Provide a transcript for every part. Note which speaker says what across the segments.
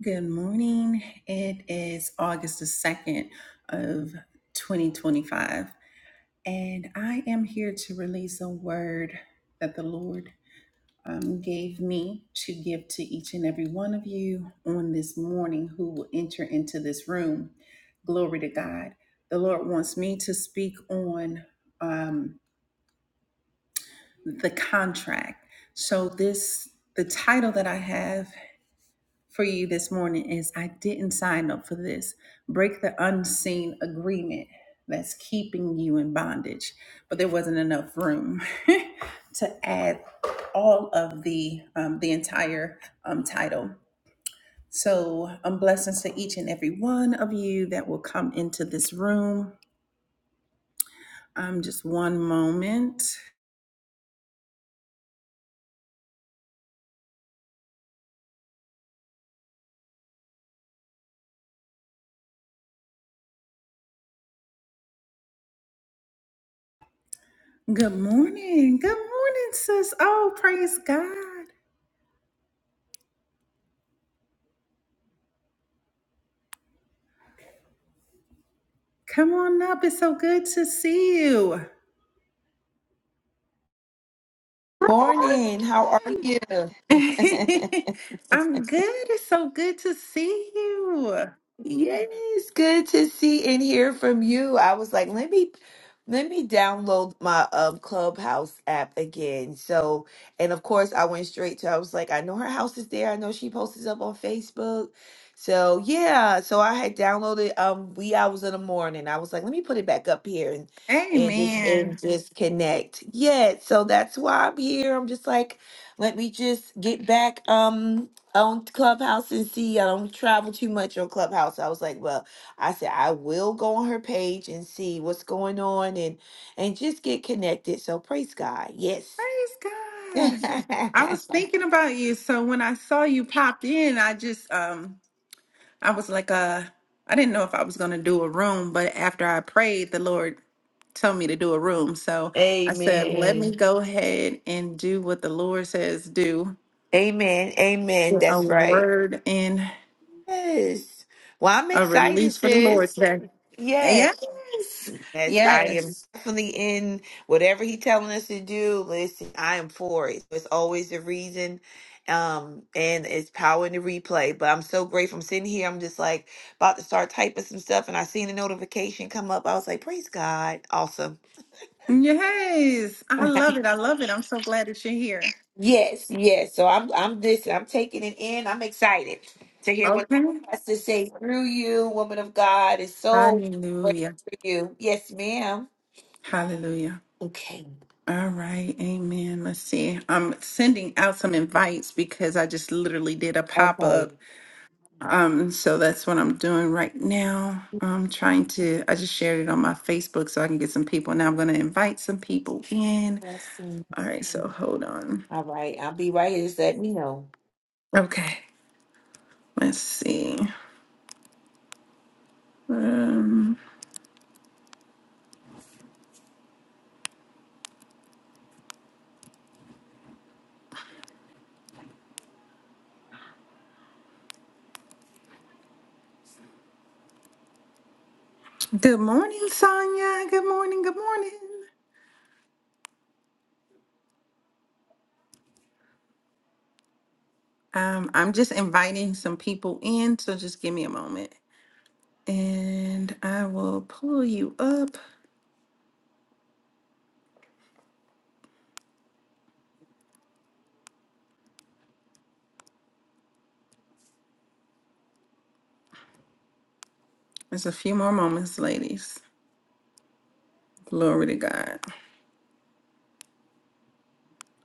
Speaker 1: Good morning. It is August the 2nd of 2025, and I am here to release a word that the Lord um, gave me to give to each and every one of you on this morning who will enter into this room. Glory to God. The Lord wants me to speak on um, the contract. So, this, the title that I have for you this morning is I didn't sign up for this. Break the unseen agreement that's keeping you in bondage. But there wasn't enough room to add all of the um, the entire um, title. So um, blessings to each and every one of you that will come into this room. Um, just one moment. Good morning. Good morning, sis. Oh, praise God. Come on up. It's so good to see you.
Speaker 2: Morning. How are you? Good.
Speaker 1: I'm good. It's so good to see you.
Speaker 2: Yes, good to see and hear from you. I was like, let me let me download my um Clubhouse app again. So, and of course, I went straight to I was like, I know her house is there. I know she posts up on Facebook. So, yeah, so I had downloaded um wee hours in the morning. I was like, let me put it back up here and and just and
Speaker 1: Amen.
Speaker 2: just connect. Yeah, so that's why I'm here. I'm just like, let me just get back. Um on Clubhouse and see. I don't travel too much on Clubhouse. I was like, well, I said I will go on her page and see what's going on and and just get connected. So praise God. Yes.
Speaker 1: Praise God. I was thinking about you. So when I saw you pop in, I just um I was like uh I didn't know if I was gonna do a room, but after I prayed, the Lord told me to do a room. So I said, let me
Speaker 2: Amen.
Speaker 1: go ahead and do what the Lord says do.
Speaker 2: Amen. Amen.
Speaker 1: A
Speaker 2: That's right.
Speaker 1: word and
Speaker 2: Yes. Well, I'm
Speaker 1: a
Speaker 2: excited,
Speaker 1: release for the Lord
Speaker 2: sis.
Speaker 1: today.
Speaker 2: Yes.
Speaker 1: Yes.
Speaker 2: Yes, I am
Speaker 1: Yes.
Speaker 2: definitely in whatever he telling us to do. Listen, I am for it. It's always the reason, um, and it's power in the replay. But I'm so grateful. I'm sitting here. I'm just like about to start typing some stuff, and I seen the notification come up. I was like, praise God, awesome.
Speaker 1: Yes, I love it. I love it. I'm so glad that you're here.
Speaker 2: Yes, yes. So I'm, I'm this. I'm taking it in. I'm excited to hear what
Speaker 1: Okay.
Speaker 2: the Lord has to say through you, woman of God. Is so grateful
Speaker 1: Hallelujah.
Speaker 2: for you. Yes, ma'am.
Speaker 1: Hallelujah.
Speaker 2: Okay.
Speaker 1: All right. Amen. Let's see. I'm sending out some invites because I just literally did a pop up.
Speaker 2: Okay.
Speaker 1: Um, so that's what I'm doing right now. I'm trying to, I just shared it on my Facebook so I can get some people. Now I'm going to invite some people in. All right. So hold on.
Speaker 2: All right, I'll be right. Just let me know.
Speaker 1: Okay. Let's see. Um, good morning, Sonia. Good morning. Good morning. Um, I'm just inviting some people in, so just give me a moment and I will pull you up. There's a few more moments, ladies. Glory to God.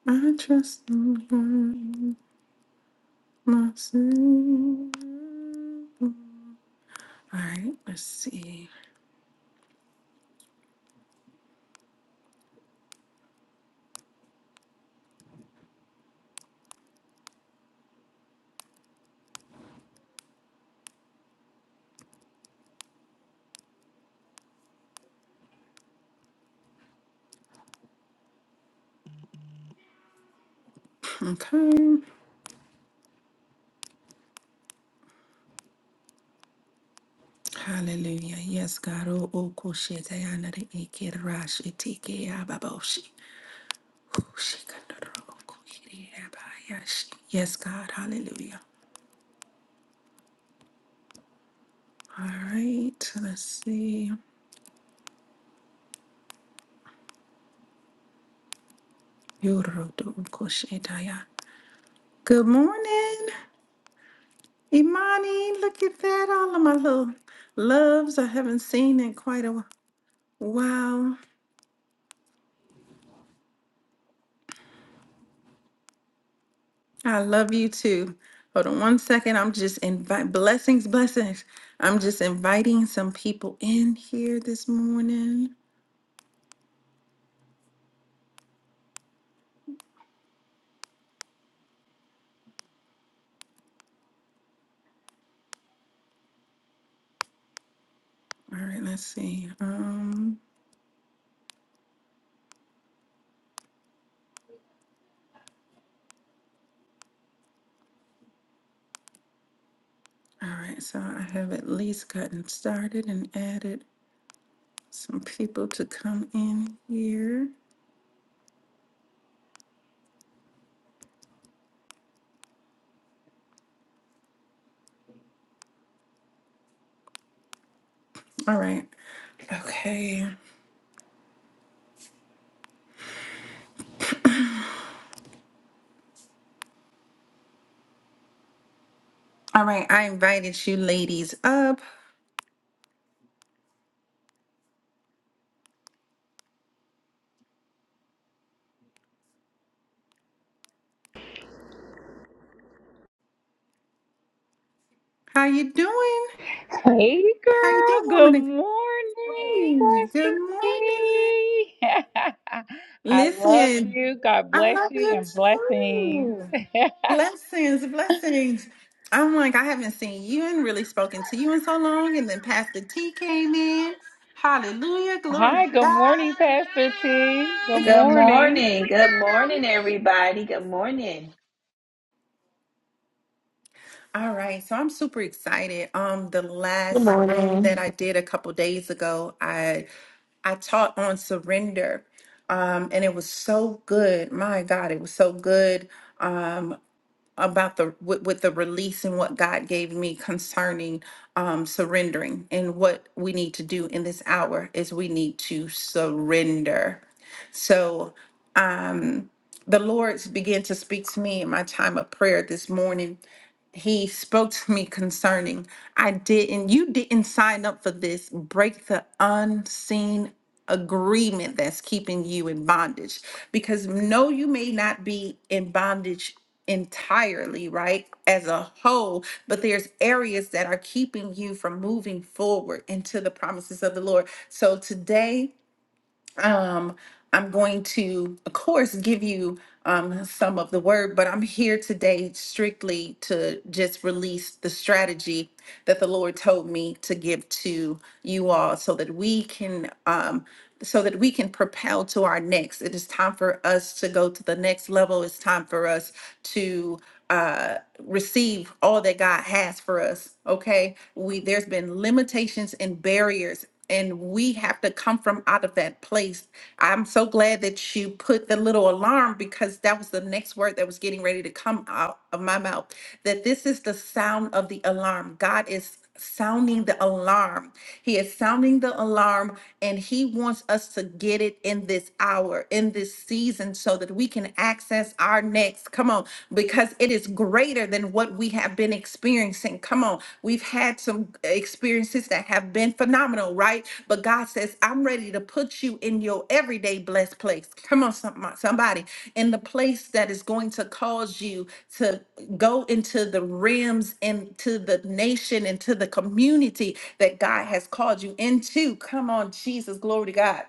Speaker 1: I trust the Lord, my Savior. All right, let's see. Okay. Hallelujah. Yes, God. Oh, oh, koshete anare ikerashi tike ababoshi. Kushikandoro kuhiri abayashi. Yes, God. Hallelujah. All right, let's see. Yorodokoshetaya. Good morning, Imani. Look at that. All of my little loves I haven't seen in quite a while. I love you too. Hold on one second. I'm just invite blessings, blessings. I'm just inviting some people in here this morning. All right, let's see. Um, all right, so I have at least gotten started and added some people to come in here. All right. Okay. All right. I invited you ladies up. How you doing?
Speaker 3: Hey
Speaker 1: How you
Speaker 3: girl,
Speaker 1: doing, woman?
Speaker 3: good
Speaker 1: Good
Speaker 3: morning,
Speaker 1: morning. good
Speaker 3: Pastor
Speaker 1: morning.
Speaker 3: P. I love
Speaker 1: Listen,
Speaker 3: you. God
Speaker 1: I
Speaker 3: bless
Speaker 1: love
Speaker 3: you
Speaker 1: you
Speaker 3: and blessings.
Speaker 1: too. Blessings, blessings. I'm like, I haven't seen you and really spoken to you in so long. And then Pastor T came in. Hallelujah. Glory
Speaker 3: Hi,
Speaker 1: to
Speaker 3: good
Speaker 1: God.
Speaker 3: morning, Pastor T. Good
Speaker 2: Good
Speaker 3: morning.
Speaker 2: morning. Good morning, everybody. Good morning.
Speaker 1: All right, so I'm super excited. Um, the
Speaker 4: Good
Speaker 1: last room
Speaker 4: morning.
Speaker 1: that I did a couple days ago, I. I taught on surrender, um, and it was so good. My God, it was so good um, about the with, with the release and what God gave me concerning um, surrendering and what we need to do in this hour is we need to surrender. So. Um, the Lord began to speak to me in my time of prayer this morning. He spoke to me concerning, I didn't, you didn't sign up for this. Break the unseen agreement that's keeping you in bondage. Because no, you may not be in bondage entirely, right? As a whole, but there's areas that are keeping you from moving forward into the promises of the Lord. So today, um, I'm going to, of course, give you um, some of the word, but I'm here today strictly to just release the strategy that the Lord told me to give to you all, so that we can, um, so that we can propel to our next. It is time for us to go to the next level. It's time for us to uh, receive all that God has for us. Okay, we there's been limitations and barriers and we have to come from out of that place. I'm so glad that you put the little alarm because that was the next word that was getting ready to come out of my mouth. That this is the sound of the alarm. God is sounding the alarm. He is sounding the alarm and he wants us to get it in this hour, in this season so that we can access our next. Come on because it is greater than what we have been experiencing. Come on, we've had some experiences that have been phenomenal, right? But God says, I'm ready to put you in your everyday blessed place. Come on, some- somebody, in the place that is going to cause you to go into the realms, into the nation, into the community that God has called you into. Come on, Jesus, glory to God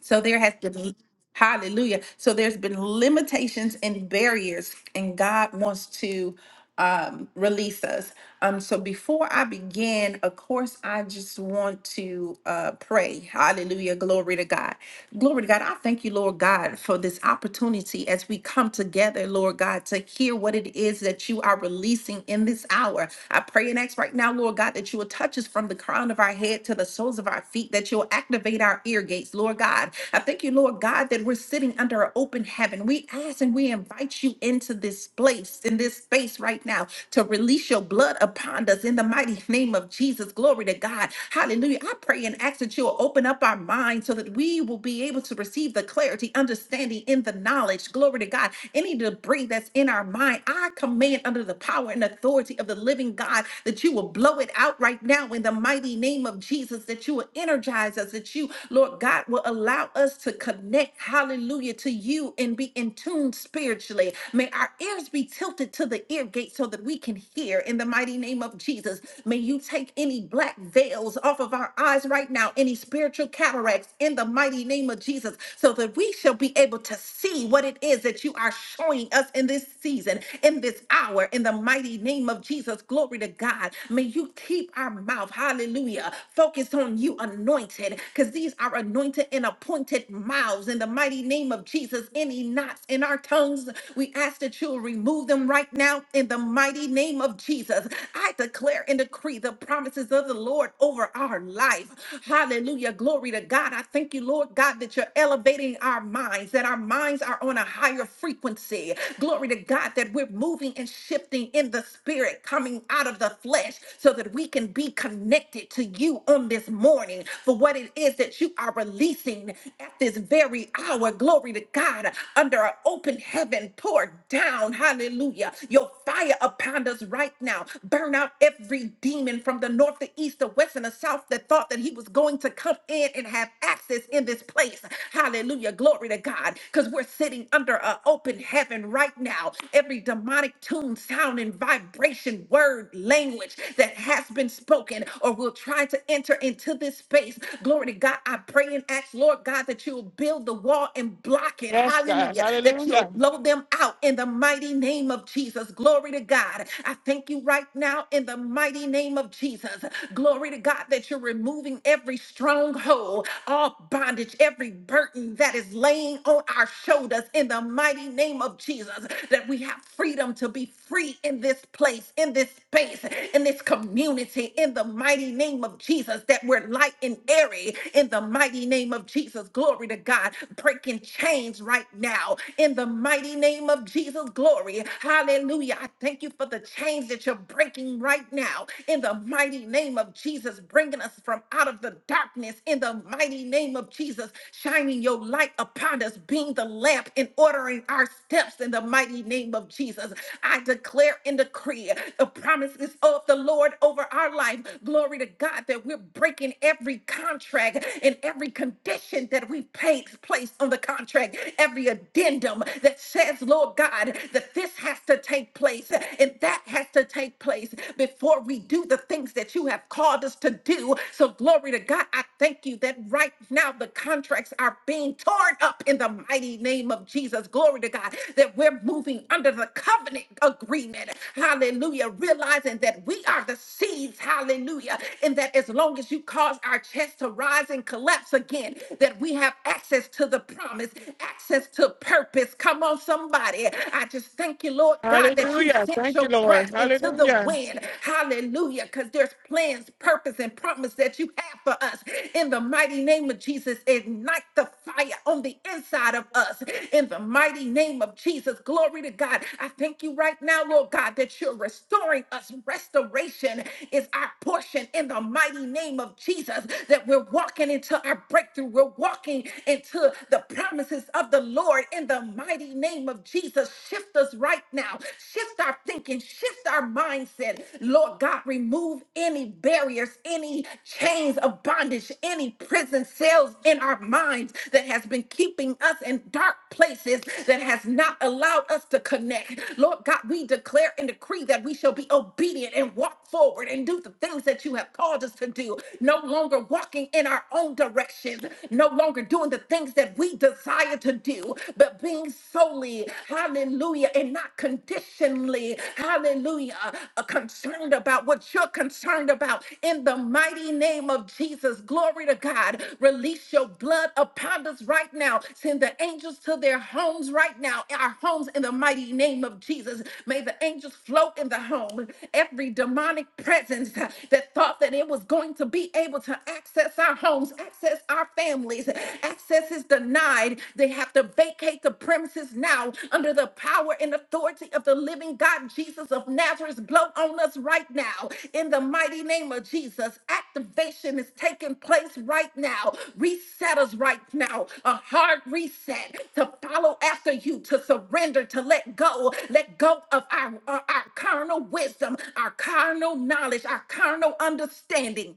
Speaker 1: so there has been, hallelujah. So there's been limitations and barriers, and God wants to um, release us. Um, so before I begin, of course, I just want to uh, pray. Hallelujah. Glory to God. Glory to God. I thank you, Lord God, for this opportunity as we come together, Lord God, to hear what it is that you are releasing in this hour. I pray and ask right now, Lord God, that you will touch us from the crown of our head to the soles of our feet, that you'll activate our ear gates, Lord God. I thank you, Lord God, that we're sitting under an open heaven. We ask and we invite you into this place, in this in this space right now to release your blood upon us in the mighty name of Jesus. Glory to God. Hallelujah. I pray and ask that you'll open up our minds so that we will be able to receive the clarity, understanding, and the knowledge. Glory to God. Any debris that's in our mind, I command under the power and authority of the living God that you will blow it out right now in the mighty name of Jesus, that you will energize us, that you, Lord God, will allow us to connect, hallelujah, to you and be in tune spiritually. May our ears be tilted to the ear gate so that we can hear in the mighty name of Jesus. May you take any black veils off of our eyes right now, any spiritual cataracts in the mighty name of Jesus, so that we shall be able to see what it is that you are showing us in this season, in this hour, in the mighty name of Jesus. Glory to God. May you keep our mouth, hallelujah, focused on you, anointed, because these are anointed and appointed mouths in the mighty name of Jesus. Any knots in our tongues, we ask that you'll remove them right now in the mighty name of Jesus. I declare and decree the promises of the Lord over our life. Hallelujah. Glory to God. I thank you, Lord God, that you're elevating our minds, that our minds are on a higher frequency. Glory to God, that we're moving and shifting in the spirit, coming out of the flesh, so that we can be connected to you on this morning for what it is that you are releasing at this very hour. Glory to God, under an open heaven, pour down, hallelujah, your fire upon us right now. Burn out every demon from the north, the east, the west, and the south that thought that he was going to come in and have access in this place. Hallelujah. Glory to God. Because we're sitting under an open heaven right now. Every demonic tune, sound, and vibration, word, language that has been spoken or will try to enter into this space. Glory to God. I pray and ask, Lord God, that you will build the wall and block it.
Speaker 4: Yes, God.
Speaker 1: Hallelujah. That you'll
Speaker 4: Hallelujah.
Speaker 1: blow them out in the mighty name of Jesus. Glory to God. I thank you right now in the mighty name of Jesus. Glory to God that you're removing every stronghold, all bondage, every burden that is laying on our shoulders in the mighty name of Jesus. That we have freedom to be free in this place, in this space, in this community, in the mighty name of Jesus. That we're light and airy in the mighty name of Jesus. Glory to God. Breaking changed right now in the mighty name of Jesus. Glory. Hallelujah. I thank you for the change that you're breaking right now in the mighty name of Jesus, bringing us from out of the darkness in the mighty name of Jesus, shining your light upon us, being the lamp and ordering our steps in the mighty name of Jesus. I declare and decree the promises of the Lord over our life. Glory to God that we're breaking every contract and every condition that we paid takes place on the contract, every addendum that says, Lord God, that this has to take place and that has to take place before we do the things that you have called us to do. So, glory to God, I thank you that right now the contracts are being torn up in the mighty name of Jesus. Glory to God, that we're moving under the covenant agreement. Hallelujah. Realizing that we are the seeds. Hallelujah. And that as long as you cause our chest to rise and collapse again, that that we have access to the promise, access to purpose. Come on, somebody. I just thank you, Lord God, that you
Speaker 4: Hallelujah.
Speaker 1: sent
Speaker 4: Thank you,
Speaker 1: your
Speaker 4: Lord.
Speaker 1: breath into the
Speaker 4: Hallelujah.
Speaker 1: wind. Hallelujah. Because there's plans, purpose, and promise that you have for us. In the mighty name of Jesus, ignite the fire on the inside of us. In the mighty name of Jesus, glory to God. I thank you right now, Lord God, that you're restoring us. Restoration is our portion in the mighty name of Jesus, that we're walking into our our breakthrough. We're walking into the promises of the Lord in the mighty name of Jesus. Shift us right now. Shift our thinking, shift our mindset. Lord God, remove any barriers, any chains of bondage, any prison cells in our minds that has been keeping us in dark places that has not allowed us to connect. Lord God, we declare and decree that we shall be obedient and walk forward and do the things that you have called us to do. No longer walking in our in our own directions, no longer doing the things that we desire to do, but being solely, hallelujah, and not conditionally, hallelujah, uh, concerned about what you're concerned about. In the mighty name of Jesus, glory to God, release your blood upon us right now. Send the angels to their homes right now, our homes in the mighty name of Jesus. May the angels float in the home. Every demonic presence that thought that it was going to be able to access our homes, access our families. Access is denied. They have to vacate the premises now under the power and authority of the living God, Jesus of Nazareth. Blow on us right now in the mighty name of Jesus. Activation is taking place right now. Reset us right now. A hard reset to follow after you, to surrender, to let go. Let go of our, our, our carnal wisdom, our carnal knowledge, our carnal understanding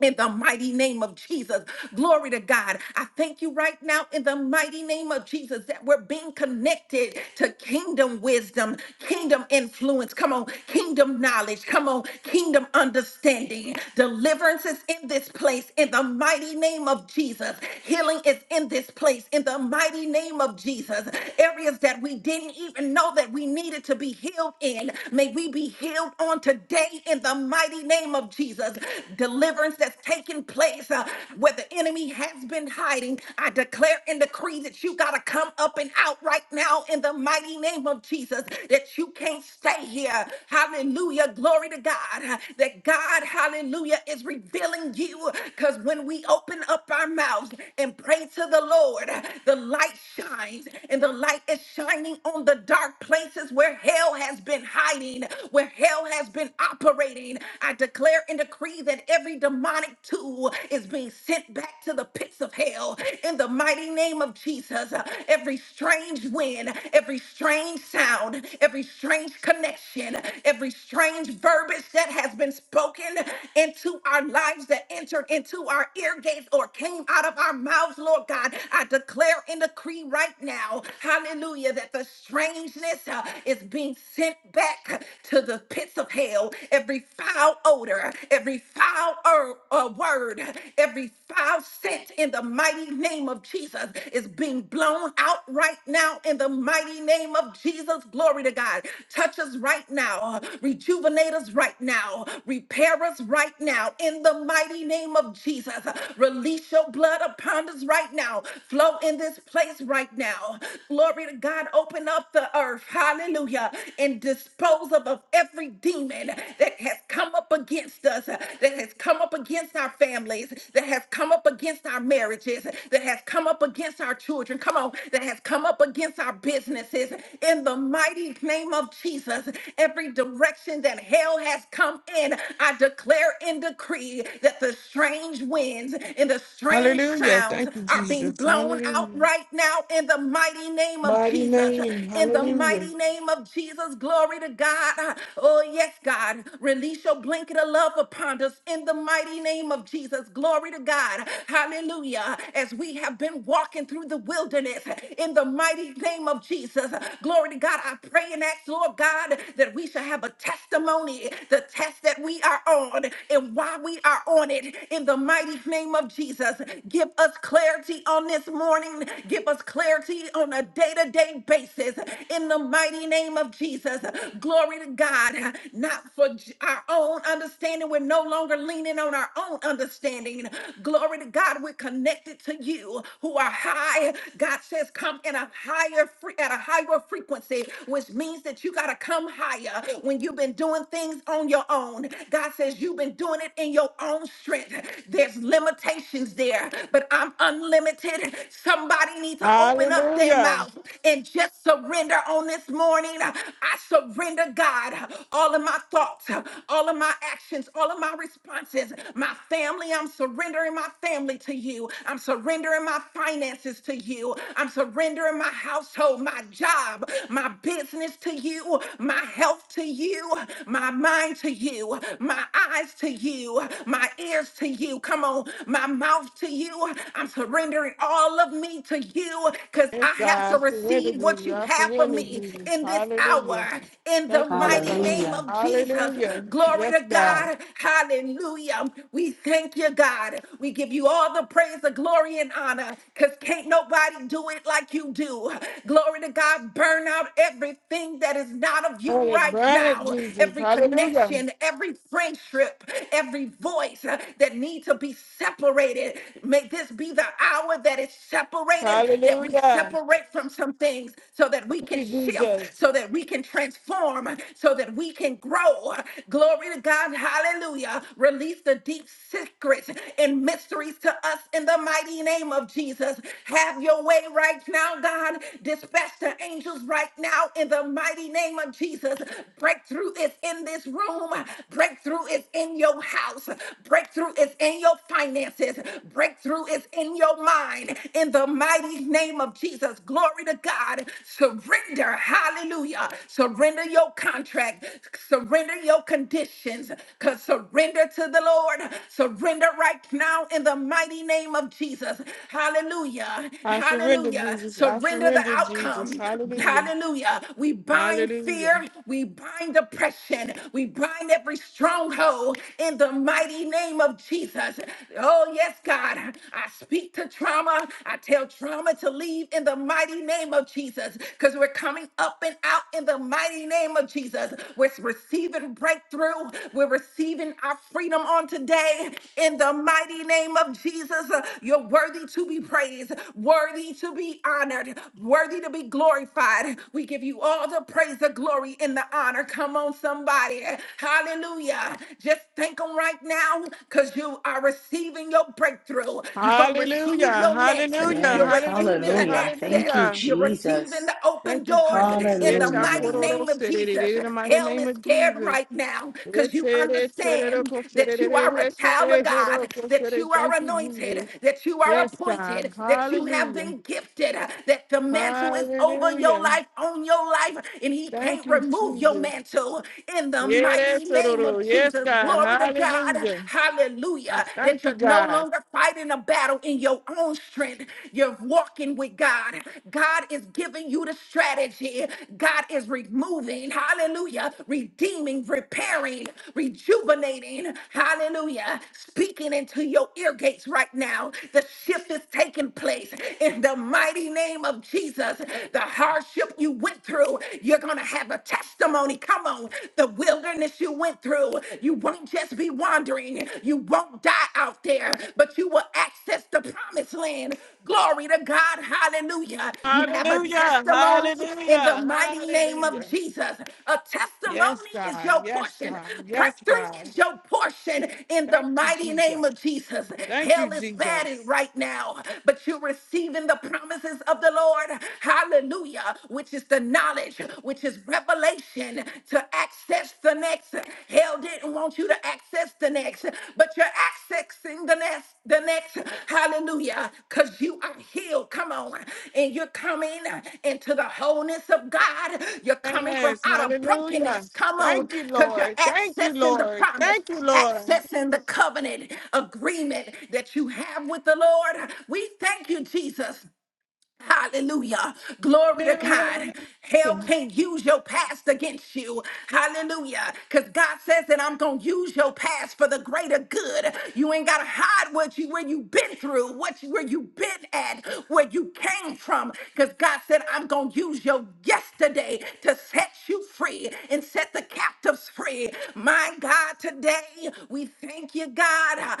Speaker 1: in the mighty name of Jesus. Glory to God. I thank you right now in the mighty name of Jesus that we're being connected to kingdom wisdom, kingdom influence. Come on, kingdom knowledge. Come on, kingdom understanding. Deliverance is in this place in the mighty name of Jesus. Healing is in this place in the mighty name of Jesus. Areas that we didn't even know that we needed to be healed in, may we be healed on today in the mighty name of of Jesus. Deliverance that's taking place uh, where the enemy has been hiding. I declare and decree that you got to come up and out right now in the mighty name of Jesus, that you can't stay here. Hallelujah. Glory to God. That God, hallelujah, is revealing you because when we open up our mouths and pray to the Lord, the light shines and the light is shining on the dark places where hell has been hiding, where hell has been operating. I declare and decree that every demonic tool is being sent back to the pits of hell in the mighty name of Jesus. Every strange wind, every strange sound, every strange connection, every strange verbiage that has been spoken into our lives that entered into our ear gates or came out of our mouths, Lord God, I declare and decree right now, hallelujah, that the strangeness uh, is being sent back back to the pits of hell. Every foul odor, every foul er- uh, word, every foul scent in the mighty name of Jesus is being blown out right now in the mighty name of Jesus. Glory to God. Touch us right now. Rejuvenate us right now. Repair us right now in the mighty name of Jesus. Release your blood upon us right now. Flow in this place right now. Glory to God. Open up the earth. Hallelujah hallelujah, and dispose of, of every demon that has come up against us, that has come up against our families, that has come up against our marriages, that has come up against our children, come on, that has come up against our businesses. In the mighty name of Jesus, every direction that hell has come in, I declare and decree that the strange winds and the strange
Speaker 4: Hallelujah.
Speaker 1: sounds
Speaker 4: Thank you,
Speaker 1: are being
Speaker 4: Jesus.
Speaker 1: blown out
Speaker 4: Hallelujah.
Speaker 1: right now in the mighty name of
Speaker 4: Mighty
Speaker 1: Jesus. Jesus.
Speaker 4: name.
Speaker 1: In the
Speaker 4: Hallelujah.
Speaker 1: mighty name of Jesus, glory to God. Oh, yes, God. Release your blanket of love upon us in the mighty name of Jesus. Glory to God. Hallelujah. As we have been walking through the wilderness in the mighty name of Jesus. Glory to God. I pray and ask, Lord God, that we shall have a testimony, the test that we are on and why we are on it in the mighty name of Jesus. Give us clarity on this morning. Give us clarity authority on a day to day basis in the mighty name of Jesus. Glory to God. Not for j- our own understanding. We're no longer leaning on our own understanding. Glory to God. We're connected to you who are high. God says, come in a higher fre- at a higher frequency, which means that you got to come higher when you've been doing things on your own. God says, you've been doing it in your own strength. There's limitations there, but I'm unlimited Somebody needs to open up their
Speaker 4: Hallelujah.
Speaker 1: mouth and just surrender on this morning. I surrender, God, all of my thoughts, all of my actions, all of my responses. My family, I'm surrendering my family to you. I'm surrendering my finances to you. I'm surrendering my household, my job, my business to you, my health to you, my mind to you, my eyes to you, my ears to you. Come on, my mouth to you you. I'm surrendering all of me to you because
Speaker 4: Yes,
Speaker 1: I have to
Speaker 4: God. I surrender,
Speaker 1: receive what
Speaker 4: Jesus.
Speaker 1: you
Speaker 4: I
Speaker 1: have for
Speaker 4: surrender,
Speaker 1: me
Speaker 4: Jesus.
Speaker 1: in this hour.
Speaker 4: Hallelujah.
Speaker 1: In the
Speaker 4: Thank you, dear
Speaker 1: mighty
Speaker 4: God.
Speaker 1: name
Speaker 2: Hallelujah.
Speaker 1: of Jesus.
Speaker 4: Hallelujah.
Speaker 1: Glory
Speaker 4: Yes,
Speaker 1: to
Speaker 4: God.
Speaker 1: God. Hallelujah. We thank you, God. We give you all the praise, the glory, and honor because can't nobody do it like you do. Glory to God. Burn out everything that is not of
Speaker 4: Burn
Speaker 1: you
Speaker 4: it,
Speaker 1: right
Speaker 4: burn it,
Speaker 1: now.
Speaker 4: Jesus.
Speaker 1: Every
Speaker 4: Hallelujah.
Speaker 1: connection, every friendship, every voice that needs to be be separated. May this be the hour that is separated, that we
Speaker 4: Hallelujah.
Speaker 1: separate from some things so that we
Speaker 4: Thank
Speaker 1: can
Speaker 4: you,
Speaker 1: shift,
Speaker 4: Jesus.
Speaker 1: so that we can transform, so that we can grow. Glory to God. Hallelujah. Release the deep secrets and mysteries to us in the mighty name of Jesus. Have your way right now, God. Dispatch the angels right now in the mighty name of Jesus. Breakthrough is in this room. Breakthrough is in your house house. Breakthrough is in your finances. Breakthrough is in your mind. In the mighty name of Jesus, glory to God. Surrender. Hallelujah. Surrender your contract. Surrender your conditions. Cause surrender to the Lord. Surrender right now in the mighty name of Jesus. Hallelujah.
Speaker 4: I surrender,
Speaker 1: Hallelujah.
Speaker 4: Jesus. I
Speaker 1: Surrender the
Speaker 4: surrender, Jesus.
Speaker 1: outcome.
Speaker 4: Hallelujah.
Speaker 1: Hallelujah. We bind
Speaker 4: Hallelujah.
Speaker 1: fear. We bind depression. We bind every struggle stronghold in the mighty name of Jesus. Oh, yes, God. I speak to trauma. I tell trauma to leave in the mighty name of Jesus because we're coming up and out in the mighty name of Jesus. We're receiving breakthrough. We're receiving our freedom on today in the mighty name of Jesus. You're worthy to be praised, worthy to be honored, worthy to be glorified. We give you all the praise, the glory, and the honor. Come on, somebody somebody. Hallelujah. Just thank Him right now because you are receiving your breakthrough. You're going to receive
Speaker 4: Hallelujah,
Speaker 1: your next.
Speaker 4: hallelujah,
Speaker 1: You're
Speaker 2: Yes.
Speaker 1: receiving the
Speaker 4: hallelujah,
Speaker 2: Hallelujah. Thank
Speaker 1: access.
Speaker 2: you,
Speaker 4: hallelujah.
Speaker 1: You're receiving
Speaker 2: Jesus.
Speaker 1: the open
Speaker 4: Thank you,
Speaker 1: doors
Speaker 4: Jesus.
Speaker 1: in the
Speaker 4: Yes, I put
Speaker 1: mighty
Speaker 4: all
Speaker 2: Hallelujah.
Speaker 1: name
Speaker 4: those
Speaker 1: of
Speaker 4: said it
Speaker 1: Jesus.
Speaker 4: in the mighty
Speaker 1: Hell
Speaker 4: name
Speaker 1: is
Speaker 4: of
Speaker 1: scared
Speaker 4: Jesus.
Speaker 1: right now because
Speaker 4: Yes,
Speaker 1: you
Speaker 4: it is, said it, of
Speaker 1: understand
Speaker 4: course, said it,
Speaker 1: that
Speaker 4: it
Speaker 1: you
Speaker 4: is,
Speaker 1: are a
Speaker 4: yes, I
Speaker 1: child of
Speaker 4: did, it, of
Speaker 1: God,
Speaker 4: course, said
Speaker 1: that
Speaker 4: it.
Speaker 1: you are
Speaker 4: Thank you,
Speaker 1: anointed,
Speaker 4: Jesus.
Speaker 1: that you are
Speaker 4: Yes, God.
Speaker 1: appointed, that you have
Speaker 4: Hallelujah.
Speaker 1: been gifted, that the mantle is over your
Speaker 4: Hallelujah.
Speaker 1: life, on your life, and He can't
Speaker 4: Thank
Speaker 1: can't
Speaker 4: you,
Speaker 1: remove your
Speaker 4: Jesus.
Speaker 1: mantle in the
Speaker 4: Yeah,
Speaker 1: mighty
Speaker 4: that's it, it
Speaker 1: name of
Speaker 4: is. Yes,
Speaker 1: Jesus.
Speaker 4: God.
Speaker 1: Glory to God.
Speaker 4: Hallelujah. I
Speaker 1: Hallelujah. That
Speaker 4: thank you,
Speaker 1: you're no
Speaker 4: God.
Speaker 1: longer fighting a battle in your own strength. You're walking with God. God is giving you the strategy. God is removing, hallelujah, redeeming, repairing, rejuvenating, hallelujah, speaking into your ear gates right now. The shift is taking place in the mighty name of Jesus. The hardship you you went through, you're going to have a testimony. Come on. The wilderness you went through, you won't just be wandering. You won't die out there, but you will access the promised land. Glory to God. Hallelujah. You have a
Speaker 4: Hallelujah.
Speaker 1: testimony in the
Speaker 4: Hallelujah.
Speaker 1: mighty name of
Speaker 4: Hallelujah.
Speaker 1: Jesus. A
Speaker 4: Yes,
Speaker 1: testimony is
Speaker 4: God.
Speaker 1: your
Speaker 4: Yes,
Speaker 1: portion.
Speaker 4: God. Yes,
Speaker 1: Breakthrough
Speaker 4: God.
Speaker 1: is your portion in the
Speaker 4: Thank you,
Speaker 1: mighty
Speaker 4: Jesus.
Speaker 1: name of Jesus.
Speaker 4: Thank you,
Speaker 1: Hell is battered
Speaker 4: Jesus.
Speaker 1: right now, but you're receiving the promises of the Lord hallelujah, which is the knowledge, which is revelation to access the next. Hell didn't want you to access the next, but you're accessing the next, the next, hallelujah, because you are healed. Come on, and you're coming into the wholeness of God. You're coming from
Speaker 4: Yes,
Speaker 1: out of
Speaker 4: hallelujah.
Speaker 1: brokenness. Come on,
Speaker 4: Thank you,
Speaker 1: because you're
Speaker 4: Lord. Thank you,
Speaker 1: accessing the
Speaker 4: Lord.
Speaker 1: promise,
Speaker 4: Thank you, Lord.
Speaker 1: accessing the covenant agreement that you have with the Lord. We thank you, Jesus. Hallelujah. Glory to
Speaker 4: Hallelujah.
Speaker 1: God. Hell can't use your past against you. Hallelujah. Because God says that I'm going to use your past for the greater good. You ain't got to hide what you, where you've been through, what you, where you've been at, where you came from. Because God said, I'm going to use your yesterday to set you free and set the captives free. My God, today we thank you, God.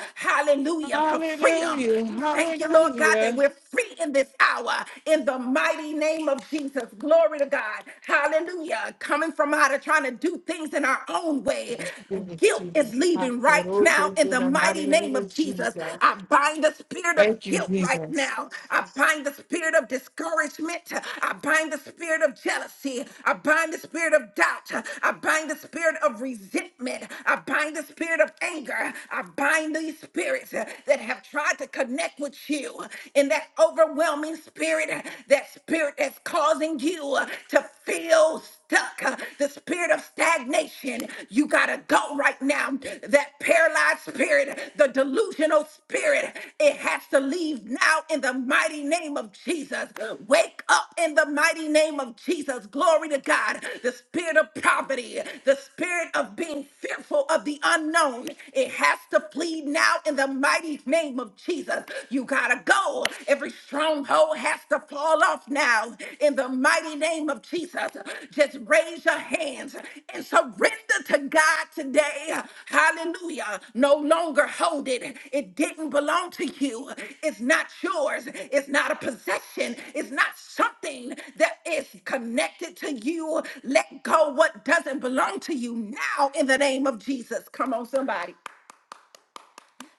Speaker 4: Hallelujah.
Speaker 1: Hallelujah. For freedom.
Speaker 4: Hallelujah.
Speaker 1: We thank you, Lord God, that tonight.
Speaker 4: Hallelujah.
Speaker 1: We're free in this hour in the mighty name of Jesus. Glory to God. Hallelujah. Coming from out of trying to do things in our own way.
Speaker 4: Oh, goodness,
Speaker 1: Guilt
Speaker 4: Jesus.
Speaker 1: is
Speaker 4: I
Speaker 1: leaving
Speaker 4: feel
Speaker 1: right
Speaker 4: those
Speaker 1: now
Speaker 4: words
Speaker 1: in
Speaker 4: In
Speaker 1: the
Speaker 4: the mighty
Speaker 1: mighty
Speaker 4: name
Speaker 1: name of
Speaker 4: of
Speaker 1: Jesus.
Speaker 4: Jesus.
Speaker 1: I bind the spirit of
Speaker 4: Thank you,
Speaker 1: guilt right
Speaker 4: Jesus.
Speaker 1: now. I bind the spirit of discouragement. I bind the spirit of jealousy. I bind the spirit of doubt. I bind the spirit of resentment. I bind the spirit of anger. I bind these spirits that have tried to to connect with you in that overwhelming spirit, that spirit that's causing you to feel stuck, the spirit of stagnation. You got to go right now. That paralyzed spirit, the delusional spirit, it has to leave now in the mighty name of Jesus. Wake up in the mighty name of Jesus. Glory to God. The spirit of poverty, the spirit of being fearful of the unknown, it has to flee now in in the mighty name of Jesus. You gotta go. Every stronghold has to fall off now in the mighty name of Jesus. Just raise your hands and surrender to God today. Hallelujah. No longer hold it. It didn't belong to you. It's not yours. It's not a possession. It's not something that is connected to you. Let go what doesn't belong to you now in the name of Jesus. Come on, somebody.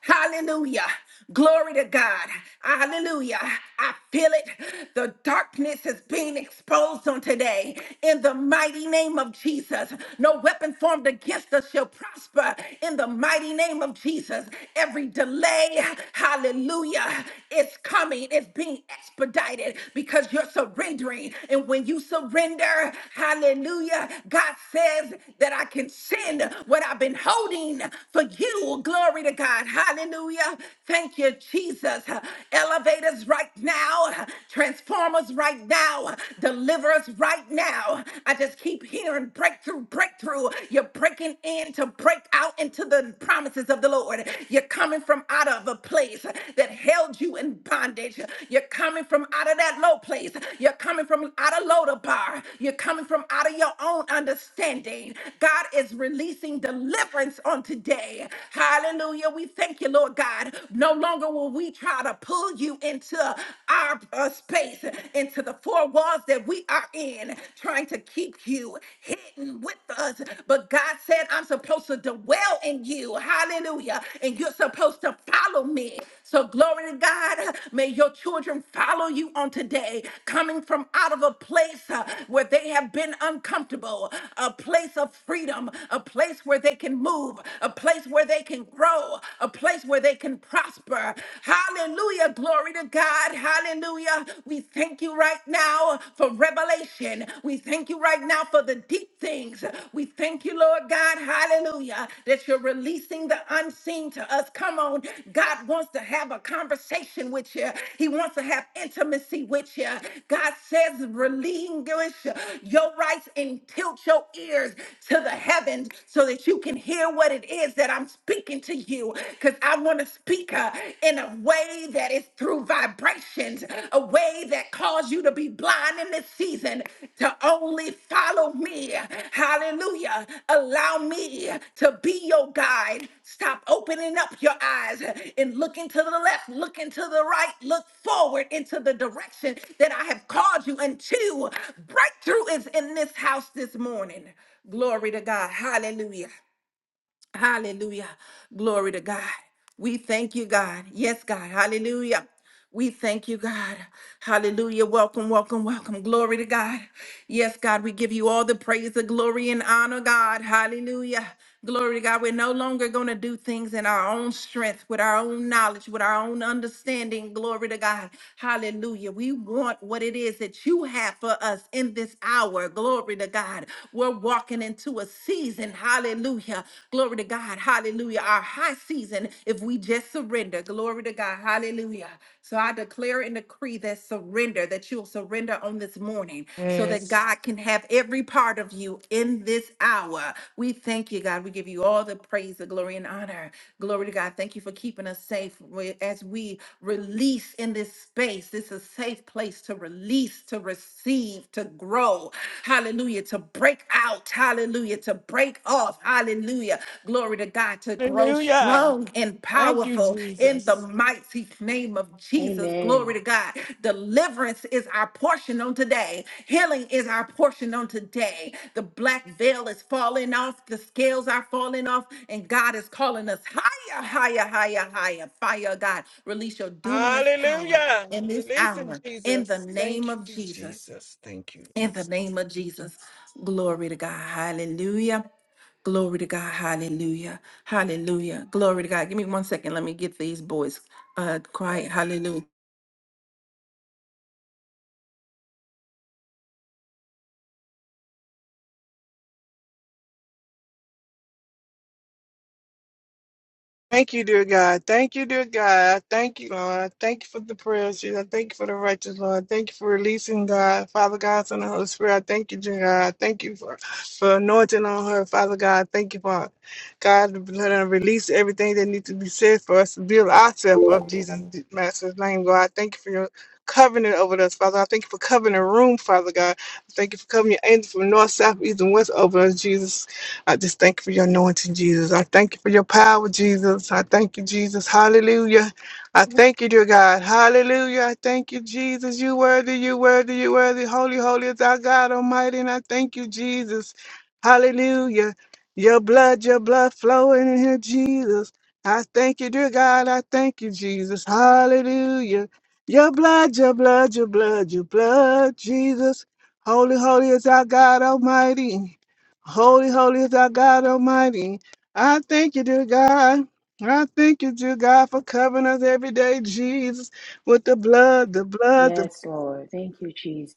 Speaker 1: Hallelujah. Glory to God. Hallelujah. I feel it. The darkness is being exposed on today. In the mighty name of Jesus, no weapon formed against us shall prosper. In the mighty name of Jesus, every delay, hallelujah, is coming. It's being expedited because you're surrendering. And when you surrender, hallelujah, God says that I can send what I've been holding for you. Glory to Glory to God. Hallelujah. Thank you, Jesus. Elevate us right now. Transform us right now. Deliver us right now. I just keep hearing breakthrough, breakthrough. You're breaking in to break out into the promises of the Lord. You're coming from out of a place that held you in bondage. You're coming from out of that low place. You're coming from out of Lodabar. You're coming from out of your own understanding. God is releasing deliverance on today. Hallelujah. We thank you, Lord God. No longer will we try to pull you into our uh, space, into the four walls that we are in, trying to keep you hidden with us. But God said, I'm supposed to dwell in you. Hallelujah. And you're supposed to follow me. So, glory to God. May your children follow you on today, coming from out of a place uh, where they have been uncomfortable, a place of freedom, a place where they can move, a place where they can grow, a place where they can prosper. Hallelujah. Glory to God. Hallelujah. We thank you right now for revelation. We thank you right now for the deep things. We thank you, Lord God. Hallelujah. That you're releasing the unseen to us. Come on. God wants to have a conversation with you, He wants to have intimacy with you. God says, relinquish your rights and tilt your ears to the heavens so that you can hear what it is that I'm speaking to you because I want to speak uh, in a way that is through vibrations, a way that calls you to be blind in this season, to only follow me. Hallelujah. Allow me to be your guide. Stop opening up your eyes and looking to the left, looking to the right, look forward into the direction that I have called you into. Breakthrough is in this house this morning. Glory to God. Hallelujah. Hallelujah. Glory to God. We thank you, God. Yes, God. Hallelujah. We thank you, God. Hallelujah. Welcome, welcome, welcome. Glory to God. Yes, God, we give you all the praise, the glory, and honor, God. Hallelujah. Glory to God. We're no longer going to do things in our own strength, with our own knowledge, with our own understanding. Glory to God. Hallelujah. We want what it is that you have for us in this hour. Glory to God. We're walking into a season. Hallelujah. Glory to God. Hallelujah. Our high season, if we just surrender. Glory to God. Hallelujah. So I declare and decree that surrender, that you'll surrender on this morning so that
Speaker 4: Yes.
Speaker 1: God can have every part of you in this hour. We thank you, God. We give you all the praise, the glory, and honor. Glory to God. Thank you for keeping us safe We- as we release in this space. This is a safe place to release, to receive, to grow. Hallelujah hallelujah, to break out, hallelujah, to break off, hallelujah. Glory to God, to grow
Speaker 4: Hallelujah.
Speaker 1: strong and
Speaker 4: Thank you,
Speaker 1: powerful in the
Speaker 4: Jesus.
Speaker 1: mighty name of Jesus. Glory
Speaker 2: Amen.
Speaker 1: to God. Deliverance is our portion on today, healing is our portion on today. The black veil is falling off, the scales are falling off, and God is calling us higher, higher, higher, higher. Fire, God, release your dunamis power
Speaker 4: Hallelujah.
Speaker 1: in this
Speaker 4: Release him,
Speaker 1: hour in the
Speaker 4: Jesus.
Speaker 1: name
Speaker 4: Thank
Speaker 1: of
Speaker 4: you,
Speaker 1: Jesus.
Speaker 4: Jesus. Thank you,
Speaker 1: In the
Speaker 4: Jesus.
Speaker 1: name of Jesus, glory to God. Hallelujah. Glory to God. Hallelujah. Hallelujah. Glory to God. Give me one second. Let me get these boys uh quiet. Hallelujah.
Speaker 4: Thank you, dear God. Thank you, dear God. I Thank you, Lord. I Thank you for the prayers, Jesus. I Thank you for the righteous, Lord. I Thank you for releasing God, Father God, Son, and Holy Spirit. I thank you, dear God. I Thank you for, for anointing on her, Father God. I Thank you for God letting her release everything that needs to be said for us to build ourselves up, Jesus, Master's name, God. I Thank you for your covenant over us, Father. I thank you for covering the room, Father God. I thank you for covering your angels from north, south, east, and west over us, Jesus. I just thank you for your anointing, Jesus. I thank you for your power, Jesus. I thank you, Jesus. Hallelujah. I thank you, dear God. Hallelujah. I thank you, Jesus. You worthy, you worthy, you worthy. Holy, holy is our God Almighty. And I thank you, Jesus. Hallelujah. Your blood, your blood flowing in here, Jesus. I thank you, dear God. I thank you, Jesus. Hallelujah. Your blood, your blood, your blood, your blood, Jesus. Holy, holy is our God Almighty. Holy, holy is our God Almighty. I thank you, dear God. I thank you, dear God, for covering us every day, Jesus, with the blood, the blood,
Speaker 2: Yes, Lord. Thank you, Jesus.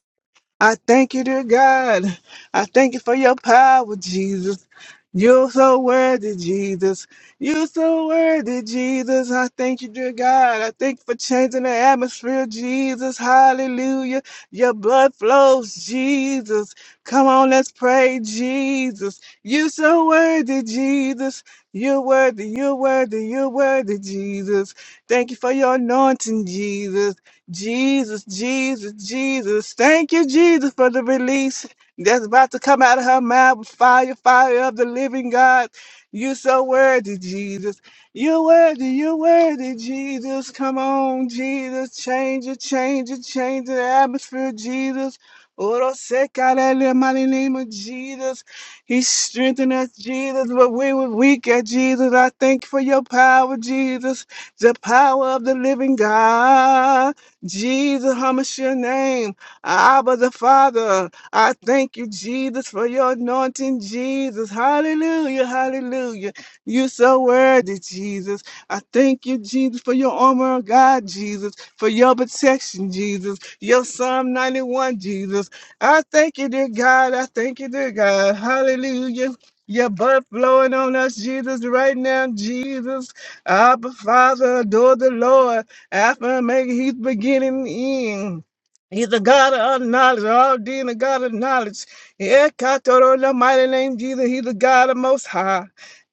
Speaker 4: I thank you, dear God. I thank you for your power, Jesus. You're so worthy, Jesus. You're so worthy, Jesus. I thank you, dear God. I thank you for changing the atmosphere, Jesus. Hallelujah. Your blood flows, Jesus. Come on, let's pray, Jesus. You're so worthy, Jesus. You're worthy, you're worthy, you're worthy, Jesus. Thank you for your anointing, Jesus. Jesus, Jesus, Jesus. Thank you, Jesus, for the release that's about to come out of her mouth with fire, fire of the living God. You so worthy, Jesus. You're worthy, you're worthy, Jesus. Come on, Jesus. Change it, change it, change the atmosphere, Jesus. Oro se kalele, mighty name of Jesus. He strengthened us, Jesus, but we were weak at Jesus. I thank you for your power, Jesus. The power of the living God. Jesus, hummus your name. Abba the Father, I thank you, Jesus, for your anointing, Jesus. Hallelujah, hallelujah. You so worthy, Jesus. I thank you, Jesus, for your armor of God, Jesus, for your protection, Jesus, your Psalm 91, Jesus. I thank you, dear God. I thank you, dear God. Hallelujah. Your blood flowing on us, Jesus, right now, Jesus. Abba, Father, adore the Lord. Alpha and Omega, he's the beginning and the end. He's the God of knowledge, all deed, and the God of knowledge. Yeah, Katoro, in the mighty name Jesus, he's the God of most high.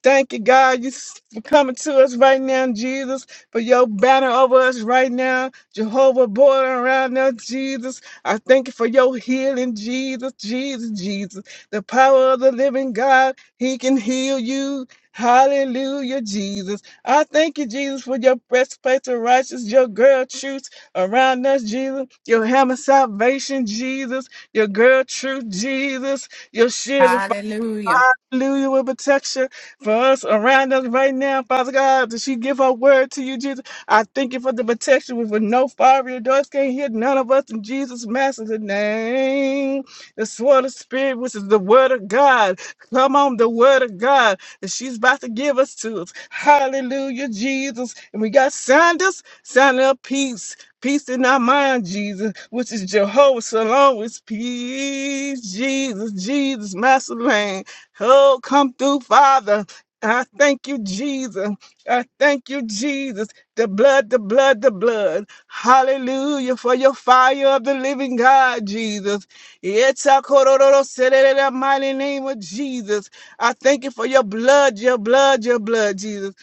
Speaker 4: Thank you, God, you s- for coming to us right now, Jesus, for your banner over us right now, Jehovah born around us, Jesus. I thank you for your healing, Jesus, Jesus, Jesus. The power of the living God, he can heal you. Hallelujah, Jesus. I thank you, Jesus, for your breastplate of righteousness, your girl truth around us, Jesus, your hammer salvation, Jesus, your girl truth, Jesus, your shield of
Speaker 1: Hallelujah.
Speaker 4: Hallelujah with protection for us around us right now, Father God. Does she give her word to you, Jesus? I thank you for the protection. We for no fire your doors can't hit none of us in Jesus' master's name. The sword of spirit, which is the word of God. Come on, the word of God that she's about to give us to us. Hallelujah, Jesus. And we got Sanders, sign up peace. Peace in our mind, Jesus, which is Jehovah Shalom is peace. Jesus, Jesus, Master Lane. Oh, come through, Father. I thank you, Jesus. I thank you, Jesus. The blood, the blood, the blood. Hallelujah for your fire of the living God, Jesus. It's a kororo sere in the mighty name of Jesus. I thank you for your blood, your blood, your blood, Jesus.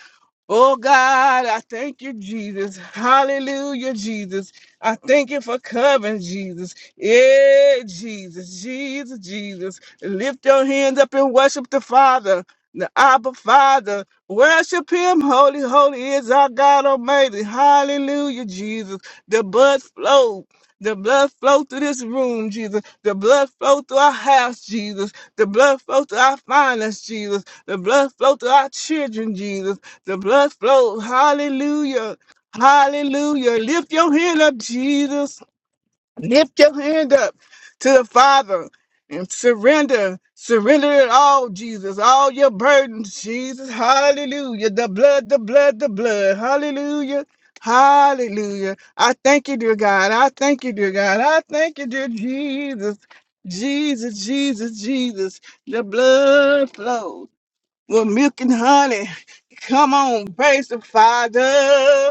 Speaker 4: Oh God, I thank you, Jesus. Hallelujah, Jesus. I thank you for covering, Jesus. Yeah, Jesus, Jesus, Jesus. Lift your hands up and worship the Father, the Abba Father. Worship Him. Holy, holy is our God Almighty. Hallelujah, Jesus. The blood flow. The blood flow through this room, Jesus. The blood flow through our house, Jesus. The blood flow through our finances, Jesus. The blood flow through our children, Jesus. The blood flow. Hallelujah. Hallelujah. Lift your head up, Jesus. Lift your hand up to the Father and surrender. Surrender it all, Jesus. All your burdens, Jesus. Hallelujah. The blood, the blood, the blood. Hallelujah. Hallelujah. I thank you, dear God. I thank you, dear God. I thank you, dear Jesus. Jesus, Jesus, Jesus. The blood flows with milk and honey. Come on, praise the Father.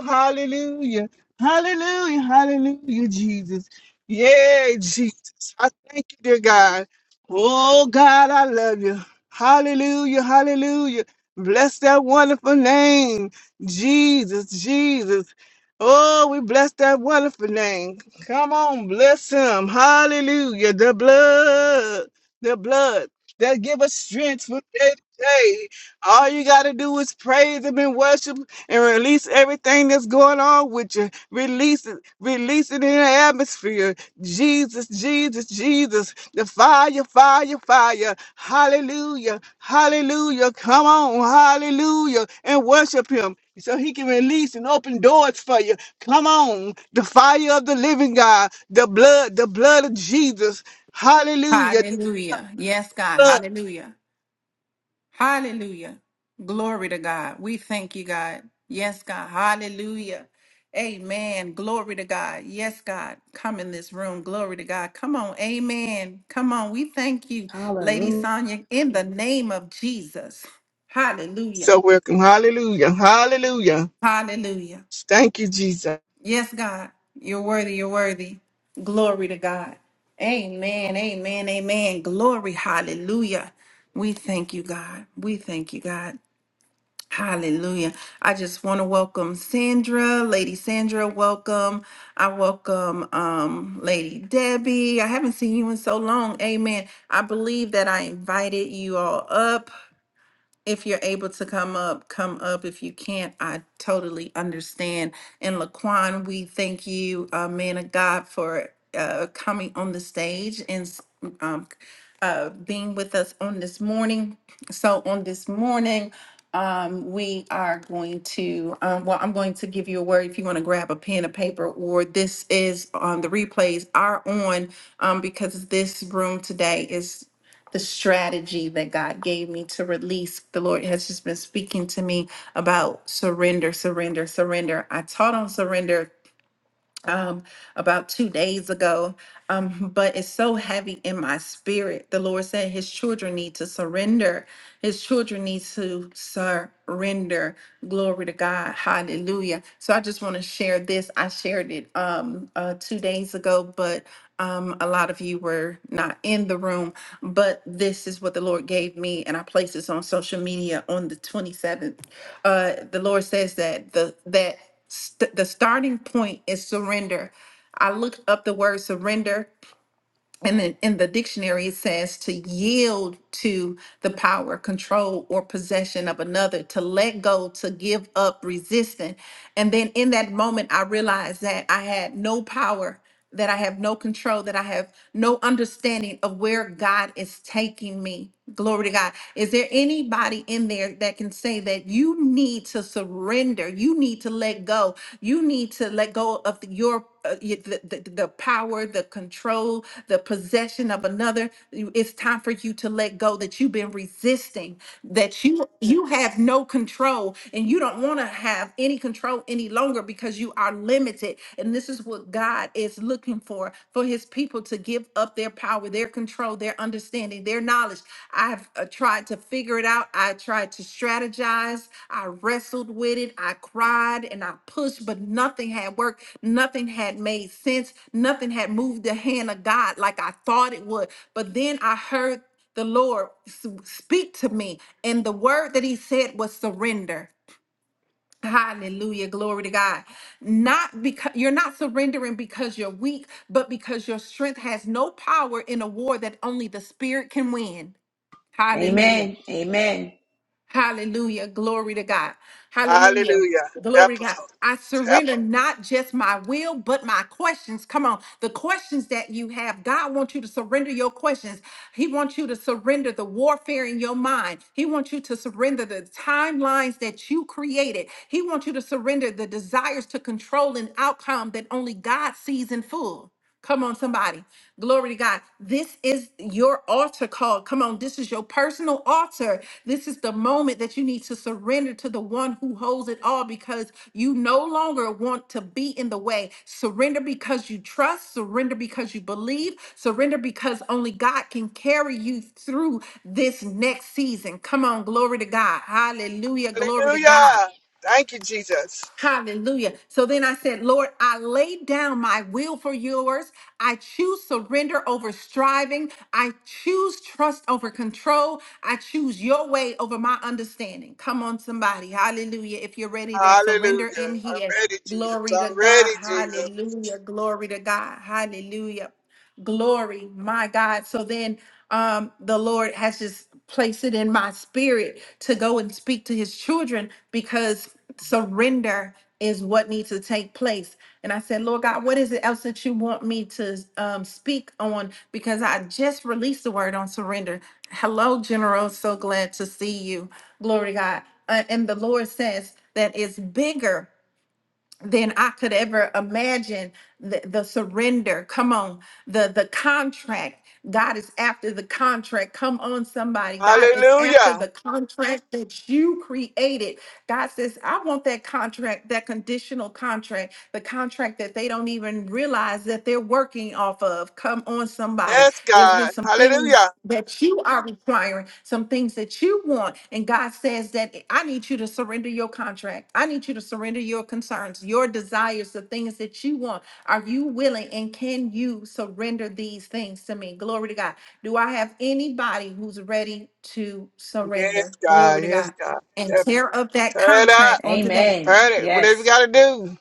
Speaker 4: Hallelujah. Hallelujah. Hallelujah, Jesus. yeah, Jesus. I thank you, dear God. Oh, God, I love you. Hallelujah. Hallelujah. Bless that wonderful name, Jesus. Jesus. Oh, we bless that wonderful name. Come on, bless him. Hallelujah. The blood, the blood that give us strength from day to day. All you got to do is praise him and worship and release everything that's going on with you. Release it, release it in the atmosphere. Jesus, Jesus, Jesus, the fire, fire, fire. Hallelujah, hallelujah. Come on, hallelujah, and worship him. So he can release and open doors for you. Come on, the fire of the living God, the blood, the blood of Jesus. Hallelujah. The
Speaker 1: Hallelujah. Yes, God.
Speaker 4: blood.
Speaker 1: Hallelujah. Hallelujah. Glory to God. We thank you, God. Yes, God. Hallelujah. Amen. Glory to God. Yes, God. Come in this room. Glory to God. Come on. Amen. Come on. We thank you, Lady
Speaker 2: Hallelujah.
Speaker 1: Sonia, in the name of Jesus. Hallelujah.
Speaker 4: So welcome. Hallelujah. Hallelujah.
Speaker 1: Hallelujah.
Speaker 4: Thank you, Jesus.
Speaker 1: Yes, God. You're worthy. You're worthy. Glory to God. Amen. Amen. Amen. Glory. Hallelujah. We thank you, God. We thank you, God. Hallelujah. I just want to welcome Sandra, Lady Sandra, welcome. I welcome um Lady Debbie. I haven't seen you in so long. Amen. I believe that I invited you all up. If you're able to come up, come up. If you can't, I totally understand. And Laquan, we thank you, uh, man of God, for uh, coming on the stage and s- um, uh, being with us on this morning. So on this morning, um, we are going to, um, well, I'm going to give you a word if you want to grab a pen and paper, or this is um, the replays are on um, because this room today is the strategy that God gave me to release. The Lord has just been speaking to me about surrender, surrender, surrender. I taught on surrender. um, about two days ago. Um, but it's so heavy in my spirit. The Lord said his children need to surrender. His children need to surrender. Glory to God. Hallelujah. So I just want to share this. I shared it um, uh, two days ago, but um, a lot of you were not in the room. But this is what the Lord gave me, and I placed this on social media on the 27th. Uh, the Lord says that the that st- the starting point is surrender. I looked up the word surrender, and then in the dictionary it says to yield to the power, control, or possession of another, to let go, to give up, resisting. And then in that moment, I realized that I had no power, that I have no control, that I have no understanding of where God is taking me. Glory to God. Is there anybody in there that can say that you need to surrender? You need to let go. You need to let go of the- your uh, y- the, the, the power, the control, the possession of another. You- It's time for you to let go that you've been resisting, that you you have no control and you don't want to have any control any longer because you are limited. And this is what God is is looking for for his people to give up their power, their control, their understanding, their knowledge. I've uh, tried to figure it out. I tried to strategize. I wrestled with it. I cried and I pushed, but nothing had worked. Nothing had made sense. Nothing had moved the hand of God like I thought it would. But then I heard the Lord s- speak to me, and the word that He said was surrender. Hallelujah. Glory to God. Not because you're not surrendering because you're weak, but because your strength has no power in a war that only the spirit can win. Hallelujah.
Speaker 2: Amen. Amen.
Speaker 1: Hallelujah. Glory to God. Hallelujah.
Speaker 4: Hallelujah.
Speaker 1: Glory
Speaker 4: Help
Speaker 1: to
Speaker 4: us,
Speaker 1: God.
Speaker 4: Holy
Speaker 1: I
Speaker 4: Ghost. Help
Speaker 1: surrender not just my will, but my questions. Come on. The questions that you have, God wants you to surrender your questions. He wants you to surrender the warfare in your mind. He wants you to surrender the timelines that you created. He wants you to surrender the desires to control an outcome that only God sees in full. Come on, somebody. Glory to God. This is your altar call. Come on, this is your personal altar. This is the moment that you need to surrender to the one who holds it all because you no longer want to be in the way. Surrender because you trust, surrender because you believe, surrender because only God can carry you through this next season. Come on, glory to God. Hallelujah.
Speaker 4: us.
Speaker 1: Glory to God.
Speaker 4: Hallelujah. Thank you, Jesus.
Speaker 1: Hallelujah. So then I said, Lord, I lay down my will for yours. I choose surrender over striving. I choose trust over control. I choose your way over my understanding. Come on, somebody. Hallelujah. If you're ready to surrender in
Speaker 4: Hallelujah. I'm
Speaker 1: here,
Speaker 4: ready, Jesus.
Speaker 1: glory to
Speaker 4: I'm ready,
Speaker 1: God.
Speaker 4: Jesus.
Speaker 1: Hallelujah. Glory to God. Hallelujah glory, my God. So then um, the Lord has just placed it in my spirit to go and speak to his children because surrender is what needs to take place. And I said, Lord God, what is it else that you want me to um, speak on? Because I just released the word on surrender. Hello, General. So glad to see you. Glory to God. Uh, and the Lord says that it's bigger than I could ever imagine. The, the surrender, come on, the the contract. God is after the contract. Come on, somebody. God is after
Speaker 4: Hallelujah.
Speaker 1: the contract that you created. God says, I want that contract, that conditional contract, the contract that they don't even realize that they're working off of. Come on, somebody.
Speaker 4: Yes,
Speaker 1: There's been
Speaker 4: God.
Speaker 1: some things
Speaker 4: Hallelujah.
Speaker 1: that you are requiring, some things that you want. And God says that I need you to surrender your contract. I need you to surrender your concerns, your desires, the things that you want. Are you willing and can you surrender these things to me? Glory to God. Do I have anybody who's ready to
Speaker 4: Yes,
Speaker 1: surrender?
Speaker 4: God.
Speaker 1: Glory to
Speaker 4: Yes,
Speaker 1: God.
Speaker 4: God.
Speaker 1: And
Speaker 4: Help us.
Speaker 1: tear up that
Speaker 4: Turn it up.
Speaker 1: contract onto that
Speaker 2: Amen.
Speaker 4: Burn it. Whatever you
Speaker 2: Yes.
Speaker 4: got to do.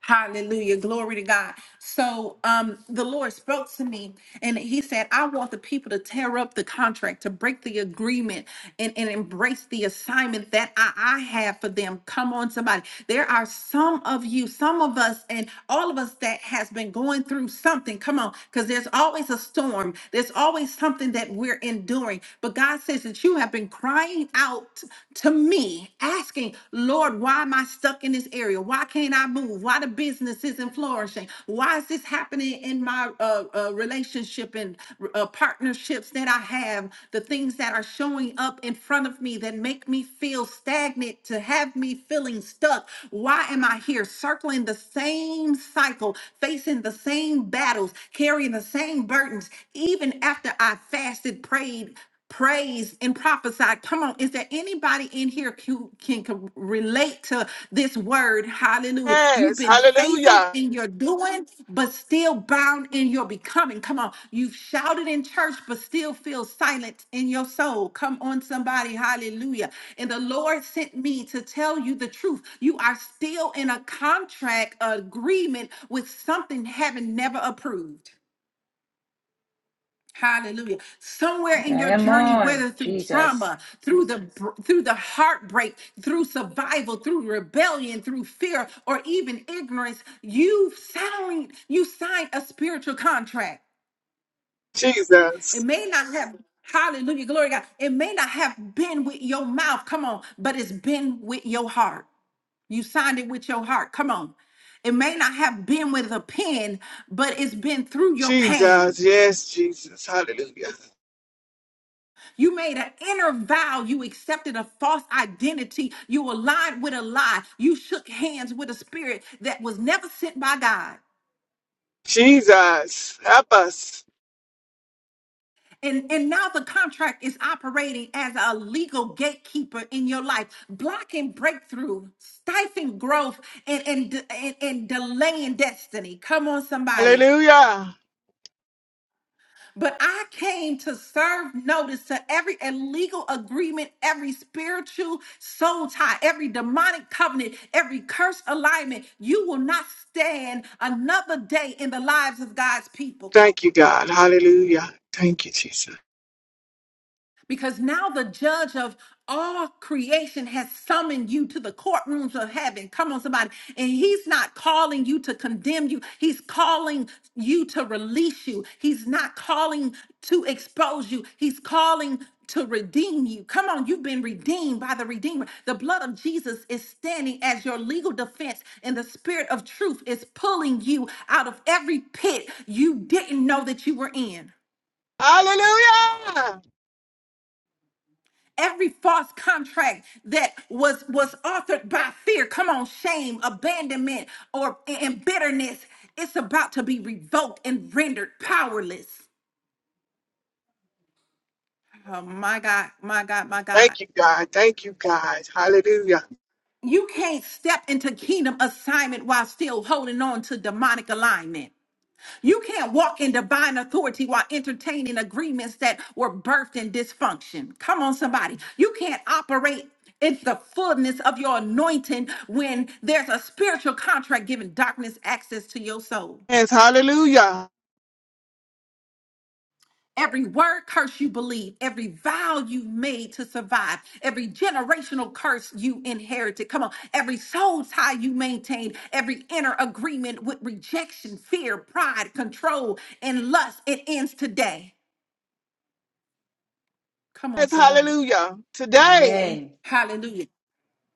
Speaker 1: Hallelujah. Glory to God. So um the Lord spoke to me and he said, I want the people to tear up the contract, to break the agreement and, and embrace the assignment that I, I have for them. Come on, somebody. There are some of you, some of us, and all of us that has been going through something. Come on, because there's always a storm. There's always something that we're enduring. But God says that you have been crying out to me asking, Lord, why am I stuck in this area? Why can't I move? Why the business isn't flourishing? Why is this happening in my uh, uh, relationship and uh, partnerships that I have? The things that are showing up in front of me that make me feel stagnant, to have me feeling stuck. Why am I here circling the same cycle, facing the same battles, carrying the same burdens, even after I fasted, prayed? praise and prophesy. Come on, is there anybody in here who can, can relate to this word? Hallelujah. You've
Speaker 4: Yes.
Speaker 1: been faithful
Speaker 4: Hallelujah.
Speaker 1: in your doing, but still bound in your becoming. Come on, you've shouted in church, but still feel silent in your soul. Come on, somebody. Hallelujah. And the Lord sent me to tell you the truth. You are still in a contract agreement with something heaven never approved. Hallelujah. Somewhere in
Speaker 2: I
Speaker 1: your
Speaker 2: am
Speaker 1: journey,
Speaker 2: on,
Speaker 1: whether through
Speaker 2: Jesus.
Speaker 1: trauma, through the through the heartbreak, through survival, through rebellion, through fear, or even ignorance, you signed you signed a spiritual contract. It
Speaker 4: Jesus.
Speaker 1: may not have hallelujah, glory to God. It may not have been with your mouth, come on, but it's been with your heart. You signed it with your heart. Come on. It may not have been with a pen, but it's been through your pain.
Speaker 4: Jesus. Yes, Jesus. Hallelujah.
Speaker 1: You made an inner vow. You accepted a false identity. You aligned with a lie. You shook hands with a spirit that was never sent by God.
Speaker 4: Jesus. Help us.
Speaker 1: And, and now the contract is operating as a legal gatekeeper in your life, blocking breakthrough, stifling growth, and, and, and, and delaying destiny. Come on, somebody.
Speaker 4: Hallelujah.
Speaker 1: But I came to serve notice to every illegal agreement, every spiritual soul tie, every demonic covenant, every curse alignment. You will not stand another day in the lives of God's people.
Speaker 4: Thank you, God. Hallelujah. Thank you, Jesus.
Speaker 1: Because now the judge of all creation has summoned you to the courtrooms of heaven. Come on, somebody. And he's not calling you to condemn you, he's calling you to release you. He's not calling to expose you, he's calling to redeem you. Come on, you've been redeemed by the Redeemer. The blood of Jesus is standing as your legal defense, and the Spirit of truth is pulling you out of every pit you didn't know that you were in.
Speaker 4: Hallelujah.
Speaker 1: every false contract that was was authored by fear come on shame abandonment or and bitterness it's about to be revoked and rendered powerless oh my god my god my god
Speaker 4: Thank you, God. Thank you, God. Hallelujah.
Speaker 1: you can't step into kingdom assignment while still holding on to demonic alignment You can't walk in divine authority while entertaining agreements that were birthed in dysfunction. Come on, somebody. You can't operate in the fullness of your anointing when there's a spiritual contract giving darkness access to your soul.
Speaker 4: Yes, hallelujah.
Speaker 1: Every word curse you believe, every vow you made to survive, every generational curse you inherited. Come on, every soul tie you maintained, every inner agreement with rejection, fear, pride, control, and lust, it ends today. Come on,
Speaker 4: Yes,
Speaker 1: somebody.
Speaker 4: hallelujah. Today,
Speaker 2: Amen.
Speaker 1: Hallelujah.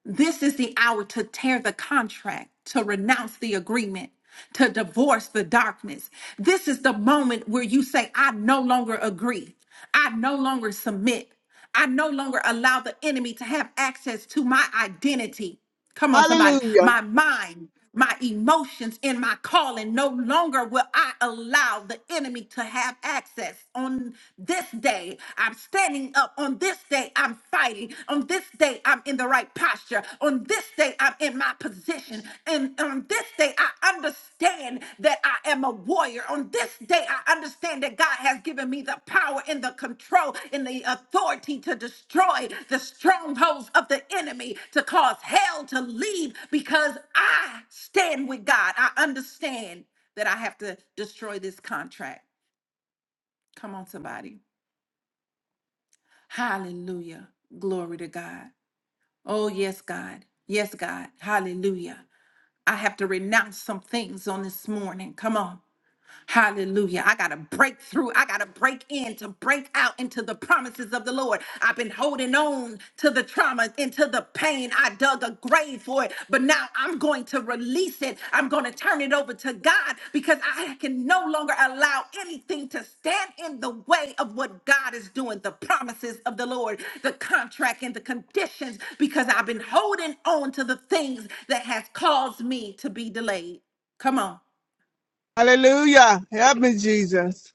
Speaker 1: This is the hour to tear the contract, to renounce the agreement, to divorce the darkness. This is the moment where you say, I no longer agree. I no longer submit. I no longer allow the enemy to have access to my identity. Come on, somebody.
Speaker 4: hallelujah.
Speaker 1: My mind my emotions and my calling. No longer will I allow the enemy to have access. On this day, I'm standing up. On this day, I'm fighting. On this day, I'm in the right posture. On this day, I'm in my position. And on this day, I understand that I am a warrior. On this day, I understand that God has given me the power and the control and the authority to destroy the strongholds of the enemy, to cause hell to leave because I stand with God. I understand that I have to destroy this contract. Come on, somebody. Hallelujah. Glory to God. Oh, yes, God. Yes, God. Hallelujah. I have to renounce some things on this morning. Come on. Hallelujah. I got to break through. I got to break in to break out into the promises of the Lord. I've been holding on to the trauma, into the pain. I dug a grave for it, but now I'm going to release it. I'm going to turn it over to God because I can no longer allow anything to stand in the way of what God is doing, the promises of the Lord, the contract and the conditions, because I've been holding on to the things that has caused me to be delayed. Come on.
Speaker 4: Hallelujah. Help me, Jesus.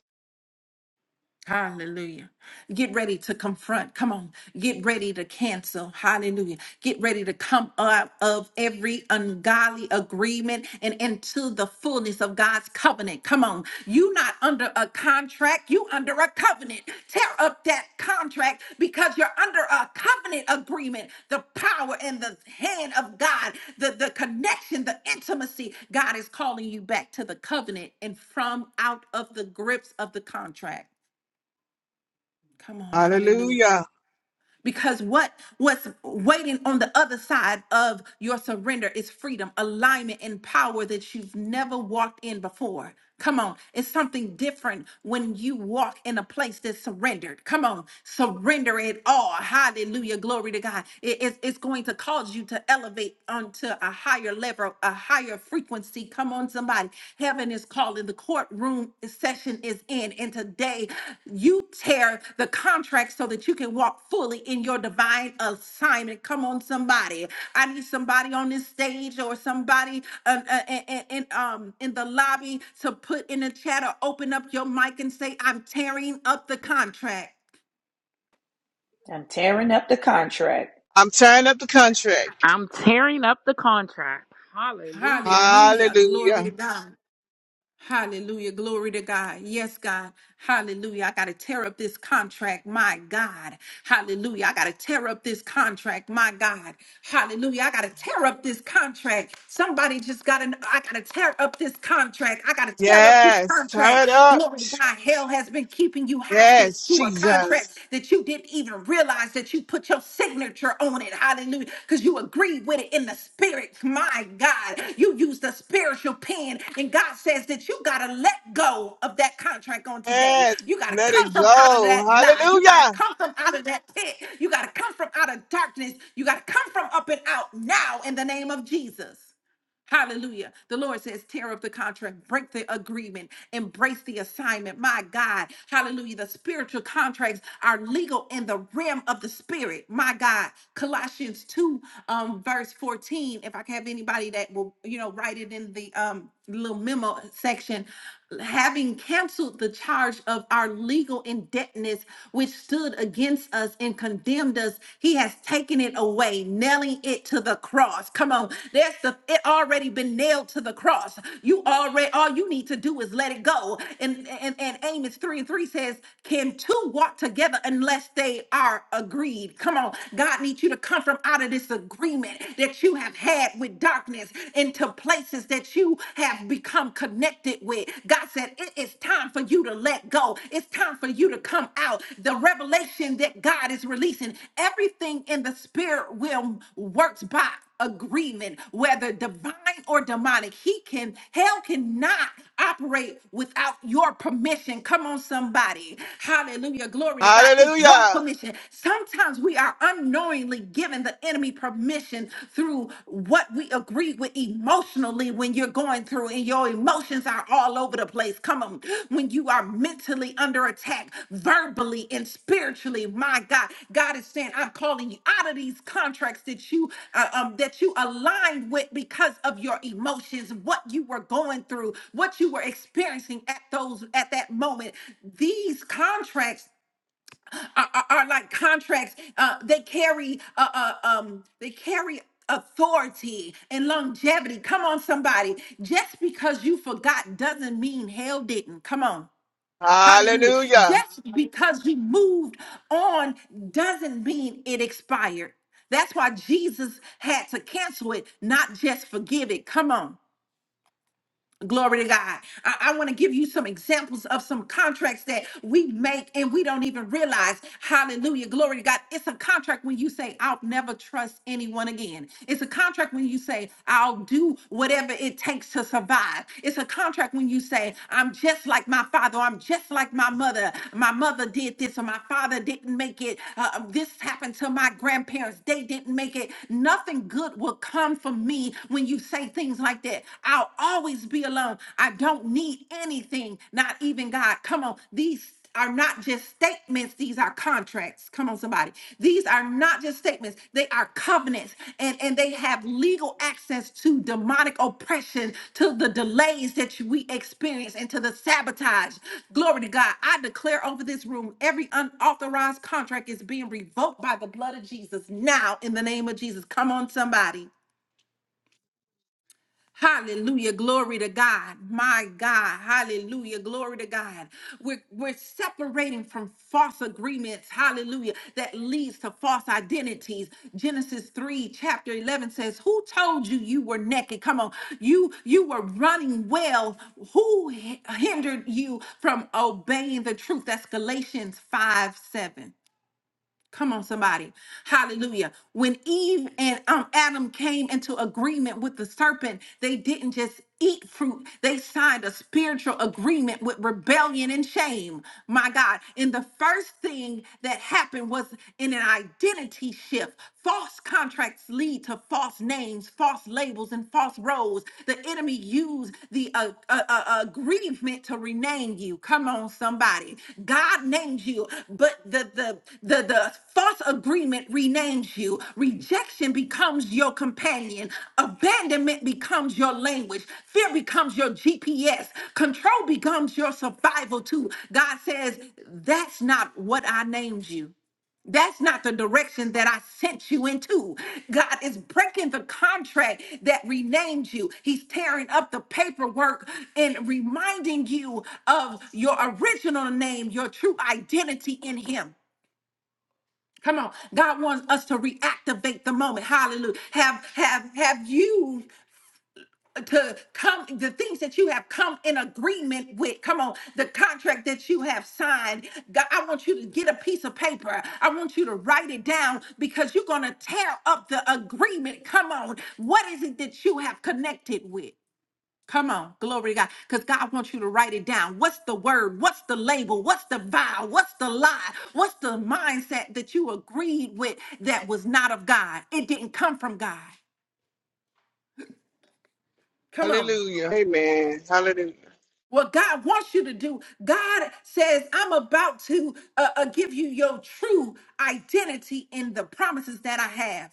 Speaker 1: Hallelujah. Get ready to confront. Come on. Get ready to cancel. Hallelujah. Get ready to come out of every ungodly agreement and into the fullness of God's covenant. Come on. You not under a contract, you under a covenant. Tear up that contract because you're under a covenant agreement. The power and the hand of God, the, the connection, the intimacy. God is calling you back to the covenant and from out of the grips of the contract. Come on, hallelujah.
Speaker 4: Hallelujah.
Speaker 1: Because what what's waiting on the other side of your surrender is freedom, alignment, and power that you've never walked in before. Come on, it's something different when you walk in a place that's surrendered. Come on, surrender it all. Hallelujah, glory to God. It- it's it's going to cause you to elevate onto a higher level, a higher frequency Come on, somebody. Heaven is calling. The courtroom session is in. And today, you tear the contract so that you can walk fully in your divine assignment. Come on, somebody. I need somebody on this stage or somebody um, uh, in, in, um, in the lobby to put in the chat or open up your mic and say, I'm tearing up the contract.
Speaker 2: I'm tearing up the contract.
Speaker 4: I'm tearing up the contract.
Speaker 3: I'm tearing up the contract. Hallelujah.
Speaker 1: Hallelujah. Glory to
Speaker 4: Hallelujah.
Speaker 1: God. Hallelujah. Glory to God. Yes, God. Hallelujah. I got to tear up this contract. My God. Hallelujah. I got to tear up this contract. My God. Hallelujah. I got to tear up this contract. Somebody just got to, I got to tear up this contract. I got to tear up this
Speaker 4: Yes, tear
Speaker 1: contract.
Speaker 4: it up.
Speaker 1: Glory to God. Hell has been keeping you hostage
Speaker 4: Yes,
Speaker 1: to a
Speaker 4: Jesus.
Speaker 1: contract that you didn't even realize that you put your signature on it. Hallelujah. Because you agree with it in the spirit. My God, you use the spiritual pen. And God says that you got to let go of that contract on today.
Speaker 4: Yes,
Speaker 1: You got to
Speaker 4: let
Speaker 1: come
Speaker 4: it
Speaker 1: from out of
Speaker 4: go.
Speaker 1: that lie. You got to
Speaker 4: Hallelujah.
Speaker 1: come from out of that pit. You got to come from out of darkness. You got to come from up and out now in the name of Jesus. Hallelujah. The Lord says, tear up the contract, break the agreement, embrace the assignment. My God. Hallelujah. The spiritual contracts are legal in the realm of the spirit. My God. Colossians 2, um, verse 14. If I can have anybody that will, you know, write it in the um little memo section having canceled the charge of our legal indebtedness which stood against us and condemned us he has taken it away nailing it to the cross come on there's the it already been nailed to the cross you already all you need to do is let it go and and, and amos 3 and 3 says can two walk together unless they are agreed come on god needs you to come from out of this agreement that you have had with darkness into places that you have become connected with. God said, It is time for you to let go. It's time for you to come out. The revelation that God is releasing, everything in the spirit realm works by agreement, whether divine or demonic. He can, hell cannot operate without your permission. Come on, somebody. Hallelujah. Glory to God. It's your
Speaker 4: Hallelujah.
Speaker 1: permission. Sometimes we are unknowingly constantly giving the enemy permission through what we agree with emotionally when you're going through and your emotions are all over the place. Come on. When you are mentally under attack, verbally and spiritually, my God, God is saying, I'm calling you out of these contracts that you uh, um, that you aligned with because of your emotions, what you were going through, what you were experiencing at those at that moment. These contracts are, are, are like contracts. Uh, they carry uh, uh, um, they carry authority and longevity. Come on, somebody. Just because you forgot doesn't mean hell didn't. Come on. Hallelujah.
Speaker 4: Hallelujah.
Speaker 1: Just because you moved on doesn't mean it expired. That's why Jesus had to cancel it, not just forgive it. Come on. Glory to God. I, want to give you some examples of some contracts that we make and we don't even realize. Hallelujah. Glory to God. It's a contract when you say, I'll never trust anyone again. It's a contract when you say, I'll do whatever it takes to survive. It's a contract when you say, I'm just like my father, or I'm just like my mother. My mother did this, or my father didn't make it. Uh, um, this happened to my grandparents. They didn't make it. Nothing good will come from me when you say things things like that. I'll always be alone. I don't need anything, not even God. Come on. These are not just statements, these are contracts. Come on, somebody. These are not just statements, they are covenants, and, and they have legal access to demonic oppression, to the delays that we experience, and to the sabotage. Glory to God. I declare over this room every unauthorized contract is being revoked by the blood of Jesus now in the name of Jesus. Come on, somebody. Hallelujah. Glory to God. My God. Hallelujah. Glory to God. We're, we're separating from false agreements. Hallelujah. That leads to false identities. Genesis 3, chapter 11 says, Who told you you were naked? Come on. You, you were running well. Who h- hindered you from obeying the truth? That's Galatians 5 7. Come on, somebody. Hallelujah. When Eve and um, Adam came into agreement with the serpent, they didn't just eat fruit, they signed a spiritual agreement with rebellion and shame. My God. And the first thing that happened was in an identity shift. False contracts lead to false names, false labels, and false roles. The enemy used use the uh, uh, uh, uh, aggrievement to rename you. Come on, somebody. God named you, but the, the, the, the false agreement renames you. Rejection becomes your companion. Abandonment becomes your language. Fear becomes your GPS. Control becomes your survival, too. God says, That's not what I named you. That's not the direction that I sent you into. God is breaking the contract that renamed you. He's tearing up the paperwork and reminding you of your original name, your true identity in Him. Come on. God wants us to reactivate the moment. Hallelujah. Have have have you to come the things that you have come in agreement with come on the contract that you have signed god i want you to get a piece of paper i want you to write it down because you're going to tear up the agreement come on what is it that you have connected with Come on, glory to God. Because God wants you to write it down. What's the word? What's the label? What's the vow? What's the lie? What's the mindset that you agreed with that was not of God? It didn't come from God. Come on.
Speaker 4: Hallelujah. Amen. Hallelujah.
Speaker 1: what God wants you to do. God says, I'm about to uh, uh, give you your true identity in the promises that I have.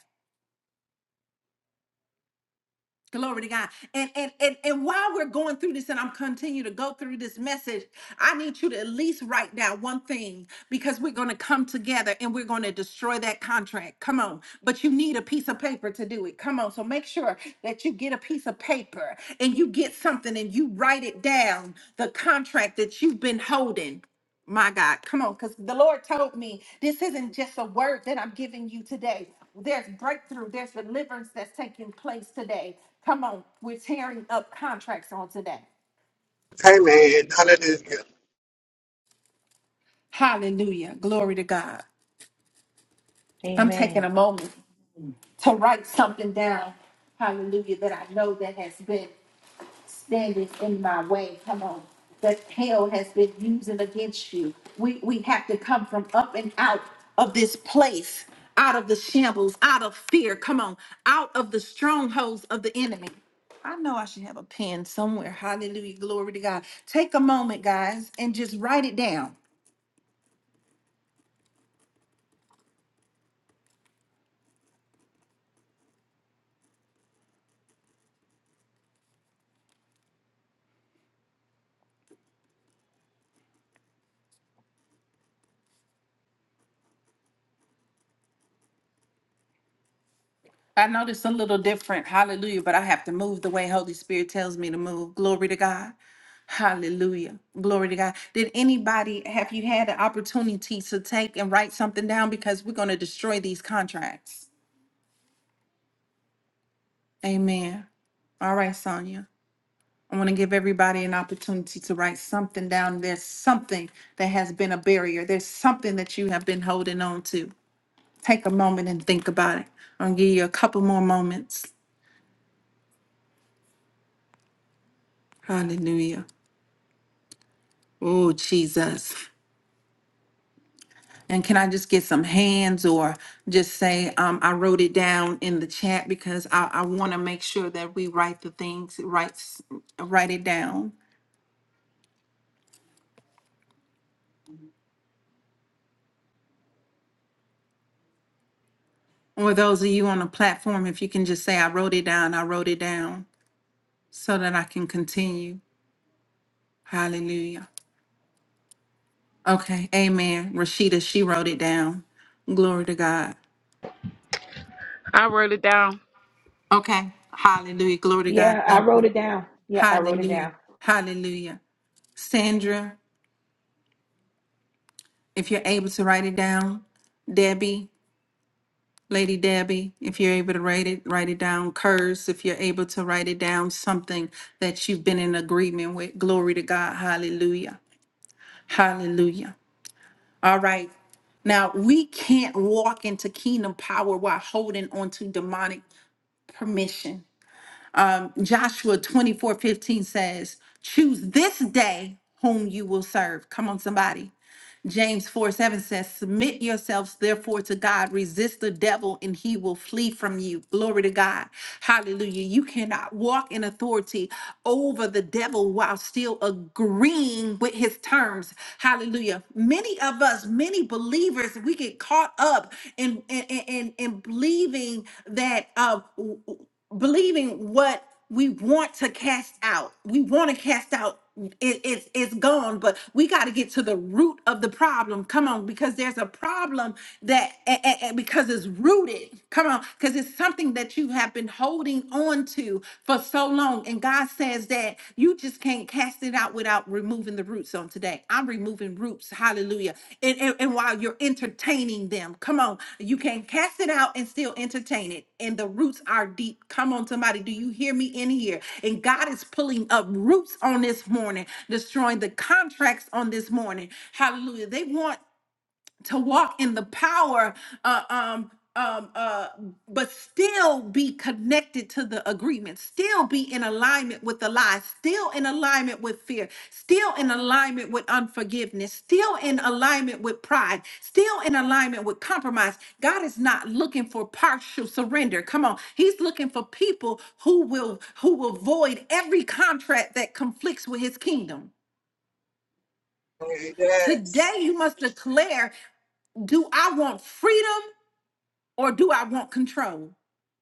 Speaker 1: Glory to God. And, and and and while we're going through this, and I'm continue to go through this message, I need you to at least write down one thing because we're going to come together and we're going to destroy that contract. Come on. But you need a piece of paper to do it. Come on. So make sure that you get a piece of paper and you get something and you write it down, the contract that you've been holding. My God, come on, because the Lord told me this isn't just a word that I'm giving you today. There's breakthrough, there's deliverance that's taking place today. Come on, we're tearing up contracts on today.
Speaker 4: Amen. Hallelujah.
Speaker 1: Hallelujah. Glory to God. I'm taking
Speaker 2: Amen.
Speaker 1: a moment to write something down. Hallelujah, that I know that has been. standing in my way. Come on. That hell has been using against you. We we have to come from up and out of this place, out of the shambles, out of fear. Come on, out of the strongholds of the enemy. I know I should have a pen somewhere. Hallelujah. Glory to God. Take a moment, guys, and just write it down. I know it's a little different. Hallelujah. But I have to move the way Holy Spirit tells me to move. Glory to God. Hallelujah. Glory to God. Did anybody have you had an opportunity to take and write something down? Because we're going to destroy these contracts. Amen. All right, Sonia. I want to give everybody an opportunity to write something down. There's something that has been a barrier. There's something that you have been holding on to. Take a moment and think about it. I'll give you a couple more moments. Hallelujah. Oh, Jesus. And can I just get some hands or just say, um, I wrote it down in the chat because I, I want to make sure that we write the things, write, s- write it down. Or those of you on the platform, if you can just say, I wrote it down, I wrote it down so that I can continue. Hallelujah. Okay. Amen. Rashida, she wrote it down. Glory to God.
Speaker 3: I wrote it down.
Speaker 1: Okay. Hallelujah. Glory to God.
Speaker 2: Yeah, I
Speaker 1: Thank
Speaker 2: wrote
Speaker 1: you.
Speaker 2: it down. Yeah, I wrote it down.
Speaker 1: Hallelujah. Hallelujah. Sandra. if you're able to write it down, Debbie, Lady Debbie, if you're able to write it, write it down. Curse, if you're able to write it down, something that you've been in agreement with. Glory to God. Hallelujah. Hallelujah. All right. Now, we can't walk into kingdom power while holding on to demonic permission. Joshua 24 15 says, Choose this day whom you will serve. Come on, somebody. James 4 7 says, Submit yourselves therefore to God, resist the devil, and he will flee from you. Glory to God. Hallelujah. You cannot walk in authority over the devil while still agreeing with his terms. Hallelujah. Many of us, many believers, we get caught up in in, in, in- believing that uh believing what we want to cast out. We want to cast out. It, it's it's gone, but we got to get to the root of the problem. Come on, because there's a problem that a- a- a- because it's rooted. Come on, because it's something that you have been holding on to for so long, and God says that you just can't cast it out without out removing the roots on today. I'm removing roots. Hallelujah. And, and, and while you're entertaining them, come on, you can cast it out and still entertain it. And the roots are deep. Come on, somebody. Do you hear me in here? And God is pulling up roots on this morning, destroying the contracts on this morning. Hallelujah. They want to walk in the power uh, um um uh but still be connected to the agreement still be in alignment with the lie still in alignment with fear still in alignment with unforgiveness still in alignment with pride still in alignment with compromise god is not looking for partial surrender come on he's looking for people who will who will void every contract that conflicts with his kingdom Today,
Speaker 4: Yes.
Speaker 1: you must declare Do I want freedom or do I want control?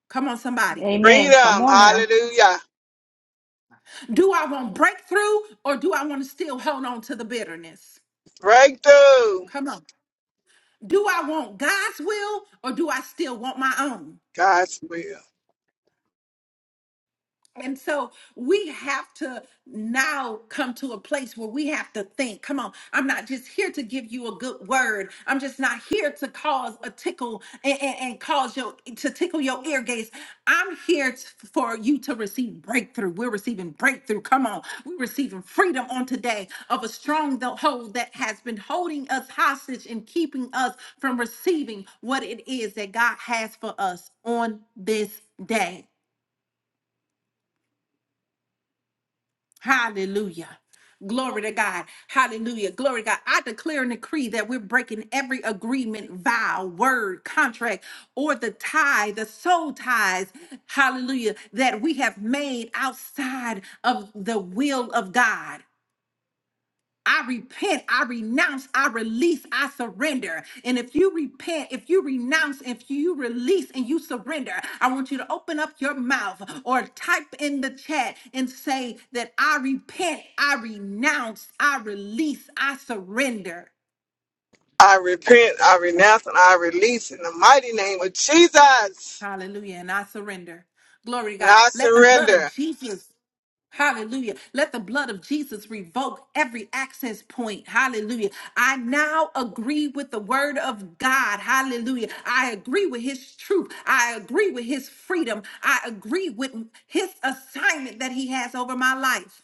Speaker 1: Come on, somebody.
Speaker 2: Amen. Come
Speaker 4: Freedom.
Speaker 2: on now.
Speaker 4: Hallelujah.
Speaker 1: Do I want breakthrough or do I want to still hold on to the bitterness?
Speaker 4: Breakthrough.
Speaker 1: Come on. Do I want God's will or do I still want my own?
Speaker 4: God's will.
Speaker 1: And so we have to now come to a place where we have to think. Come on, I'm not just here to give you a good word. I'm just not here to cause a tickle and, and, and cause your to tickle your ear gates. I'm here t- for you to receive breakthrough. We're receiving breakthrough. Come on, we're receiving freedom on today of a strong hold that has been holding us hostage and keeping us from receiving what it is that God has for us on this day. Hallelujah. Glory to God. Hallelujah. Glory to God. I declare and decree that we're breaking every agreement, vow, word, contract, or the tie, the soul ties, hallelujah, that we have made outside of the will of God. I repent, I renounce, I release, I surrender. And if you repent, if you renounce, if you release and you surrender, I want you to open up your mouth or type in the chat and say that I repent, I renounce, I release, I surrender.
Speaker 4: I repent, I renounce, and I release in the mighty name of Jesus.
Speaker 1: Hallelujah. And I surrender. Glory to
Speaker 4: And
Speaker 1: God.
Speaker 4: I
Speaker 1: Let the blood of
Speaker 4: surrender.
Speaker 1: Jesus. Hallelujah. Let the blood of Jesus revoke every access point. Hallelujah. I now agree with the word of God. Hallelujah. I agree with his truth. I agree with his freedom. I agree with his assignment that he has over my life.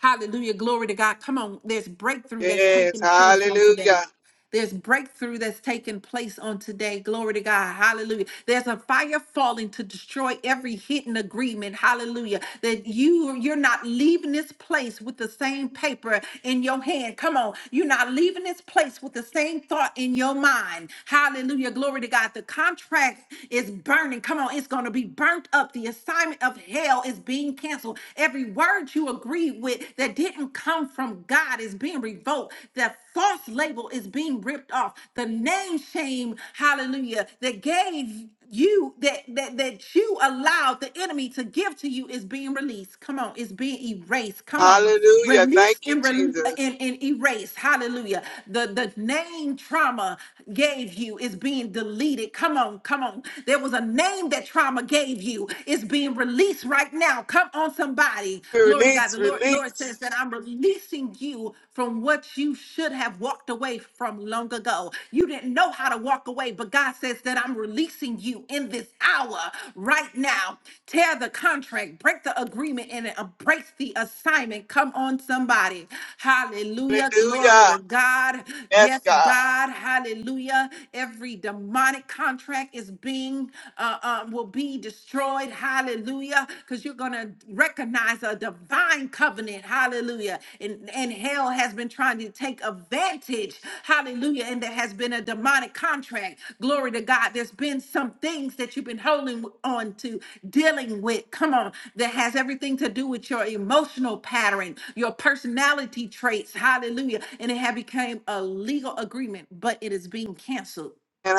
Speaker 1: Hallelujah. Glory to God. Come on. There's breakthrough that's
Speaker 4: Yes.
Speaker 1: taking place on today.
Speaker 4: Hallelujah.
Speaker 1: There's breakthrough that's taking place on today. Glory to God. Hallelujah. There's a fire falling to destroy every hidden agreement. Hallelujah. That you you're not leaving this place with the same paper in your hand. Come on. You're not leaving this place with the same thought in your mind. Hallelujah. Glory to God. The contract is burning. Come on. It's going to be burnt up. The assignment of hell is being canceled. Every word you agreed with that didn't come from from God is being revoked. That false label is being ripped off. The name shame, hallelujah, that gave you that that that you allowed the enemy to give to you is being released. Come on, it's being erased. Come on,
Speaker 4: Hallelujah.
Speaker 1: release
Speaker 4: Thank you,
Speaker 1: and re-
Speaker 4: Jesus.
Speaker 1: and, and erase. Hallelujah. The the name trauma gave you is being deleted. Come on, come on. There was a name that trauma gave you. It's being released right now. Come on, on somebody. Glory to God.
Speaker 4: Release,
Speaker 1: The Lord, Lord says
Speaker 4: release.
Speaker 1: that I'm releasing you from what you should have walked away from long ago. You didn't know how to walk away, but God says that I'm releasing you in this hour right now. Tear the contract, break the agreement, and embrace the assignment. Come on, somebody. Hallelujah. Glory
Speaker 4: Hallelujah.
Speaker 1: to God.
Speaker 4: Yes,
Speaker 1: Yes,
Speaker 4: God.
Speaker 1: God. Hallelujah. Every demonic contract is being uh, um, will be destroyed. Hallelujah. Because you're going to recognize a divine covenant. Hallelujah. And, and hell has been trying to take advantage. Hallelujah. And there has been a demonic contract. Glory to God. There's been some things that you've been holding on to, dealing with. Come on. That has everything to do with your emotional pattern, your personality traits. Hallelujah. And it had become a legal agreement, but it is being canceled
Speaker 4: And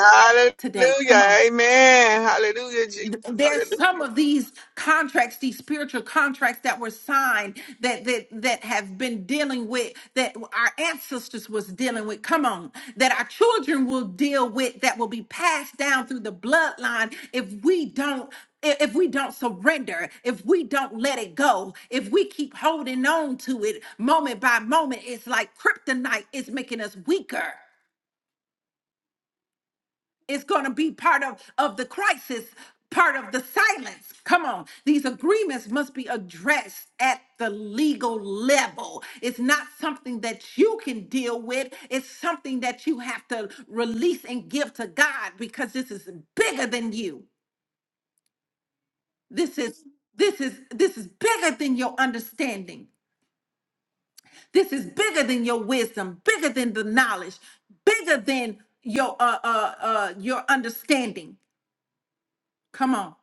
Speaker 1: today. Come on
Speaker 4: hallelujah. Amen. Hallelujah, Jesus.
Speaker 1: th- there's
Speaker 4: Hallelujah.
Speaker 1: some of these contracts these spiritual contracts that were signed that that that have been dealing with that our ancestors was dealing with come on that our children will deal with that will be passed down through the bloodline if we don't i- if we don't surrender, if we don't let it go, if we keep holding on to it moment by moment, it's like kryptonite is making us weaker is going to be part of of the crisis part of the silence come on these agreements must be addressed at the legal level it's not something that you can deal with it's something that you have to release and give to god because this is bigger than you this is this is this is bigger than your understanding this is bigger than your wisdom bigger than the knowledge bigger than your uh uh, uh your understanding come on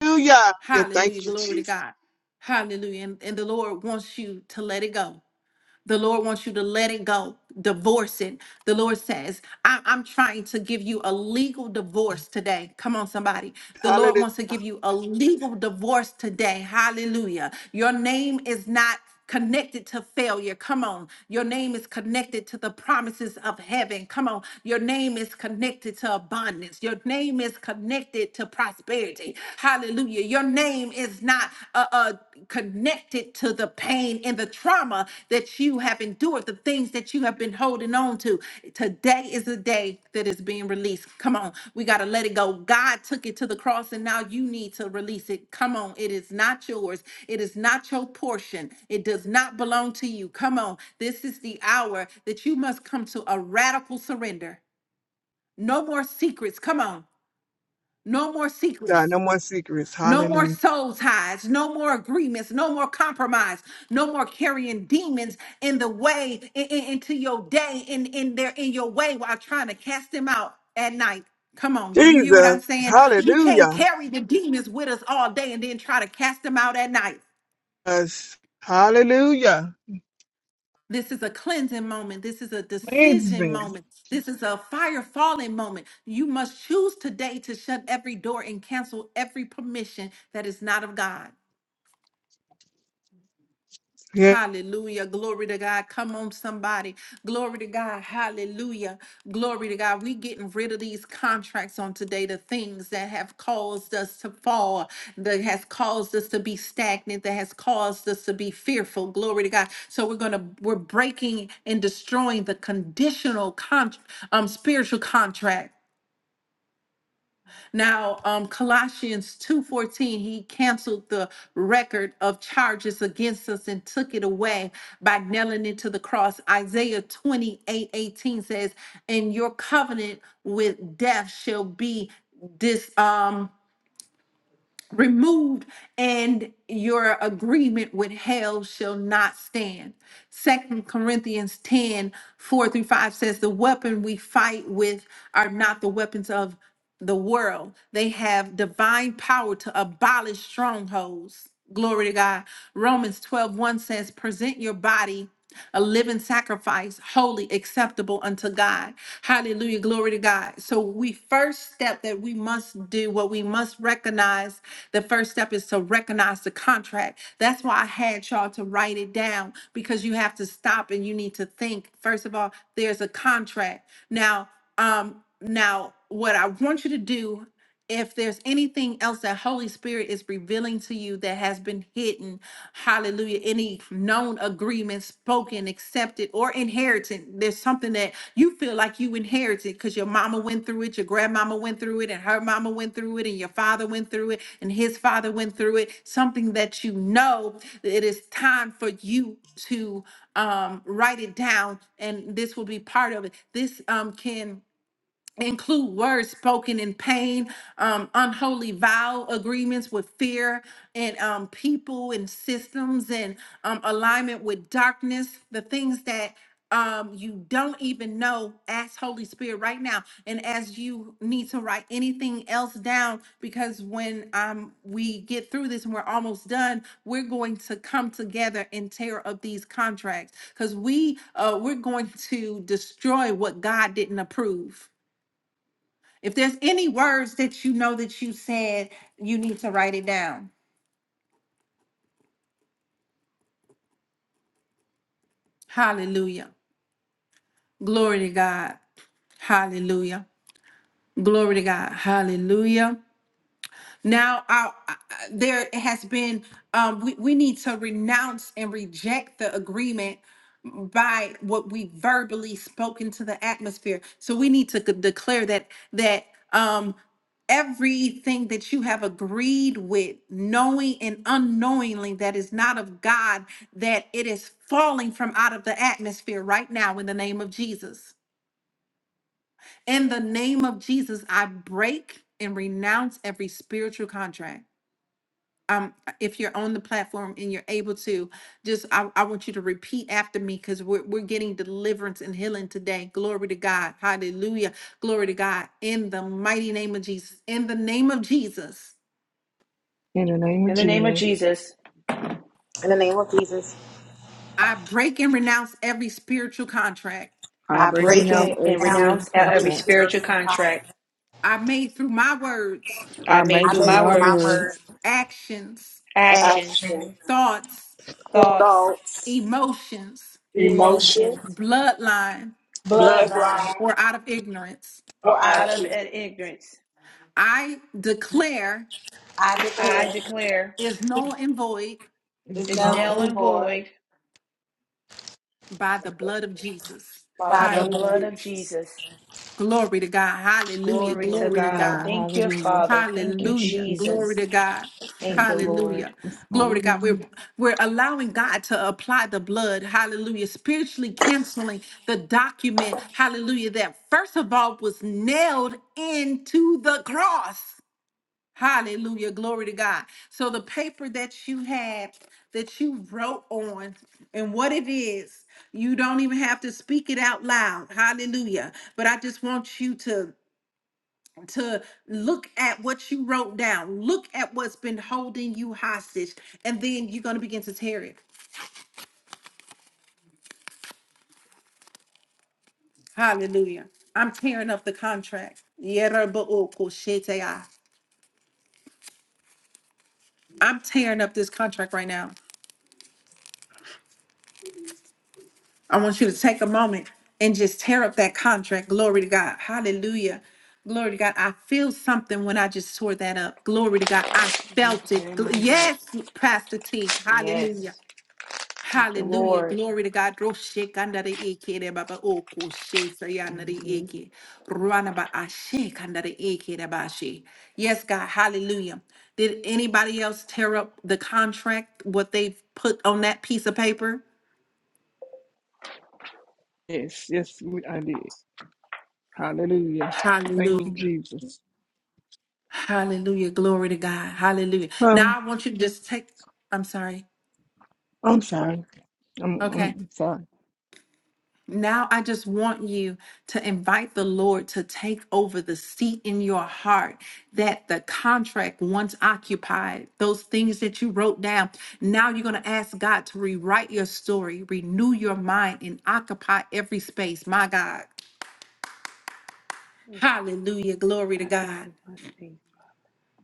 Speaker 4: Hallelujah. Yeah,
Speaker 1: Hallelujah.
Speaker 4: thank you,
Speaker 1: Glory to
Speaker 4: Jesus.
Speaker 1: God. Hallelujah. And, and the Lord wants you to let it go. The Lord wants you to let it go, divorce it. The Lord says, I- I'm trying to give you a legal divorce today. Come on, somebody. The Lord
Speaker 4: Hallelujah.
Speaker 1: wants to give you a legal divorce today. Hallelujah. Your name is not connected to failure. Come on. Your name is connected to the promises of heaven. Come on. Your name is connected to abundance. Your name is connected to prosperity. Hallelujah. Your name is not a, a connected to the pain and the trauma that you have endured, the things that you have been holding on to. Today is the day that is being released. Come on, we got to let it go. God took it to the cross and now you need to release it. Come on, it is not yours. It is not your portion. It does not belong to you. Come on, this is the hour that you must come to a radical surrender. No more secrets. Come on. No more secrets.
Speaker 4: God, No more secrets.
Speaker 1: No more
Speaker 4: Hallelujah.
Speaker 1: soul ties, no more agreements, no more compromise, no more carrying demons in the way in- in- into your day in in their in your way while trying to cast them out at night. Come on, do you hear what
Speaker 4: Jesus.
Speaker 1: I'm saying? We can't
Speaker 4: Hallelujah.
Speaker 1: carry the demons with us all day and then try to cast them out at night.
Speaker 4: Yes. Hallelujah.
Speaker 1: This is a cleansing moment. This is a
Speaker 4: Praise
Speaker 1: decision
Speaker 4: me.
Speaker 1: moment. This is a fire falling moment. You must choose today to shut every door and cancel every permission that is not of God.
Speaker 4: Yeah.
Speaker 1: Hallelujah. Glory to God. Come on, somebody. Glory to God. Hallelujah. Glory to God. We getting rid of these contracts on today, the things that have caused us to fall, that has caused us to be stagnant, that has caused us to be fearful. Glory to God. So we're gonna we're breaking and destroying the conditional con- um spiritual contract. Now, um, Colossians 2:14, he canceled the record of charges against us and took it away by nailing it to the cross. Isaiah 28:18 says, "And your covenant with death shall be this." removed and your agreement with hell shall not stand. Second Corinthians 10 4 through 5 says the weapon we fight with are not the weapons of the world. They have divine power to abolish strongholds. Glory to God. Romans twelve one says, Present your body a living sacrifice, holy, acceptable unto God. Hallelujah. Glory to God. So, we first step that we must do, what we must recognize, the first step is to recognize the contract. That's why I had y'all to write it down because you have to stop and you need to think. First of all, there's a contract. Now, um, now, what I want you to do if there's anything else that Holy Spirit is revealing to you that has been hidden, hallelujah, any known agreement, spoken, accepted, or inherited, there's something that you feel like you inherited because your mama went through it, your grandmama went through it, and her mama went through it, and your father went through it, and his father went through it, something that you know that it is time for you to um, write it down, and this will be part of it. This um, can include words spoken in pain, um, unholy vow agreements with fear and um, people and systems and um, alignment with darkness, the things that um, you don't even know, ask Holy Spirit right now. And as you need to write anything else down, because when um, we get through this and we're almost done, we're going to come together and tear up these contracts because we uh, we're going to destroy what God didn't approve if there's any words that you know that you said, you need to write it down. Hallelujah. Glory to God. Hallelujah. Glory to God. Hallelujah. Now, our, uh, there has been, um, we, we need to renounce and reject the agreement by what we verbally spoke into the atmosphere. So we need to c- declare that, that, um, everything that you have agreed with, knowing and unknowingly that is not of God, that it is falling from out of the atmosphere right now in the name of Jesus. In the name of Jesus, I break and renounce every spiritual contract um, if you're on the platform and you're able to, just I, I want you to repeat after me because we're we're getting deliverance and healing today. Glory to God. Hallelujah. Glory to God. In the mighty name of Jesus. In the name of Jesus,
Speaker 4: In the name of
Speaker 2: In the name of
Speaker 4: Jesus,
Speaker 2: Jesus,
Speaker 5: In the name of Jesus,
Speaker 1: I break and renounce every spiritual contract
Speaker 4: I'm
Speaker 2: I
Speaker 5: I
Speaker 2: break
Speaker 4: breaking
Speaker 5: break them
Speaker 4: out
Speaker 2: in
Speaker 4: a
Speaker 2: and
Speaker 5: down
Speaker 4: spiritual
Speaker 2: renounce out
Speaker 5: every
Speaker 2: every
Speaker 4: contract.
Speaker 5: spirit
Speaker 2: spiritual
Speaker 5: and power.
Speaker 2: contract
Speaker 1: I made through my words,
Speaker 2: I
Speaker 4: I
Speaker 2: made
Speaker 5: I
Speaker 4: make
Speaker 2: through
Speaker 4: with
Speaker 5: know
Speaker 2: my
Speaker 5: through
Speaker 4: my
Speaker 5: my
Speaker 2: words,
Speaker 5: word,
Speaker 4: words,
Speaker 1: actions,
Speaker 2: actions,
Speaker 4: action,
Speaker 5: action,
Speaker 1: thoughts,
Speaker 5: thought,
Speaker 2: thoughts,
Speaker 4: thoughts,
Speaker 1: emotions,
Speaker 5: emotion,
Speaker 4: emotion,
Speaker 2: emotions,
Speaker 1: bloodline,
Speaker 5: bloodline,
Speaker 2: bloodline,
Speaker 4: bloodline,
Speaker 1: or out of ignorance.
Speaker 5: or
Speaker 4: or
Speaker 5: out
Speaker 4: out
Speaker 2: out
Speaker 4: of
Speaker 5: of
Speaker 2: of
Speaker 5: it.
Speaker 4: equal.
Speaker 2: ignorance.
Speaker 1: I declare
Speaker 4: I
Speaker 5: I
Speaker 4: declare
Speaker 2: I
Speaker 5: declare
Speaker 2: declare
Speaker 1: is null and void
Speaker 4: it's
Speaker 5: is
Speaker 2: it's
Speaker 4: null
Speaker 2: null
Speaker 5: no
Speaker 4: and
Speaker 2: and
Speaker 4: void
Speaker 2: void
Speaker 1: by the blood of Jesus.
Speaker 4: by the
Speaker 2: by the
Speaker 4: blood of
Speaker 2: blood
Speaker 1: Hallelujah.
Speaker 2: of
Speaker 4: Jesus.
Speaker 2: Jesus.
Speaker 1: Glory to God. Hallelujah.
Speaker 2: Glory to
Speaker 1: Glory
Speaker 4: Glory
Speaker 1: to
Speaker 4: to
Speaker 2: God.
Speaker 4: God.
Speaker 1: God.
Speaker 2: Thank you,
Speaker 4: Hallelujah.
Speaker 2: Father. Thank you,
Speaker 4: Thank you,
Speaker 1: Hallelujah. Glory
Speaker 4: Jesus.
Speaker 1: to
Speaker 2: Jesus.
Speaker 1: God.
Speaker 2: Thank
Speaker 4: Thank
Speaker 2: you,
Speaker 4: you,
Speaker 2: Lord.
Speaker 1: Hallelujah.
Speaker 4: Jesus.
Speaker 1: Glory to God. We're
Speaker 4: Hallelujah.
Speaker 1: we're allowing God to apply the blood. Hallelujah. Spiritually canceling the document. Hallelujah. That first of all was nailed into the cross. Hallelujah. Glory to God. So the paper that you had that you wrote on and what it is, you don't even have to speak it out loud. Hallelujah. But I just want you to to look at what you wrote down. Look at what's been holding you hostage and then you're going to begin to tear it. Hallelujah. I'm tearing up the contract. Yerabookoshete. I'm tearing up this contract right now. I want you to take a moment and just tear up that contract. Glory to God. Hallelujah. Glory to God. I feel something when I just tore that up. Glory to God. I
Speaker 2: Thank
Speaker 1: felt it.
Speaker 2: you,
Speaker 1: Gl-
Speaker 2: my God.
Speaker 1: Yes, Pastor T.
Speaker 2: Yes.
Speaker 1: Hallelujah.
Speaker 2: Thank you,
Speaker 1: Hallelujah.
Speaker 2: Lord.
Speaker 1: Glory to God. Roshekanare eke de baba oko she sayanare
Speaker 2: hmm
Speaker 1: eke. Ruanaba ashe kandare eke de bashe. Yes, God. Hallelujah. Did anybody else tear up the contract, what they've put on that piece of paper?
Speaker 4: Yes, yes, we- I did. Hallelujah. Thank you,
Speaker 1: Hallelujah.
Speaker 4: Jesus.
Speaker 1: Hallelujah. Glory to God. Hallelujah.
Speaker 4: Um,
Speaker 1: Now I want you to just take, I'm sorry.
Speaker 4: I'm sorry. I'm,
Speaker 1: Okay.
Speaker 4: I'm sorry.
Speaker 1: Now I just want you to invite the Lord to take over the seat in your heart that the contract once occupied, those things that you wrote down. Now you're going to ask God to rewrite your story, renew your mind, and occupy every space. My God. Hallelujah. Glory to
Speaker 2: Occupy
Speaker 1: God.
Speaker 2: my space.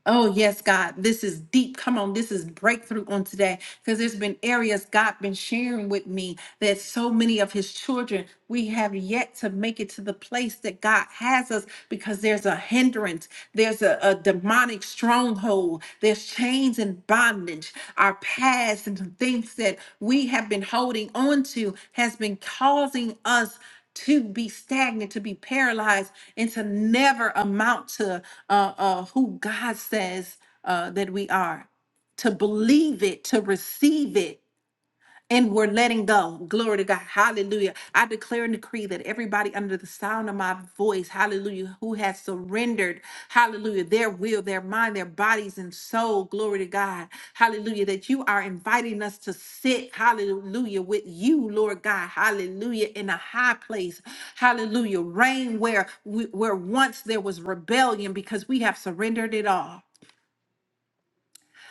Speaker 1: Oh, yes, God, this is deep. Come on, this is breakthrough on today because there's been areas God been sharing with me that so many of his children, we have yet to make it to the place that God has us because there's a hindrance, there's a, a demonic stronghold, there's chains and bondage. Our past and the things that we have been holding on to has been causing us to be stagnant, to be paralyzed, and to never amount to uh, uh, who God says uh, that we are. To believe it, to receive it, and we're letting go. Glory to God. Hallelujah. I declare and decree that everybody under the sound of my voice, hallelujah, who has surrendered, hallelujah, their will, their mind, their bodies, and soul, glory to God, hallelujah, that you are inviting us to sit, hallelujah, with you, Lord God, hallelujah, in a high place, hallelujah, reign where, we- where once there was rebellion because we have surrendered it all.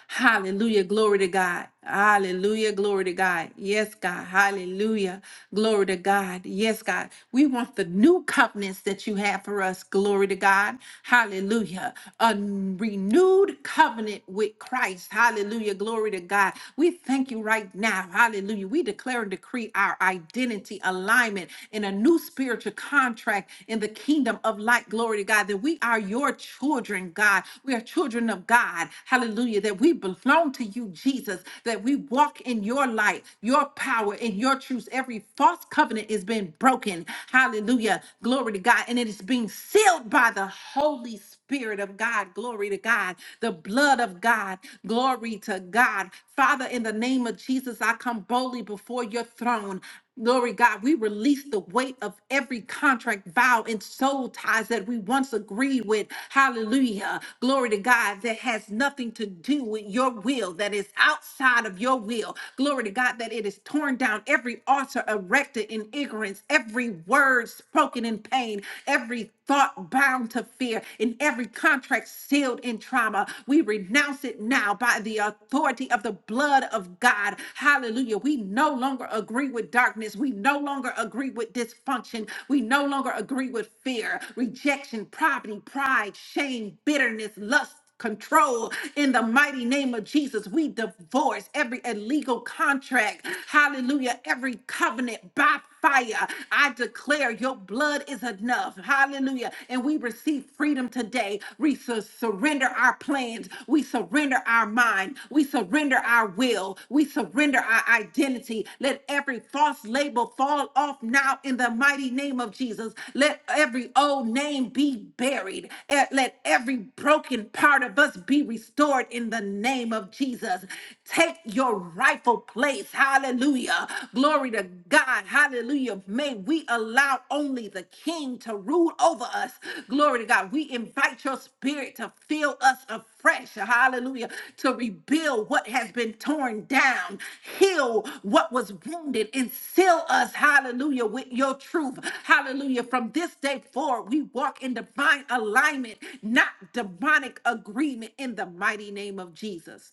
Speaker 1: Hallelujah. Glory to God. Hallelujah. Glory to God. Yes, God. Hallelujah. Glory to God. Yes, God. We want the new covenants that you have for us. Glory to God. Hallelujah. A renewed covenant with Christ. Hallelujah. Glory to God. We thank you right now. Hallelujah. We declare and decree our identity alignment in a new spiritual contract in the kingdom of light. Glory glory to God, that we are your children, God. We are children of God. Hallelujah. That we belong to you, Jesus, that we walk in your light, your power, and your truth. Every false covenant is being broken. Hallelujah. Glory to God. And it is being sealed by the Holy Spirit of God. Glory to God. The blood of God. Glory to God. Father, in the name of Jesus, I come boldly before your throne. Glory God, we release the weight of every contract, vow, and soul ties that we once agreed with. Hallelujah. Glory to God that has nothing to do with your will, that is outside of your will. Glory to God that it is torn down. Every altar erected in ignorance, every word spoken in pain, every thought bound to fear, and every contract sealed in trauma. We renounce it now by by the authority of the blood of God. Hallelujah. We no longer agree with darkness. We no longer agree with dysfunction. We no longer agree with fear, rejection, poverty, pride, shame, bitterness, lust. Control in the mighty name of Jesus. We divorce every illegal contract. Hallelujah. Every covenant by fire. I declare your blood is enough. Hallelujah. And we receive freedom today. We su- surrender our plans. We surrender our mind. We surrender our will. We surrender our identity. Let every false label fall off now in the mighty name of Jesus. Let every old name be buried. Eh, Let every broken part of us be restored in the name of Jesus. Take your rightful place place. Hallelujah. Glory to God. Hallelujah. May we allow only the King to rule over us. Glory to God. We invite your spirit to fill us afresh. Hallelujah. To rebuild what has been torn down, heal what was wounded, and seal us. Hallelujah. With your truth. Hallelujah. From this day forward, we walk in divine alignment, not demonic agreement in the mighty name of Jesus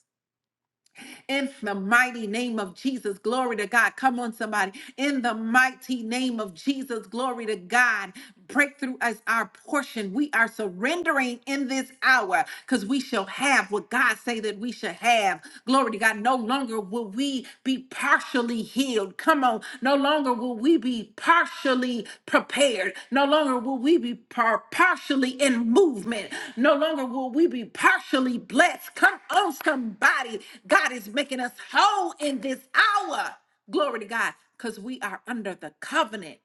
Speaker 1: in the mighty name of Jesus. Glory to God. Come on, somebody. In the mighty name of Jesus. Glory to God. Breakthrough as our portion. We are surrendering in this hour because we shall have what God say that we should have. Glory to God. No longer will we be partially hid healed. Come on. No longer will we be partially prepared. No longer will we be par- partially in movement. No longer will we be partially blessed. Come on, somebody. God is making us whole in this hour. Glory to God, because we are under the covenant.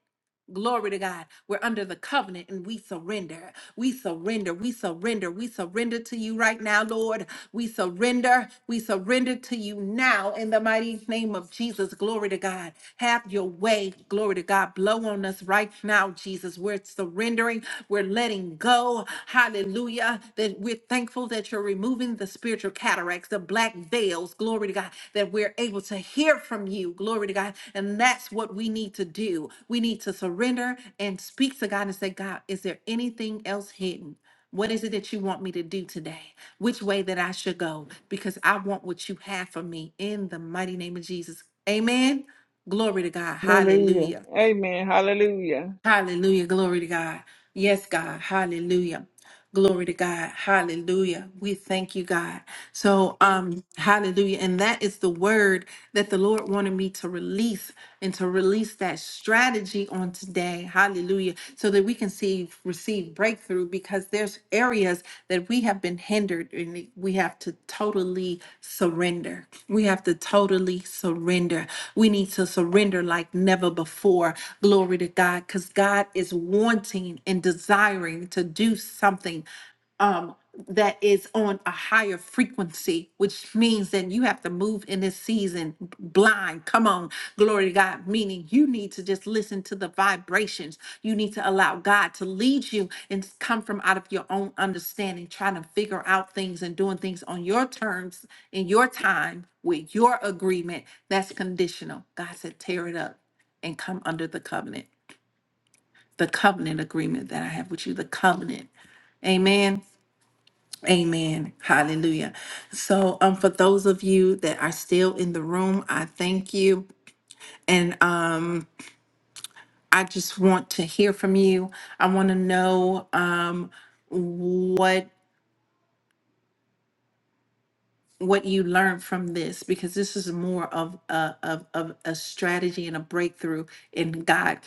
Speaker 1: Glory to God. We're under the covenant and we surrender. We surrender. We surrender. We surrender to you right now, Lord. We surrender. We surrender to you now in the mighty name of Jesus. Glory to God. Have your way. Glory to God. Blow on us right now, Jesus. We're surrendering. We're letting go. Hallelujah. That we're thankful that you're removing the spirit spiritual cataracts, the black veils, glory to God, that we're able to hear from you, glory to God. And that's what we need to do. We need to surrender and speak to God and say, God, is there anything else hidden? What is it that you want me to do today? Which way that I should go? Because I want what you have for me in the mighty name of Jesus. Amen. Glory to God.
Speaker 4: Hallelujah.
Speaker 1: Hallelujah.
Speaker 4: Amen. Hallelujah.
Speaker 1: Hallelujah. Glory to God. Yes, God. Hallelujah. Glory to God. Hallelujah. We thank you, God. So, um, hallelujah. And that is the word that the Lord wanted me to release and to release that strategy on today. Hallelujah. So that we can see receive breakthrough because there's areas that we have been hindered and we have to totally surrender. We have to totally surrender. We need to surrender like never before. Glory to God because God is wanting and desiring to do something um, that is on a higher frequency, which means that you have to move in this season b- blind. Come on, glory to God, meaning you need to just listen to the vibrations. You need to allow God to lead you and s- come from out of your own understanding, trying to figure out things and doing things on your terms, in your time, with your agreement. That's conditional. God said, tear it up and come under the covenant, the covenant agreement that I have with you, the covenant. Amen. Amen. Hallelujah. So, um, for those of you that are still in the room, I thank you. And uh, I just want to hear from you. I want to know um, what what you learned from this because this is more of a, of, of a strategy and a breakthrough in God.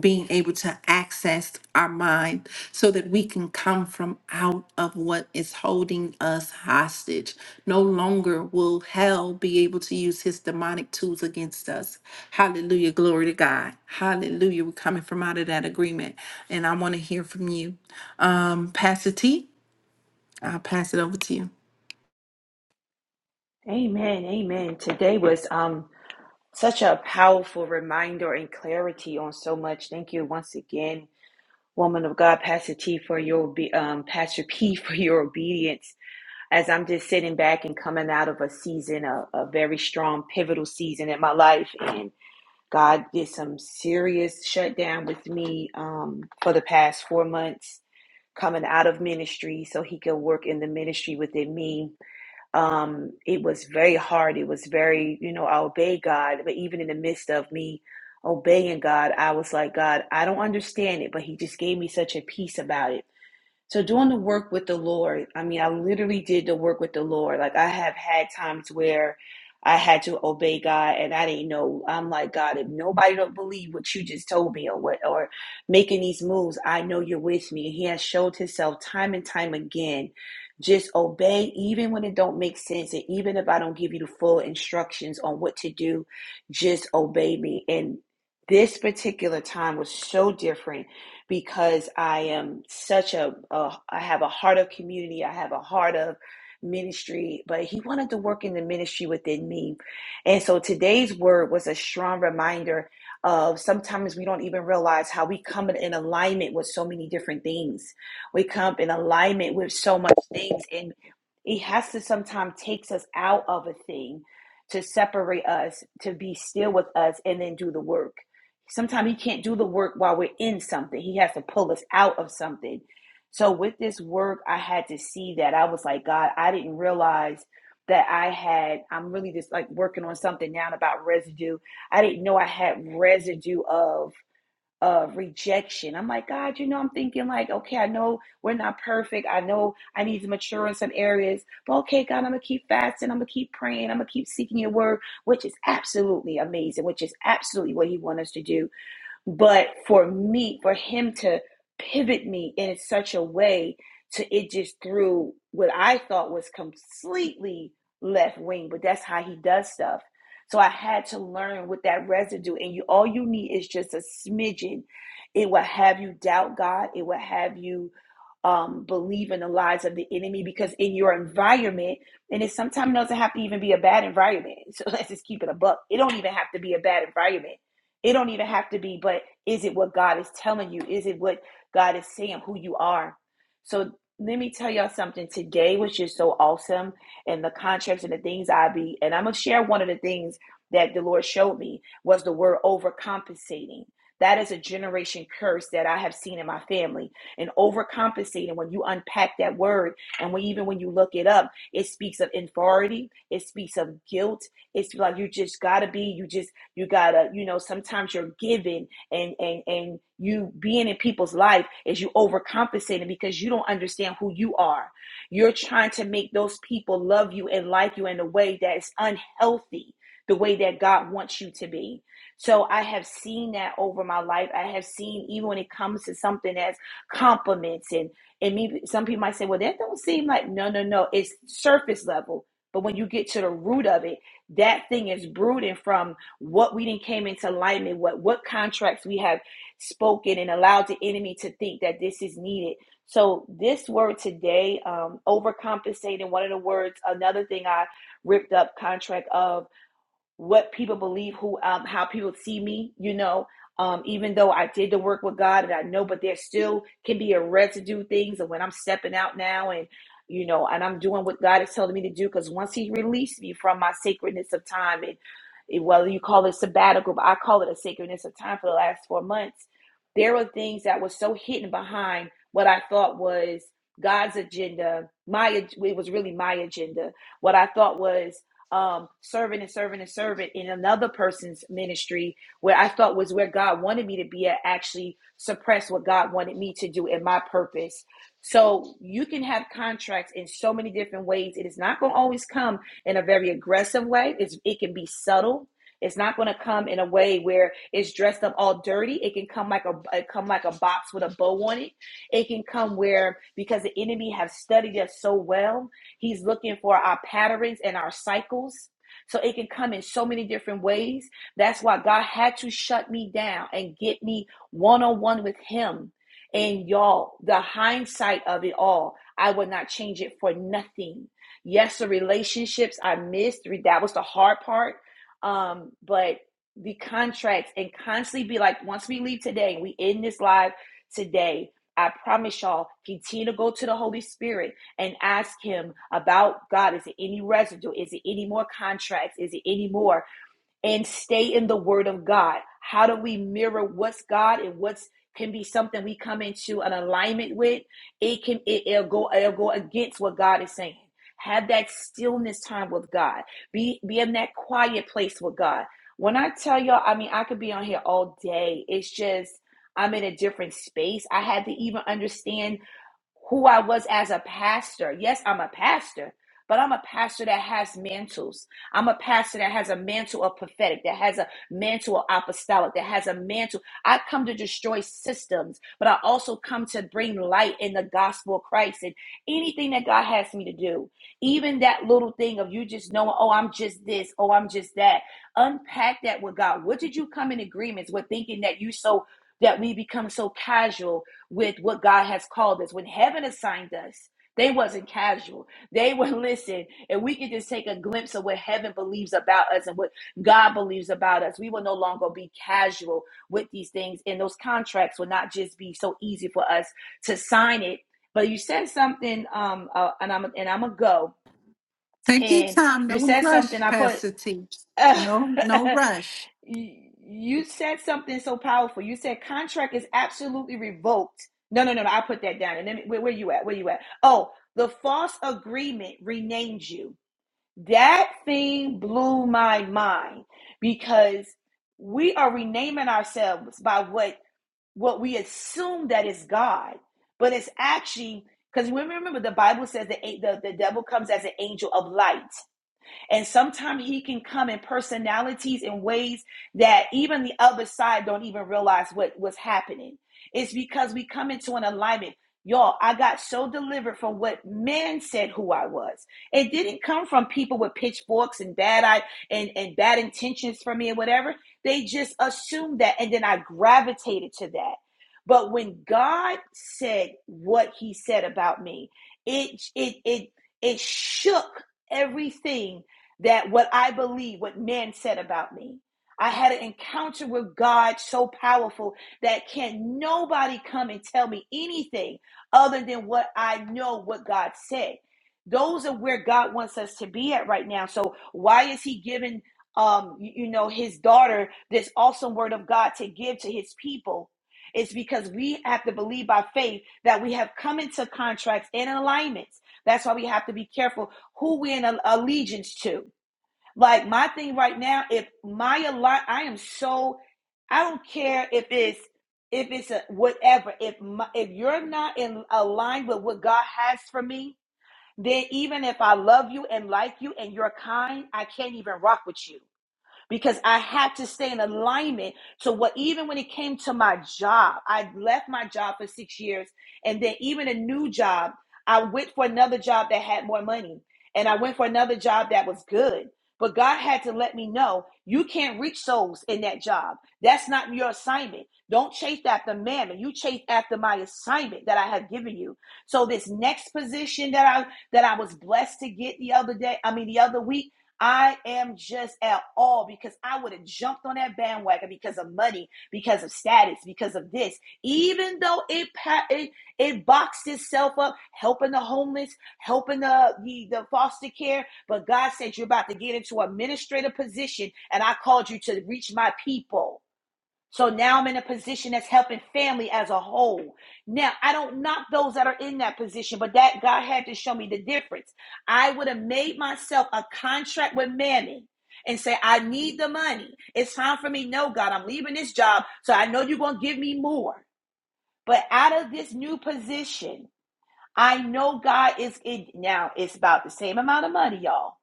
Speaker 1: being able to access our mind so that we can come from out of what is holding us hostage. No longer will hell be able to use his demonic tools against us. Hallelujah. Glory to God. Hallelujah. We're coming from out of that agreement. And I want to hear from you. Um, Pastor T, I'll pass it over to you.
Speaker 2: Amen. Amen. Today was um such a powerful reminder and clarity on so much. Thank you once again, woman of God, Pastor T for your obe- um Pastor P for your obedience. As I'm just sitting back and coming out of a season, a, a very strong pivotal season in my life, and God did some serious shutdown with me um for the past four months coming out of ministry so he could work in the ministry within me um, it was very hard. It was very, you know, I obey God, but even in the midst of me obeying God, I was like, God, I don't understand it, but He just gave me such a peace about it so doing the work with the Lord, I mean, I literally did the work with the Lord. Like I have had times where I had to obey God and I didn't know. I'm like, God, if nobody don't believe what you just told me or what or making these moves, I know you're with me. He has showed himself time and time again. Just obey even when it don't make sense and even if I don't give you the full instructions on what to do, just obey me. And this particular time was so different because I am such a, a I have a heart of community, I have a heart of ministry, but he wanted to work in the ministry within me. And so today's word was a strong reminder of sometimes we don't even realize how we come in in alignment with so many different things. We come in alignment with so much things and it has to sometimes takes us out of a thing to separate us, to be still with us and then do the work. Sometimes he can't do the work while we're in something. He has to pull us out of something. So with this work, I had to see that. I was like, God, I didn't realize that I had, I'm really just like working on something now about residue. I didn't know I had residue of of rejection. I'm like, God, you know, I'm thinking like, okay, I know we're not perfect. I know I need to mature in some areas. But okay, God, I'm gonna keep fasting. I'm gonna keep praying. I'm gonna keep seeking your word, which is absolutely amazing, which is absolutely what he wants us to do but for me, for him to pivot me in such a way to it just threw what I thought was completely left wing, but that's how he does stuff. So I had to learn with that residue, and you all you need is just a smidgen. It will have you doubt God. It will have you um, believe in the lies of the enemy because in your environment, and it sometimes doesn't have to even be a bad environment. So let's just keep it a buck. It don't even have to be a bad environment it don't even have to be, but is it what God is telling you? Is it what God is saying who you are? So let me tell y'all something today, which is so awesome, and the contracts and the things I be, and I'm gonna share one of the things that the Lord showed me was the word overcompensating. That is a generation curse that I have seen in my family. And overcompensating, when you unpack that word, and when, even when you look it up, it speaks of inferiority, it speaks of guilt. It's like you just gotta be, you just you gotta, you know, sometimes you're giving and and and you being in people's life is you overcompensating because you don't understand who you are. You're trying to make those people love you and like you in a way that is unhealthy, the way that God wants you to be. So I have seen that over my life. I have seen even when it comes to something as compliments and and maybe some people might say, well, that don't seem like no, no, no. It's surface level. But when you get to the root of it, that thing is brooding from what we didn't came into alignment, what what contracts we have spoken and allowed the enemy to think that this is needed. So this word today, um, overcompensating, one of the words, another thing I ripped up contract of what people believe, who um, how people see me. You know, um, even though I did the work with God and I know, but there still can be a residue things. And when I'm stepping out now and you know, and I'm doing what God is telling me to do, because once He released me from my sacredness of time, and it- whether you call it sabbatical, but I call it a sacredness of time for the last four months, there were things that were so hidden behind what I thought was God's agenda. My it was really my agenda. What I thought was um, serving and serving and serving in another person's ministry where I thought was where God wanted me to be at actually suppressed what God wanted me to do in my purpose. So you can have contracts in so many different ways. It is not going to always come in a very aggressive way. It's, it can be subtle. It's not going to come in a way where it's dressed up all dirty. It can come like a it come like a box with a bow on it. It can come where because the enemy has studied us so well He's looking for our patterns and our cycles. So it can come in so many different ways. That's why God had to shut me down and get me one on one with Him. And y'all, the hindsight of it all, I would not change it for nothing. Yes, the relationships I missed, that was the hard part. Um, but the contracts and constantly be like, once we leave today, we end this live today. I promise y'all, continue to go to the Holy Spirit and ask him about God. Is it any residue? Is it any more contracts? Is it any more? And stay in the word of God. How do we mirror what's God and what's can be something we come into an alignment with? It can it, it'll go it'll go against what God is saying. Have that stillness time with God. Be be in that quiet place with God. When I tell y'all, I mean I could be on here all day. It's just I'm in a different space. I had to even understand who I was as a pastor. Yes, I'm a pastor, but I'm a pastor that has mantles. I'm a pastor that has a mantle of prophetic, that has a mantle of apostolic, that has a mantle. I come to destroy systems, but I also come to bring light in the gospel of Christ and anything that God has me to do. Even that little thing of you just knowing, oh, I'm just this, oh, I'm just that. Unpack that with God. What did you come in agreements with thinking that you so that we become so casual with what God has called us. When heaven assigned us, they wasn't casual. They were listen, and we can just take a glimpse of what heaven believes about us and what God believes about us. We will no longer be casual with these things, and those contracts will not just be so easy for us to sign it. But you said something, um, uh, and I'm and I'm gonna go.
Speaker 1: Take your
Speaker 2: And
Speaker 1: time.
Speaker 2: you
Speaker 1: No
Speaker 2: said something.
Speaker 1: rush,
Speaker 2: I put.
Speaker 1: Pastor T. No, no
Speaker 2: uh,
Speaker 1: rush.
Speaker 2: you you said something so powerful. You said contract is absolutely revoked. No, no, no, no. I put that down. And then where, where you at? Where you at? Oh, the false agreement renamed you. That thing blew my mind because we are renaming ourselves by what what we assume that is God, but it's actually because we remember the Bible says the, the the devil comes as an angel of light. And sometimes he can come in personalities in ways that even the other side don't even realize what, was happening. It's because we come into an alignment. Y'all, I got so delivered from what men said who I was. It didn't come from people with pitchforks and bad eye and, and bad intentions for me and whatever. They just assumed that and then I gravitated to that. But when God said what he said about me, it it it it shook everything that what I believe, what men said about me. I had an encounter with God so powerful that can nobody come and tell me anything other than what I know what God said. Those are where God wants us to be at right now. So why is he giving um you, you know his daughter this awesome word of God to give to his people? It's because we have to believe by faith that we have come into contracts and alignments. That's why we have to be careful who we're in allegiance to. Like my thing right now, if my align, I am so, I don't care if it's if it's a whatever. If my, if you're not in aligned with what God has for me, then even if I love you and like you and you're kind, I can't even rock with you because I had to stay in alignment to what, even when it came to my job, I left my job for six years. And then, even a new job, I went for another job that had more money. And I went for another job that was good. But God had to let me know you can't reach souls in that job. That's not your assignment. Don't chase after mammon. You chase after my assignment that I have given you. So this next position that I that I was blessed to get the other day, I mean the other week, I am just at all because I would have jumped on that bandwagon because of money, because of status, because of this. Even though it it, it boxed itself up, helping the homeless, helping the, the the foster care, but God said you're about to get into an administrative position, and I called you to reach my people. So now I'm in a position that's helping family as a whole. Now, I don't knock those that are in that position, but that God had to show me the difference. I would have made myself a contract with Mammy and say, I need the money. It's time for me. No, God, I'm leaving this job. So I know you're going to give me more. But out of this new position, I know God is it now. It's about the same amount of money, y'all,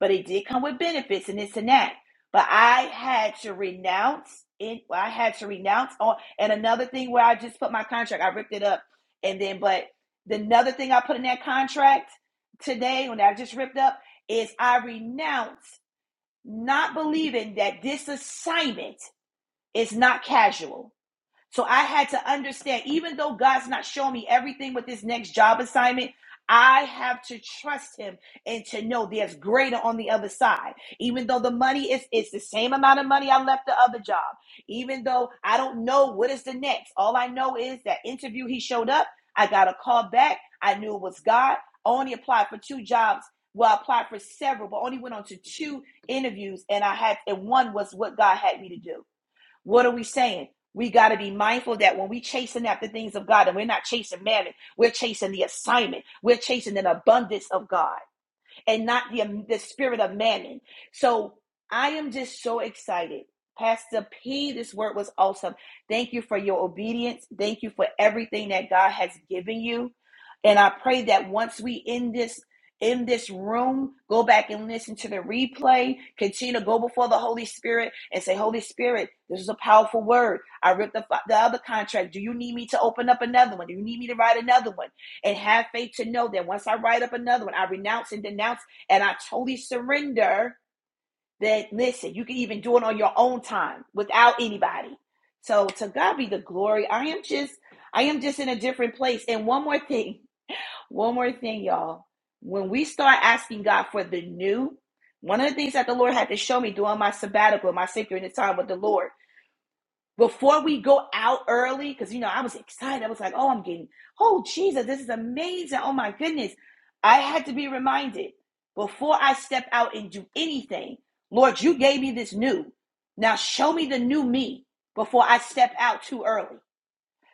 Speaker 2: but it did come with benefits and this and that. But I had to renounce it. I had to renounce on. And another thing where I just put my contract, I ripped it up, and then but the another thing I put in that contract today when I just ripped up is I renounce not believing that this assignment is not casual so I had to understand, even though God's not showing me everything with this next job assignment, I have to trust him and to know there's greater on the other side. Even though the money is it's the same amount of money I left the other job. Even though I don't know what is the next. All I know is that interview he showed up, I got a call back. I knew it was God. I only applied for two jobs. Well, I applied for several, but only went on to two interviews and I had and one was what God had me to do. What are we saying? We got to be mindful that when we chasing after things of God and we're not chasing mammon, we're chasing the assignment. We're chasing an abundance of God and not the, um, the spirit of mammon. So I am just so excited. Pastor P, this word was awesome. Thank you for your obedience. Thank you for everything that God has given you. And I pray that once we end this in this room, go back and listen to the replay. Continue to go before the Holy Spirit and say, Holy Spirit, this is a powerful word. I ripped the, the other contract. Do you need me to open up another one? Do you need me to write another one? and have faith to know that once I write up another one, I renounce and denounce and I totally surrender. That listen, you can even do it on your own time without anybody. So to God be the glory. I am just, I am just in a different place. And one more thing, one more thing, y'all. When we start asking God for the new, one of the things that the Lord had to show me during my sabbatical, my sacred time with the Lord before we go out early, because you know, I was excited. I was like, oh, I'm getting, oh, Jesus, this is amazing. Oh, my goodness. I had to be reminded before I step out and do anything, Lord, you gave me this new. Now show me the new me before I step out too early.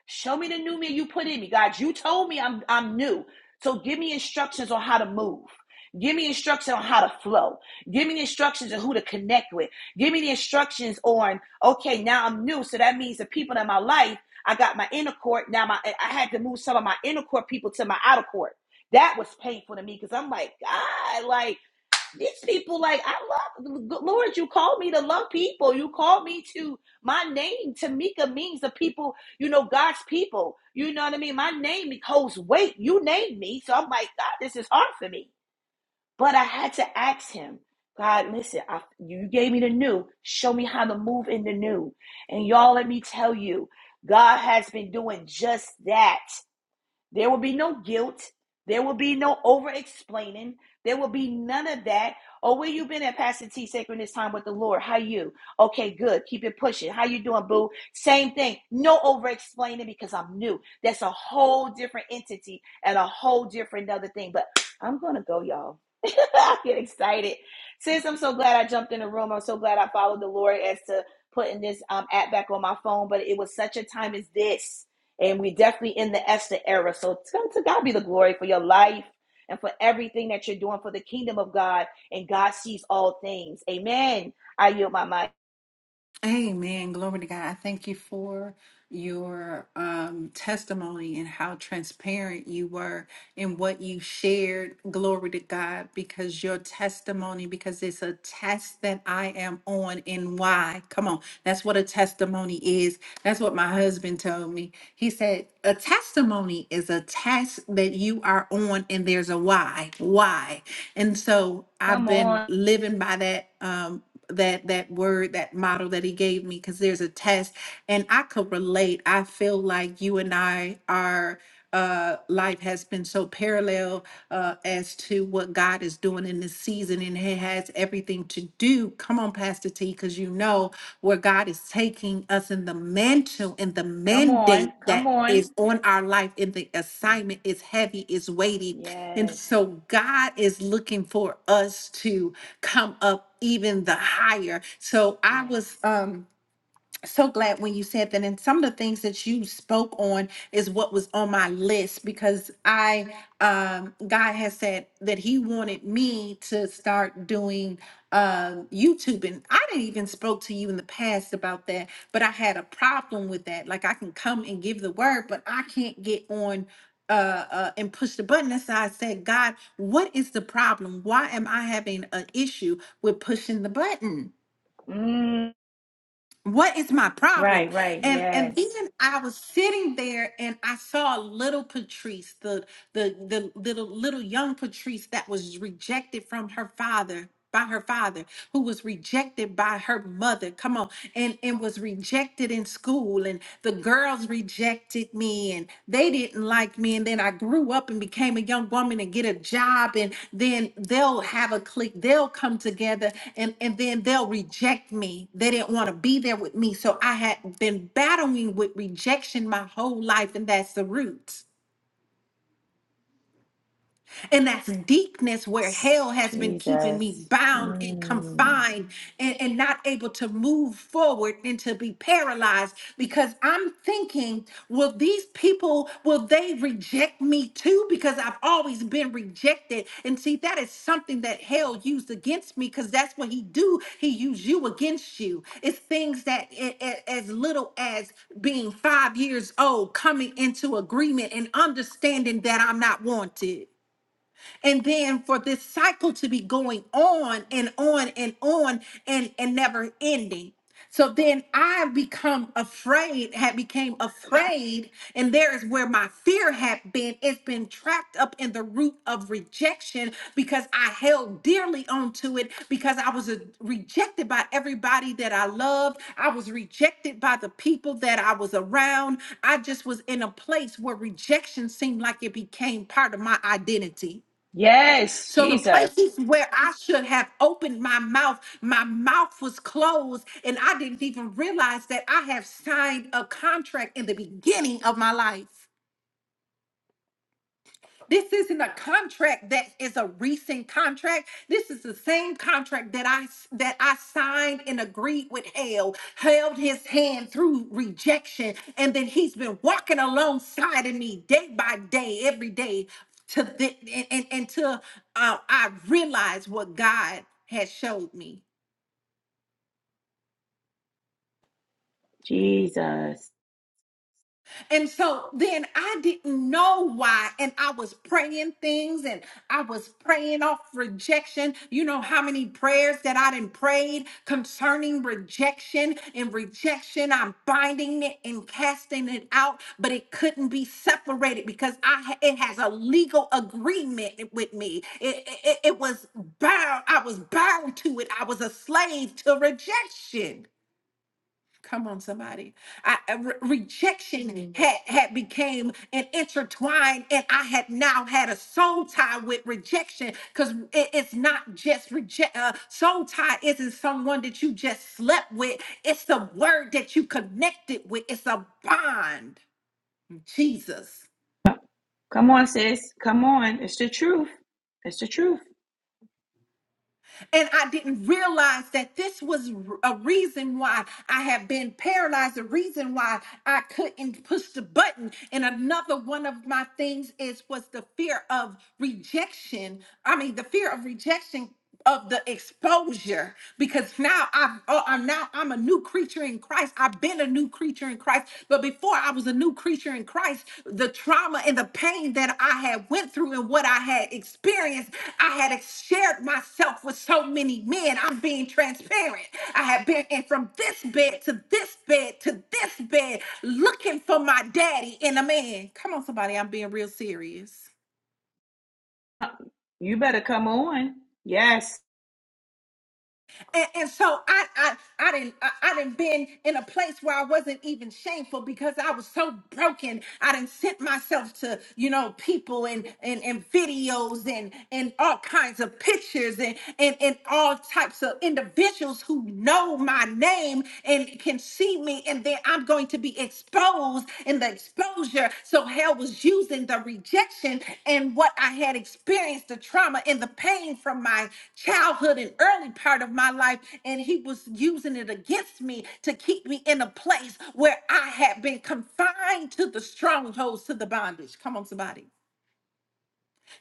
Speaker 2: Show me the new me you put in me. God, you told me I'm I'm new. So give me instructions on how to move. Give me instructions on how to flow. Give me instructions on who to connect with. Give me the instructions on, okay, now I'm new. So that means the people in my life, I got my inner court. Now my I had to move some of my inner court people to my outer court. That was painful to me because I'm like, God, like these people like I love Lord, you called me to love people. You called me to my name, Tamika means the people, you know, God's people. You know what I mean? My name holds weight. You named me. So I'm like, God, this is hard for me. But I had to ask him, God, listen, I, you gave me the new. Show me how to move in the new. And y'all, let me tell you, God has been doing just that. There will be no guilt. There will be no over explaining. There will be none of that. Oh, where you been at Pastor T sacred this time with the Lord? How you? Okay, good. Keep it pushing. How you doing, boo? Same thing. No over explaining because I'm new. That's a whole different entity and a whole different other thing. But I'm gonna go, y'all. I get excited. Sis, I'm so glad I jumped in the room. I'm so glad I followed the Lord as to putting this um, app back on my phone. But it was such a time as this and we definitely in the Esther era. So to, God be the glory for your life and for everything that you're doing for the kingdom of God. And God sees all things. Amen. I yield my mic.
Speaker 1: Amen. Glory to God. I thank you for your um, testimony and how transparent you were in what you shared. Glory to God, because your testimony, because it's a test that I am on and why. Come on. That's what a testimony is. That's what my husband told me. He said, A testimony is a test that you are on and there's a why. Why? And so I've
Speaker 2: Come
Speaker 1: been
Speaker 2: on.
Speaker 1: living by that. Um, that that word that model that he gave me because there's a test and i could relate i feel like you and i are, uh, life has been so parallel uh, as to what God is doing in this season, and it has everything to do. Come on, Pastor T, because you know where God is taking us in the mantle and the
Speaker 2: Come on.
Speaker 1: mandate
Speaker 2: Come
Speaker 1: that
Speaker 2: on.
Speaker 1: is on our life and the assignment is heavy, is weighty. And
Speaker 2: Yes.
Speaker 1: so God is looking for us to come up even the higher. So I
Speaker 2: Yes.
Speaker 1: was um so glad when you said that and some of the things that you spoke on is what was on my list because i um god has said that he wanted me to start doing um youtube and i didn't even spoke to you in the past about that but i had a problem with that like i can come and give the word but i can't get on uh, uh and push the button and so i said god what is the problem why am i having an issue with pushing the button
Speaker 2: Mm,
Speaker 1: what is my problem
Speaker 2: right, right.
Speaker 1: and and then
Speaker 2: Yes.
Speaker 1: i was sitting there and i saw little patrice the the the little little young patrice that was rejected from her father by her father who was rejected by her mother come on and and was rejected in school and the girl girls rejected me and they didn't like me. And then I grew up and became a young woman and get a job. And then they'll have a clique, they'll come together and, and then they'll reject me. They didn't want to be there with me. So I had been battling with rejection my whole life. And that's the root. And that's deepness where hell has been keeping me
Speaker 2: Jesus.
Speaker 1: bound and
Speaker 2: Mm.
Speaker 1: confined and, and not able to move forward and to be paralyzed because I'm thinking, will these people, will they reject me too? Because I've always been rejected. And see, that is something that hell used against me because that's what he do. He used you against you. It's things that a- a- as little as being five years old, coming into agreement and understanding that I'm not wanted and then for this cycle to be going on and on and on and and never ending so then i become afraid had became afraid and there is where my fear had been it's been trapped up in the root of rejection because i held dearly onto it because i was uh, rejected by everybody that i loved i was rejected by the people that i was around i just was in a place where rejection seemed like it became part of my identity
Speaker 2: Yes,
Speaker 1: so the
Speaker 2: Jesus.
Speaker 1: places where I should have opened my mouth, my mouth was closed, and I didn't even realize that I have signed a contract in the beginning of my life. This isn't a contract that is a recent contract. This is the same contract that I that I signed and agreed with Hale, held his hand through rejection, and then he's been walking alongside of me day by day, every day, to the, and, and, until uh, I realized what God had showed me.
Speaker 2: Jesus.
Speaker 1: And so then I didn't know why. And I was praying things and I was praying off rejection. You know how many prayers that I done prayed concerning rejection and rejection. I'm binding it and casting it out, but it couldn't be separated because I ha- it has a legal agreement with me. It, it, it was bound, I was bound to it. I was a slave to rejection. Come on, somebody. I, I- re- rejection Mhm. had had became an intertwined, and I had now had a soul tie with rejection because it's not just reject. Uh, soul tie isn't someone that you just slept with. It's the word that you connected with. It's a bond. Jesus.
Speaker 2: Come on, sis. Come on. It's the truth. It's the truth.
Speaker 1: And I didn't realize that this was a reason why I had been paralyzed, a reason why I couldn't push the button. And another one of my things is was the fear of rejection. I mean, the fear of rejection of the exposure because now I've oh, I'm now I'm a new creature in Christ. I've been a new new creature in Christ. But before I was a new creature in Christ, the trauma and the pain that I had went through and what I had experienced, I had ex- shared myself with so many men. I'm being transparent. I had been in from this bed to this bed to this bed looking for my daddy in a man. Come on, somebody, I'm being real serious.
Speaker 2: You better come on. Yes.
Speaker 1: And, and so I, I, I didn't, I, I didn't been in a place where I wasn't even shameful because I was so broken. I didn't sent myself to, you know, people and, and, and videos and, and all kinds of pictures and, and, and all types of individuals who know my name and can see me. And then I'm going going to be exposed in the exposure. So hell was using the rejection and what I had experienced, the trauma and the pain from my childhood and early part of my life. And he was using it against me to keep me in a place where I had been confined to the strongholds, to the bondage. Come on, somebody.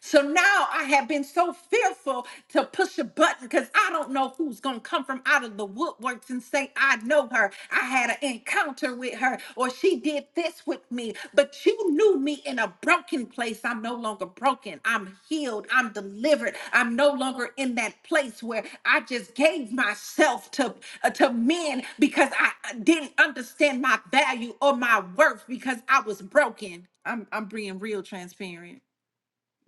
Speaker 1: So now I have been so fearful to push a button because I don't know who's going to come from out of the woodworks and say, I know her. I had an encounter with her or she did this with me. But you knew me in a broken place. I'm no longer broken. I'm healed. I'm delivered. I'm no longer in that place where I just gave myself to, uh, to men because I uh, didn't understand my value or my worth because I was broken. I'm, I'm being real transparent.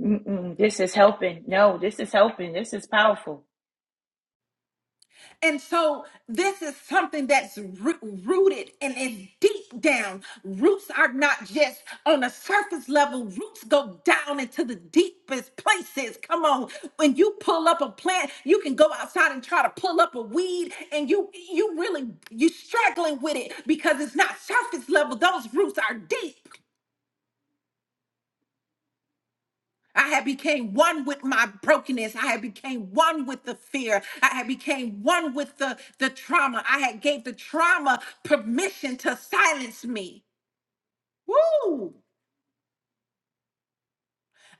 Speaker 2: Mm-mm, this is helping. No, this is helping. This is powerful.
Speaker 1: And so this is something that's roo- rooted and is deep down. Roots are not just on a surface level. Roots go down into the deepest places. Come on. When you pull up a plant, you can go outside and try to pull up a weed and you you really you struggling with it because it's not surface level. Those roots are deep. I had became one with my brokenness. I had became one with the fear. I had became one with the, the trauma. I had gave the trauma permission to silence me. Woo!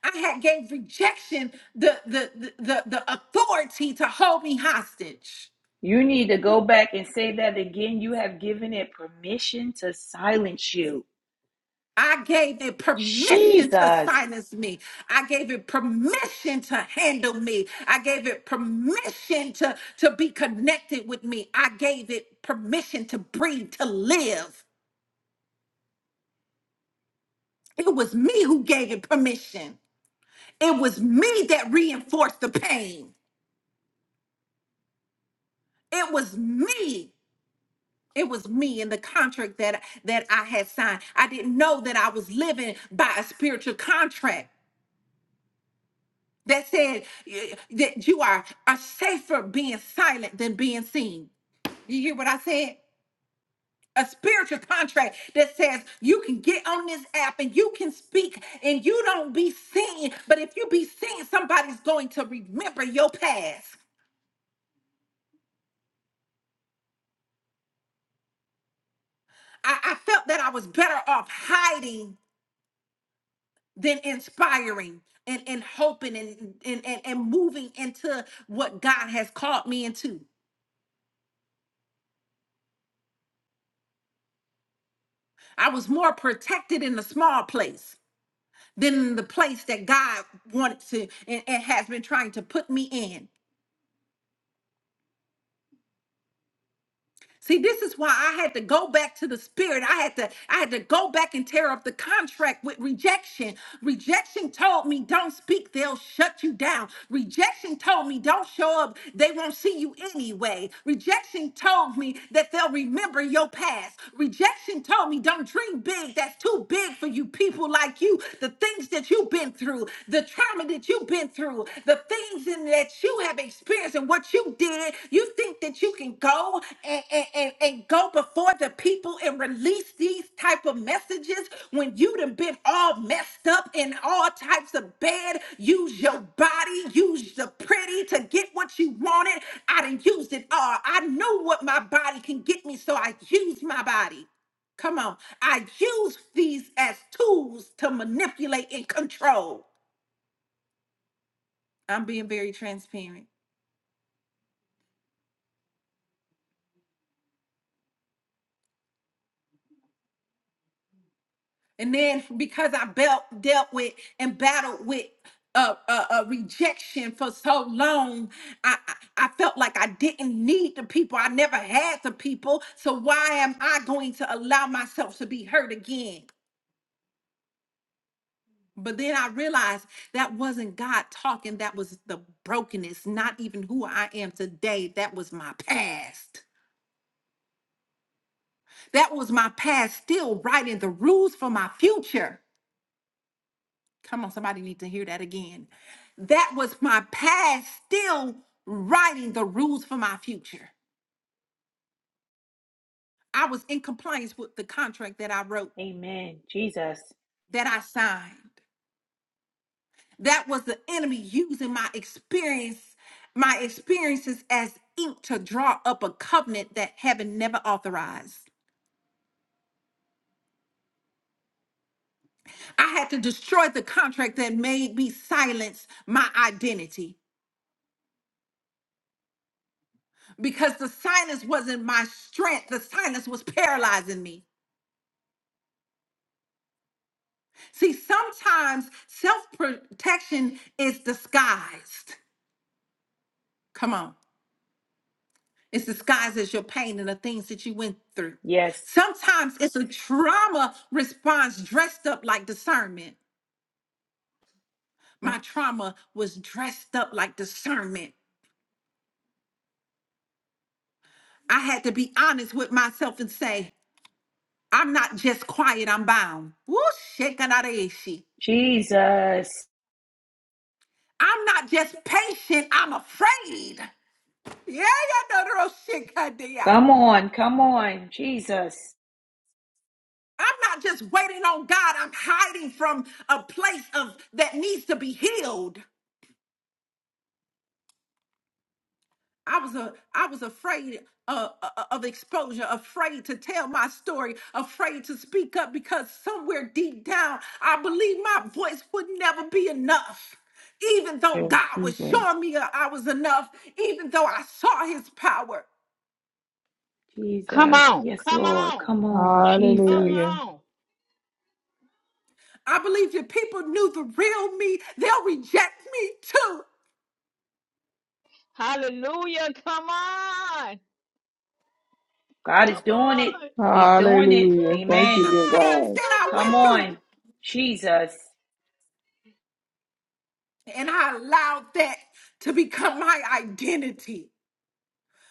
Speaker 1: I had gave rejection the the the, the, the authority to hold me hostage.
Speaker 2: You need to go back and say that again. You have given it permission to silence you.
Speaker 1: I gave it permission to
Speaker 2: Jesus.
Speaker 1: silence me. I gave it permission to handle me. I gave it permission to, to be connected with me. I gave it permission to breathe, to live. It was me who gave it permission. It was me that reinforced the pain. It was me. It was me in the contract that that I had signed. I didn't know that I was living by a spiritual contract. that said eh, that you are, are safer being silent than being seen. You hear what I said? A spiritual contract that says you can get on this app and you can speak and you don't be seen. But if you be seen, somebody's going to remember your past. I, I felt that I was better off hiding than inspiring and, and hoping and, and, and, and moving into what God has called me into. I was more protected in the small place than the place that God wanted to and, and has been trying to put me in. See, this is why I had to go back to the spirit. I had to, I had to go back and tear up the contract with rejection. Rejection told me, don't speak, they'll shut you down. Rejection told me, don't show up, they won't see you anyway. Rejection told me that they'll remember your past. Rejection told me, don't dream big, that's too big for you people like you. The things that you've been through, the trauma that that you've been through, the things in that you have experienced and what you did, you think that you can go and, and, and, and go before the people and release these type of messages when you done been all messed up in all types of bad. Use your body, use the pretty to get what you wanted. I done used it all. I know what my body can get me, so I use my body. Come on. I use these as tools to manipulate and control. I'm being very transparent. And then because I belt dealt with and battled with uh, uh, uh, rejection for so long, I, I I felt like I didn't need the people. I never had the people. So why am I going to allow myself to be hurt again? But then I realized that wasn't God talking. That was the brokenness, not even who I am today. That was my past. That was my past, still writing the rules for my future. Come on, somebody need to hear that again. That was my past still writing the rules for my future. I was in compliance with the contract that I wrote,
Speaker 2: Amen. Jesus.
Speaker 1: that I signed. That was the enemy using my experience, my experiences as ink to draw up a covenant that heaven never authorized. I had to destroy the contract that made me silence my identity because the silence wasn't my strength, the silence was paralyzing me. See, sometimes self protection is disguised. Come on. It's disguised as your pain and the things that you went through.
Speaker 2: Yes.
Speaker 1: Sometimes it's a trauma response dressed up like discernment. My trauma was dressed up like discernment. I had to be honest with myself and say, I'm not just quiet, I'm bound. Woo, shekanareshi.
Speaker 2: Jesus.
Speaker 1: I'm not just patient, I'm afraid. Yeah, yeah, no, no, no, shit,
Speaker 2: Come on. Come on. Jesus.
Speaker 1: I'm not just waiting on God. I'm hiding from a place of that needs to be healed. I was a I was afraid uh, uh, of exposure, afraid to tell my story, afraid to speak up because somewhere deep down I believe my voice would never be enough. Even though
Speaker 4: Yes,
Speaker 1: God was
Speaker 4: Jesus.
Speaker 1: showing me uh, I was enough, even though I saw His power,
Speaker 6: Come
Speaker 2: Jesus.
Speaker 6: on.
Speaker 2: Yes,
Speaker 6: Come
Speaker 2: Lord.
Speaker 6: on.
Speaker 2: Come on.
Speaker 6: Come
Speaker 2: Jesus.
Speaker 4: Hallelujah.
Speaker 6: on.
Speaker 1: I believe if people knew the real me, they'll reject me too
Speaker 6: Hallelujah. Come on.
Speaker 2: God is
Speaker 6: Come
Speaker 2: doing it.
Speaker 6: on.
Speaker 2: He's doing it.
Speaker 4: Hallelujah.
Speaker 6: Come
Speaker 4: Thank you,
Speaker 1: the
Speaker 2: Amen.
Speaker 4: dear
Speaker 6: on.
Speaker 1: things
Speaker 4: God.
Speaker 1: that I
Speaker 2: Come
Speaker 1: went
Speaker 6: Come
Speaker 1: through,
Speaker 6: on.
Speaker 2: on. Jesus.
Speaker 1: and I allowed that to become my identity.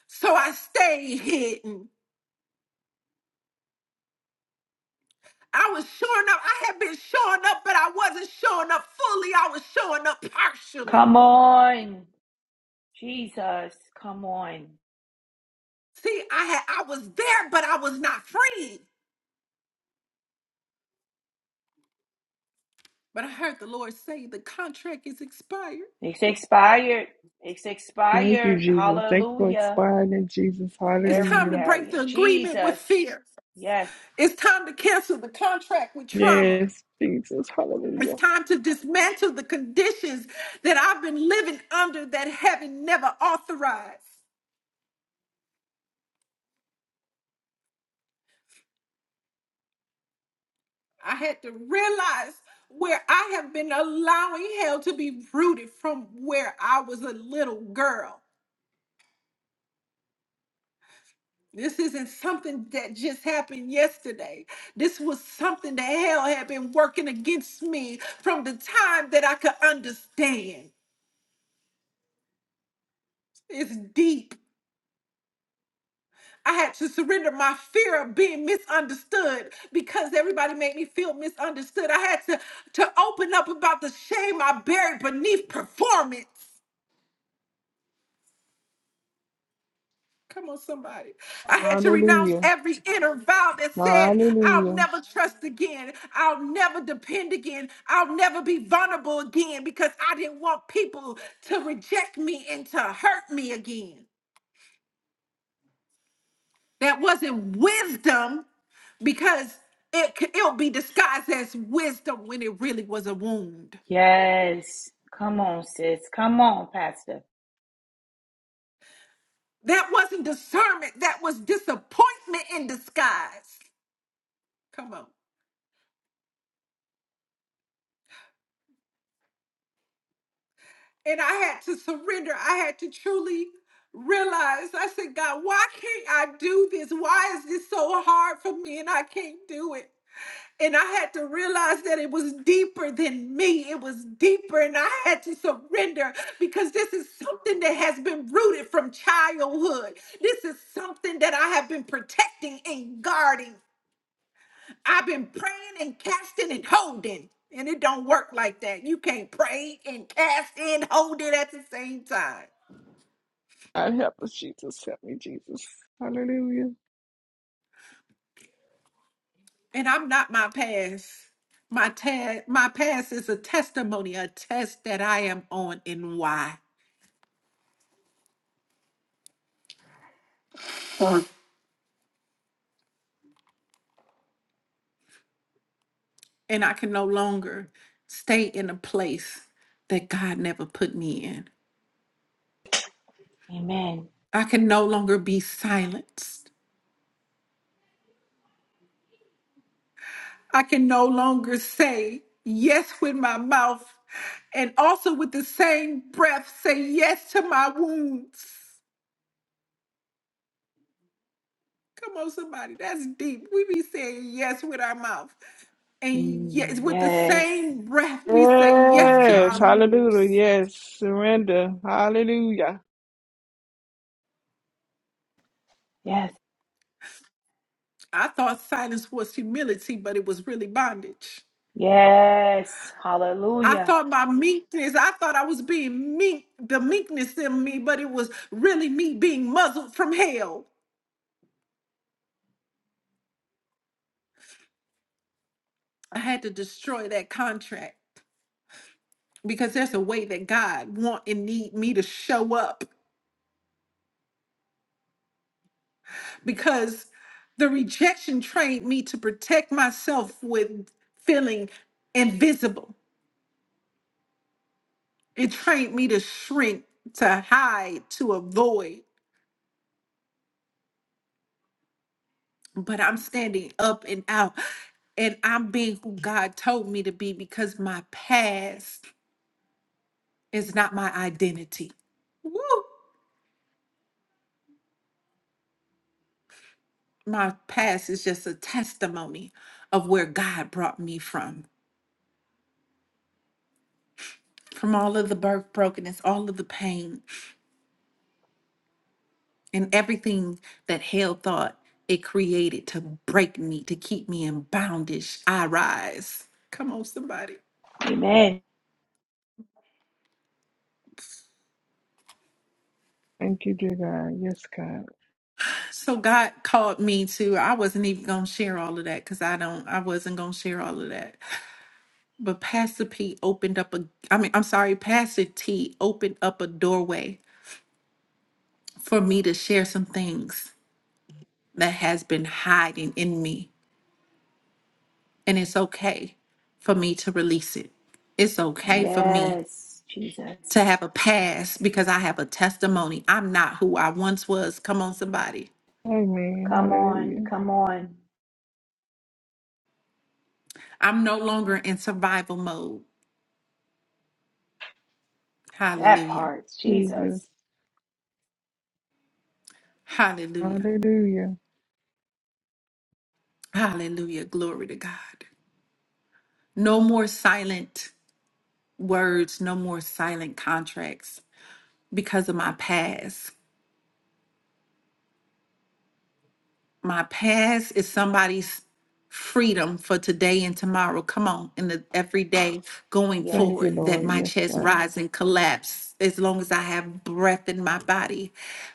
Speaker 1: So I stayed hidden. I was showing up. I had been showing up, but I wasn't showing up fully. I was showing up
Speaker 2: Come
Speaker 1: partially.
Speaker 2: on, Jesus, come on.
Speaker 1: See, I had I was there, but I was not free. But I heard the Lord say the contract is expired.
Speaker 2: It's expired. It's
Speaker 4: Thank you,
Speaker 2: expired.
Speaker 4: Jesus. Thank you for
Speaker 2: Hallelujah.
Speaker 4: expiring in Jesus.
Speaker 1: It's
Speaker 2: Every
Speaker 1: time to
Speaker 4: Hallelujah.
Speaker 1: break
Speaker 2: barrier.
Speaker 1: the agreement with
Speaker 2: Jesus.
Speaker 1: fear.
Speaker 2: Yes.
Speaker 1: It's time to cancel the contract with trauma.
Speaker 4: Yes, Jesus.
Speaker 1: It's
Speaker 4: Hallelujah.
Speaker 1: time to dismantle the conditions that I've been living under that heaven never authorized. I had to realize where I have been allowing hell to be rooted from where I was a little girl. This isn't something that just happened yesterday. This was something that hell had been working against me from the time that I could understand. It's deep. I had to surrender my fear of being misunderstood because everybody made me feel misunderstood. I had to, to open up about the shame I buried beneath performance. Come on, somebody. I had to renounce
Speaker 4: Hallelujah.
Speaker 1: every inner vow that said, I'll
Speaker 4: Hallelujah.
Speaker 1: never trust again. I'll never depend again. I'll never be vulnerable again because I didn't want people to reject me and to hurt me again. That wasn't wisdom because it, c- it'll be disguised as wisdom when it really was a wound.
Speaker 2: Yes. Come on, sis. Come on, Pastor.
Speaker 1: That wasn't discernment, that was disappointment in disguise. Come on. And I had to surrender. I had to truly realize I said, God, why can't I do this? Why is this so hard for me and I can't do it? And I had to realize that it was deeper than me. It was deeper, and I had to surrender because this is something that has been rooted from childhood. This is something that I have been protecting and guarding. I've been praying and casting and holding, and it don't work like that. You can't pray and cast and hold it at the same time.
Speaker 4: God help us, Jesus. Help me, Jesus. Hallelujah.
Speaker 1: And I'm not my past. My ta- my past is a testimony, a test that I am on and why. And I can no longer stay in a place that God never put me in.
Speaker 2: Amen.
Speaker 1: I can no longer be silenced. I can no longer say yes with my mouth and also with the same breath say yes to my wounds. Come on, somebody, that's deep. We be saying yes with our mouth. And
Speaker 2: Mm,
Speaker 1: yes, with the
Speaker 2: yes.
Speaker 1: same breath, we say yes to
Speaker 4: Yes.
Speaker 1: our
Speaker 2: hmm
Speaker 4: Hallelujah.
Speaker 1: wounds.
Speaker 4: Yes. Surrender. Hallelujah.
Speaker 2: Yes.
Speaker 1: I thought silence was humility, but it was really bondage.
Speaker 2: Yes.
Speaker 1: I
Speaker 2: Hallelujah.
Speaker 1: thought my meekness, I thought I was being meek, the meekness in me, but it was really me being muzzled from hell. I had to destroy that contract. because there's a way that God want and need me to show up because the rejection trained me to protect myself with feeling invisible. It trained me to shrink, to hide, to avoid. But I'm standing up and out and I'm being who God told me to be because my past is not my identity. Woo! My past is just a testimony of where God brought me from. from all of the birth brokenness, all of the pain, and everything that hell thought it created to break me, to keep me in bondage. I rise. Come on, somebody.
Speaker 2: Amen.
Speaker 4: Thank you, dear God. Yes, God.
Speaker 1: So God called me to, I wasn't even going to share all of that because I don't, I wasn't going to share all of that. But Pastor P opened up a, I mean, I'm sorry, Pastor T opened up a doorway for me to share some things that has been hiding in me And it's okay for me to release it. It's okay for me
Speaker 2: Yes, Jesus.
Speaker 1: to have a past because I have a testimony. I'm not who I once was. Come on, somebody.
Speaker 4: Amen.
Speaker 2: Come on.
Speaker 4: Hallelujah.
Speaker 2: Come on.
Speaker 1: I'm no longer in survival mode.
Speaker 2: That
Speaker 1: Hallelujah.
Speaker 2: part. Jesus.
Speaker 4: Jesus.
Speaker 1: Hallelujah.
Speaker 4: Hallelujah.
Speaker 1: Hallelujah. Glory to God. No more silent words, no more silent contracts because of my past. My past is somebody's freedom for today and tomorrow. Come on, in the every day going
Speaker 2: Yes.
Speaker 4: Thank you,
Speaker 1: forward, that
Speaker 4: Lord.
Speaker 1: my
Speaker 4: Yes,
Speaker 1: chest
Speaker 4: God.
Speaker 1: rise and collapse as long as I have breath in my body.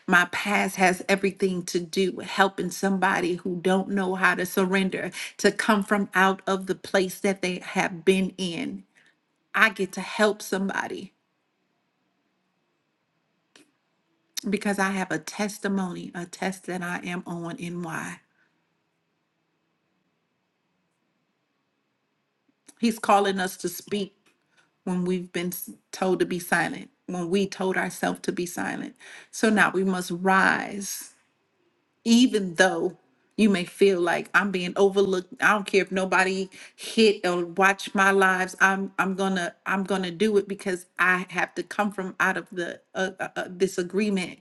Speaker 1: My past has everything to do with helping somebody who don't know how to surrender to come from out of the place that they have been in. I get to help somebody because I have a testimony, a test that I am on and why. He's calling us to speak when we've been s- told to be silent, when we told ourselves to be silent. So now we must rise, even though you may feel like I'm being overlooked. I don't care if nobody hit or watch my lives. I'm I'm gonna I'm gonna do it because I have to come from out of the uh, uh, uh, this agreement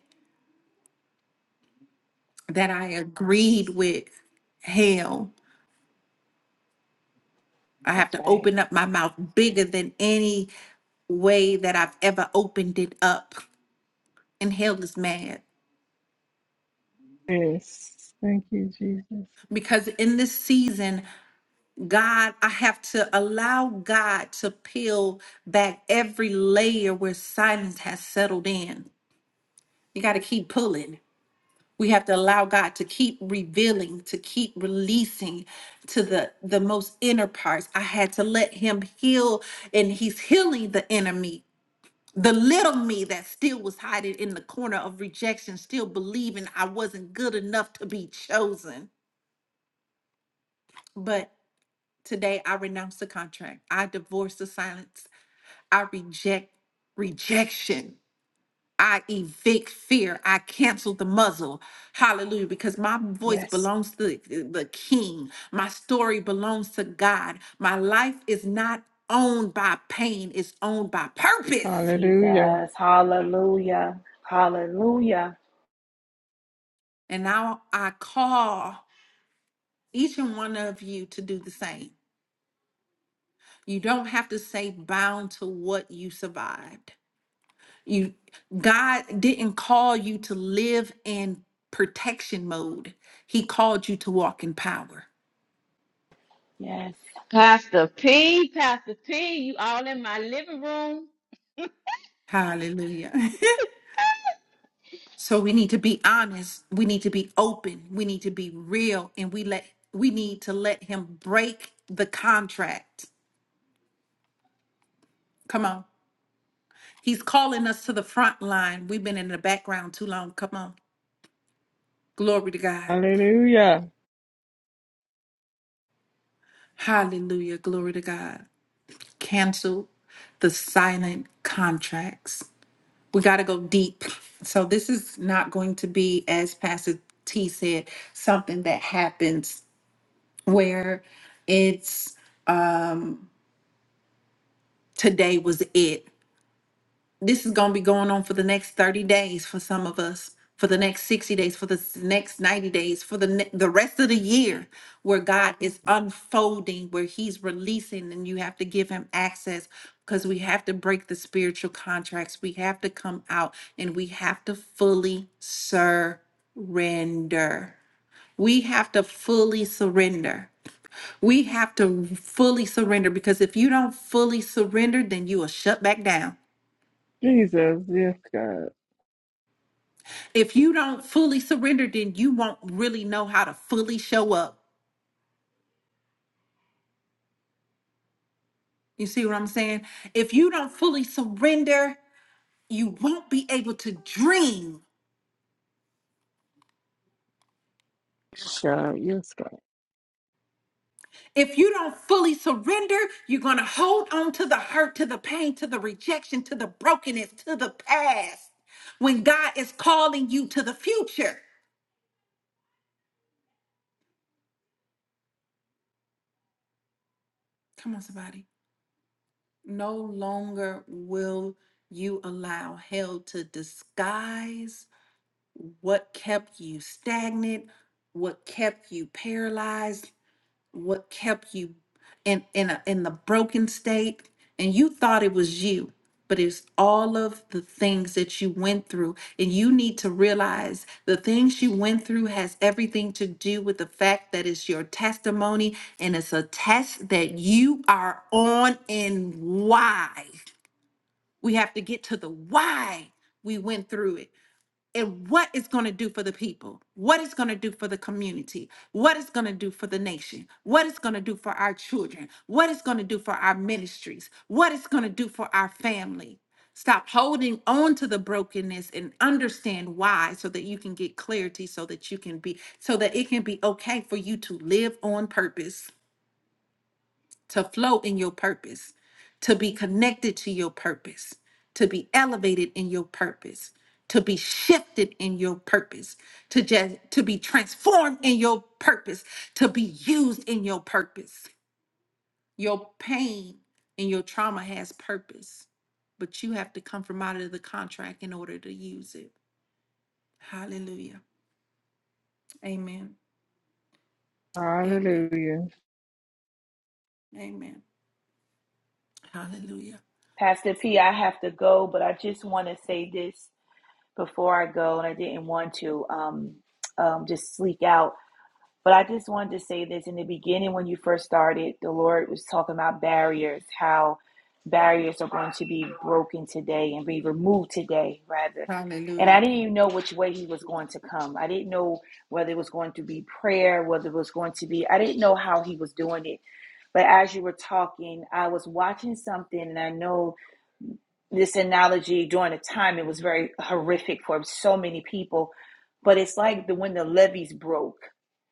Speaker 1: that I agreed with hell. I have
Speaker 2: That's
Speaker 1: to
Speaker 2: right.
Speaker 1: open up my mouth bigger than any way that I've ever opened it up. And hell is mad.
Speaker 4: Yes. Thank you, Jesus.
Speaker 1: because in this season, God, I have to allow God to peel back every layer where silence has settled in. You got to keep pulling. We have to allow God to keep revealing, to keep releasing to the the most inner parts. I had to let him heal and he's healing the inner me. The little me that still was hiding in the corner of rejection, still believing I wasn't good enough to be chosen. Today, I renounce the contract. I divorce the silence. I reject rejection. I evict fear. I cancel the muzzle. Hallelujah. Because my voice
Speaker 2: Yes,
Speaker 1: belongs to the the King. My story belongs to God. My life is not owned by pain, it's owned by purpose.
Speaker 4: Hallelujah.
Speaker 2: Jesus. Hallelujah. Hallelujah.
Speaker 1: And now I call each and one of you to do the same. You don't have to stay bound to what you survived. You God didn't call you to live in protection mode. He called you to walk in power.
Speaker 2: Yes.
Speaker 6: Pastor P, Pastor P, you all in my living room.
Speaker 1: Hallelujah. so we need to be honest, we need to be open, we need to be real and we let we need to let him break the contract. Come on. He's calling us to the front line. We've been in the background too long. Come on. Glory to God.
Speaker 4: Hallelujah.
Speaker 1: Hallelujah. Glory to God. Cancel the silent contracts. we got to go deep. So this is not going to be, as Pastor T said, something that happens where it's today was it. this is going to be going on for the next 30 days for some of us for the next 60 days for the s- next 90 days for the ne- the rest of the year where god is unfolding where he's releasing and you have to give him access because we have to break the spiritual contracts we have to come out and we have to fully surrender we have to fully surrender we have to fully surrender because if you don't fully surrender then you will shut back down
Speaker 4: Jesus. Yes, God.
Speaker 1: if you don't fully surrender, then you won't really know how to fully show up. You see what I'm saying? If you don't fully surrender, you won't be able to dream.
Speaker 4: Yes, God. Yes, God.
Speaker 1: If you don't fully surrender, you're going to hold on to the hurt, to the pain, to the rejection, to the brokenness, to the past when God is calling you to the future. Come on, somebody. No longer will you allow hell to disguise what kept you stagnant what kept you paralyzed what kept you in in a, in the broken state and you thought it was you but it's all of the things that you went through and you need to realize the things you went through has everything to do with the fact that it's your testimony and it's a test that you are on and why we have to get to the why we went through it and what it's going to do for the people, what it's going to do for the community, what it's going to do for the nation, what it's going to do for our children, what it's going to do for our ministries, what it's going to do for our family. Stop holding on to the brokenness and understand why so that you can get clarity so that you can be so that it can be okay for you to live on purpose to flow in your purpose, to be connected to your purpose, to be elevated in your purpose, to be shifted in your purpose, to just to be transformed in your purpose, to be used in your purpose. Your pain and your trauma has purpose, but you have to come from out of the contract in order to use it. Hallelujah. Amen. Amen.
Speaker 4: Hallelujah.
Speaker 1: Amen. Hallelujah.
Speaker 2: Pastor P, I have to go, but I just want to say this before I go, and I didn't want to um, um, just sleep out. But I just wanted to say this in the beginning when you first started, the Lord was talking about barriers, how barriers are going to be broken today and be removed today, rather. And I
Speaker 1: Hallelujah.
Speaker 2: didn't even know which way he was going to come. I didn't know whether it was going to be prayer, whether it was going to be, I didn't know how he was doing it. But as you were talking, I was watching something, and I know this analogy during the time it was very horrific for so many people. But it's like the when the levees broke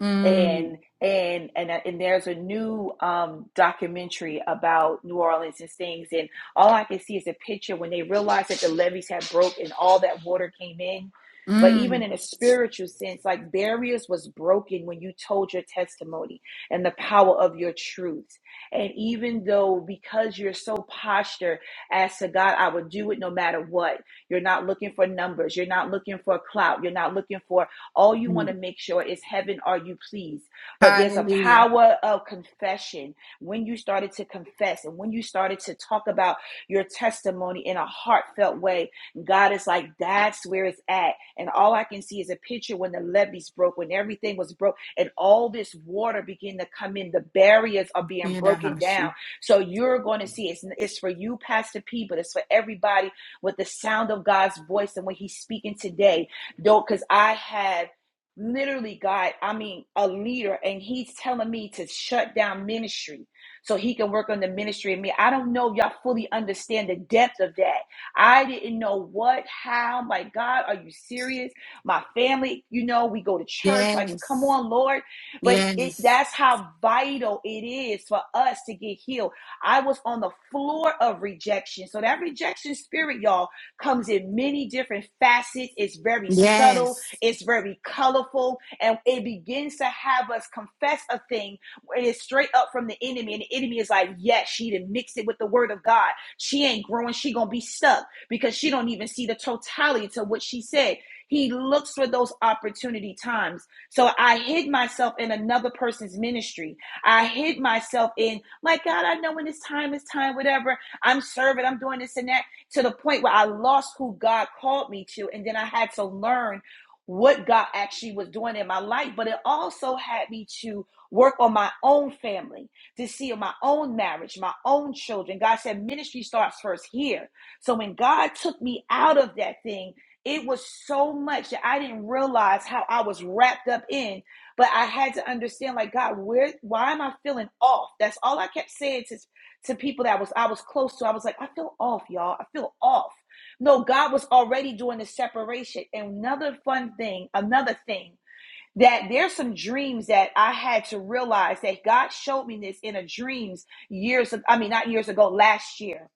Speaker 1: Mm,
Speaker 2: and and and uh, and there's a new um, documentary about New Orleans and things, and all I can see is a picture when they realized that the levees had broke and all that water came in. But even
Speaker 1: mm.
Speaker 2: in a spiritual sense, like barriers was broken when you told your testimony and the power of your truth. And even though because you're so postured as to God, I will do it no matter what. You're not looking for numbers. You're not looking for clout. You're not looking for all you want to make sure is heaven, are you pleased? But there's a
Speaker 1: Hallelujah.
Speaker 2: power of confession. When you started to confess and when you started to talk about your testimony in a heartfelt way, God is like, that's where it's at. And all I can see is a picture when the levees broke, when everything was broke, and all this water began to come in. The barriers are being broken down.
Speaker 1: Yedahashi.
Speaker 2: So you're going to see it's, it's for you, Pastor P, but it's for everybody with the sound of God's voice and when he's speaking today don't because I had literally God, I mean, a leader, and he's telling me to shut down ministry so he can work on the ministry in me. I don't know if y'all fully understand the depth of that. I didn't know what, how, my God, are you serious? My family, you know, we go to church, like, come
Speaker 1: Yes.
Speaker 2: on, Lord. But it
Speaker 1: Yes.
Speaker 2: that's how vital it is for us to get healed. I was on the floor of rejection. So that rejection spirit, y'all comes in many different facets. It's very subtle,
Speaker 1: Yes.
Speaker 2: it's very colorful, and it begins to have us confess a thing where it is straight up from the enemy. And the enemy is like, yes, she didn't mix it with the word of God. She ain't growing, she gonna be stuck because she don't even see the totality to what she said. He looks for those opportunity times. So I hid myself in another person's ministry. I hid myself in, my God, I know when it's time, it's time, whatever. I'm serving, I'm doing this and that to the point where I lost who God called me to. And then I had to learn what God actually was doing in my life. But it also had me to work on my own family, to see my own marriage, my own children. God said, ministry starts first here. So when God took me out of that thing, it was so much that I didn't realize how I was wrapped up in but I had to understand, like, God, where, why am I feeling off? That's all I kept saying to to people that was I was close to. I was like, I feel off, y'all. I feel off. No, God was already doing the separation. And another fun thing, another thing that there's some dreams that I had to realize that God showed me this in a dreams years ago. I mean, not years ago, last year.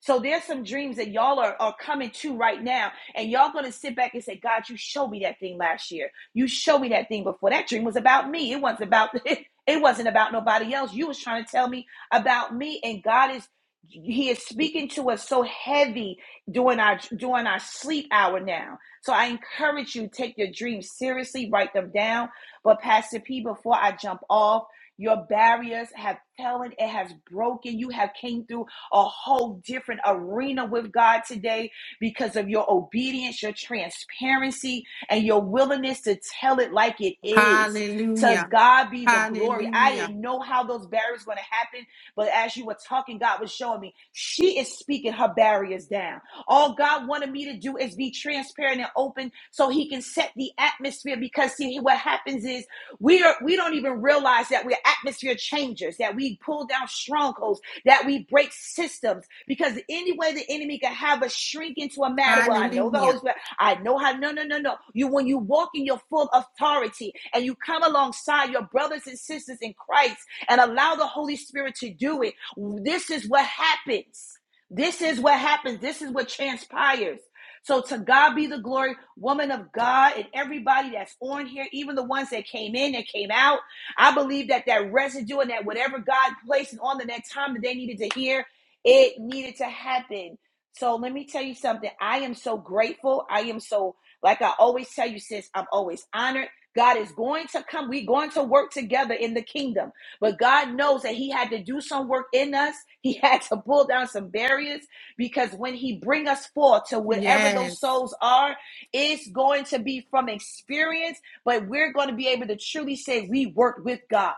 Speaker 2: So there's some dreams that y'all are, are coming to right now, and y'all gonna sit back and say, God, you showed me that thing last year. You showed me that thing before. That dream was about me. It wasn't about it wasn't about nobody else. You was trying to tell me about me, and God is He is speaking to us so heavy during our during our sleep hour now so I encourage you, take your dreams seriously, write them down. But Pastor P, before I jump off, your barriers have fallen, it has broken. You have came through a whole different arena with God today because of your obedience, your transparency, and your willingness to tell it like it is. To
Speaker 1: Hallelujah.
Speaker 2: God be the glory. I
Speaker 1: Hallelujah.
Speaker 2: didn't know how those barriers were going to happen, but as you were talking, God was showing me she is speaking her barriers down. All God wanted me to do is be transparent and open so he can set the atmosphere because see what happens is we are we don't even realize that we're atmosphere changers, that we pull down strongholds, that we break systems because any way the enemy can have us shrink into a matter well, I know the Holy
Speaker 1: Hallelujah.
Speaker 2: Spirit, I know how no no no no. You when you walk in your full authority and you come alongside your brothers and sisters in Christ and allow the Holy Spirit to do it, this is what happens. This is what happens. This is what transpires. So to God be the glory, woman of God, and everybody that's on here, even the ones that came in and came out. I believe that that residue and that whatever God placed on them that time that they needed to hear, it needed to happen. So let me tell you something. I am so grateful. I am so, like I always tell you, sis, I'm always honored. God is going to come. We're going to work together in the kingdom. But God knows that He had to do some work in us. He had to pull down some barriers because when He bring us forth to whatever those
Speaker 1: Yes.
Speaker 2: souls are, it's going to be from experience. But we're going to be able to truly say we worked with God.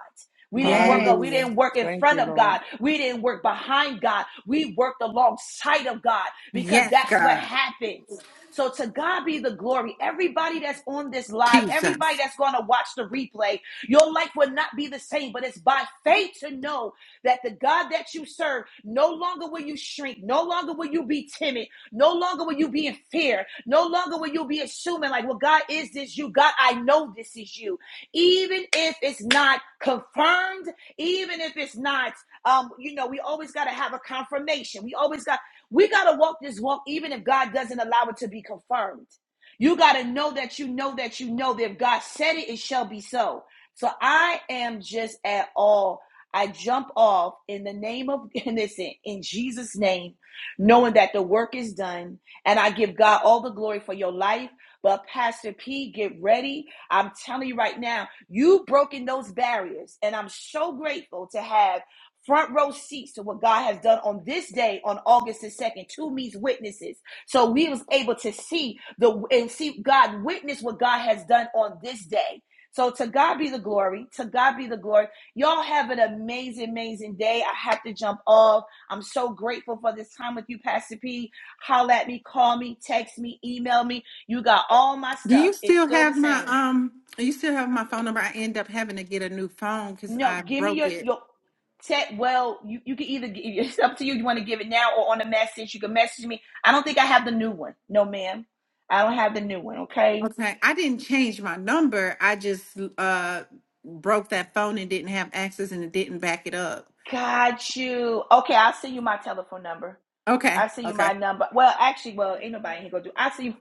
Speaker 2: We didn't work up. We
Speaker 1: Yes.
Speaker 4: Hallelujah.
Speaker 2: didn't work in
Speaker 4: Thank
Speaker 2: front
Speaker 4: you,
Speaker 2: of
Speaker 4: Lord.
Speaker 2: God. We didn't work behind God. We worked alongside of God because
Speaker 1: Yes,
Speaker 2: that's what
Speaker 1: God.
Speaker 2: happens. So to God be the glory. Everybody that's on this live, everybody
Speaker 1: Jesus.
Speaker 2: that's going to watch the replay, your life will not be the same, but it's by faith to know that the God that you serve, no longer will you shrink, no longer will you be timid, no longer will you be in fear, no longer will you be assuming, like, well, God, is this you? God, I know this is you. Even if it's not confirmed, even if it's not, um, you know, we always got to have a confirmation. We always got, we got to walk this walk, even if God doesn't allow it to be confirmed. You got to know that you know that you know that if God said it, it shall be so. So I am just at all. I jump off in the name of, and listen, in Jesus' name, knowing that the work is done. And I give God all the glory for your life. But Pastor P, get ready. I'm telling you right now, you've broken those barriers. And I'm so grateful to have front row seats to what God has done on this day on August the 2nd, two meets witnesses. So we was able to see the and see God witness what God has done on this day. So to God be the glory. To God be the glory. Y'all have an amazing, amazing day. I have to jump off. I'm so grateful for this time with you, Pastor P. Holla at me, call me, text me, email me. You got all my
Speaker 1: Do
Speaker 2: stuff.
Speaker 1: you
Speaker 2: It's
Speaker 1: still
Speaker 2: still the
Speaker 1: have my
Speaker 2: same.
Speaker 1: um you still have my phone number? I end up having to get a new phone because
Speaker 2: No,
Speaker 1: I
Speaker 2: give me
Speaker 1: broke
Speaker 2: your
Speaker 1: it.
Speaker 2: your tech. Well, you, you can either gi- it's up to you. You want to give it now or on a message. You can message me. I don't think I have the new one. No, ma'am. I don't have the new one. Okay.
Speaker 1: Okay. I didn't change my number. I just uh broke that phone and didn't have access and it didn't back it up.
Speaker 2: Got you. Okay, I'll send you my telephone number.
Speaker 1: Okay.
Speaker 2: I'll send you
Speaker 1: Okay.
Speaker 2: my number. Well, actually, well, ain't nobody here gonna do. I'll see you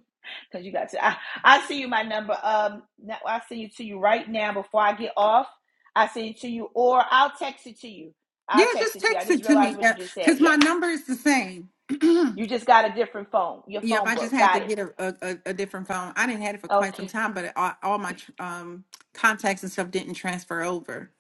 Speaker 2: because you got to. I, I'll send you my number. Um, now, I'll send it to you right now before I get off. I'll send it to you, or I'll text it to you.
Speaker 1: Yeah,
Speaker 2: I'll text
Speaker 1: just
Speaker 2: it to you. I
Speaker 1: text
Speaker 2: just
Speaker 1: it to
Speaker 2: realized
Speaker 1: me.
Speaker 2: what
Speaker 1: Yeah,
Speaker 2: you just said.
Speaker 1: because my
Speaker 2: Yes,
Speaker 1: number is the same.
Speaker 2: you just got a different phone. Your
Speaker 1: yep,
Speaker 2: phone
Speaker 1: I just
Speaker 2: broke.
Speaker 1: had to
Speaker 2: Got it.
Speaker 1: get a, a, a a different phone. I didn't have it for quite some
Speaker 2: Okay.
Speaker 1: time, but it, all, all my tr- um contacts and stuff didn't transfer over.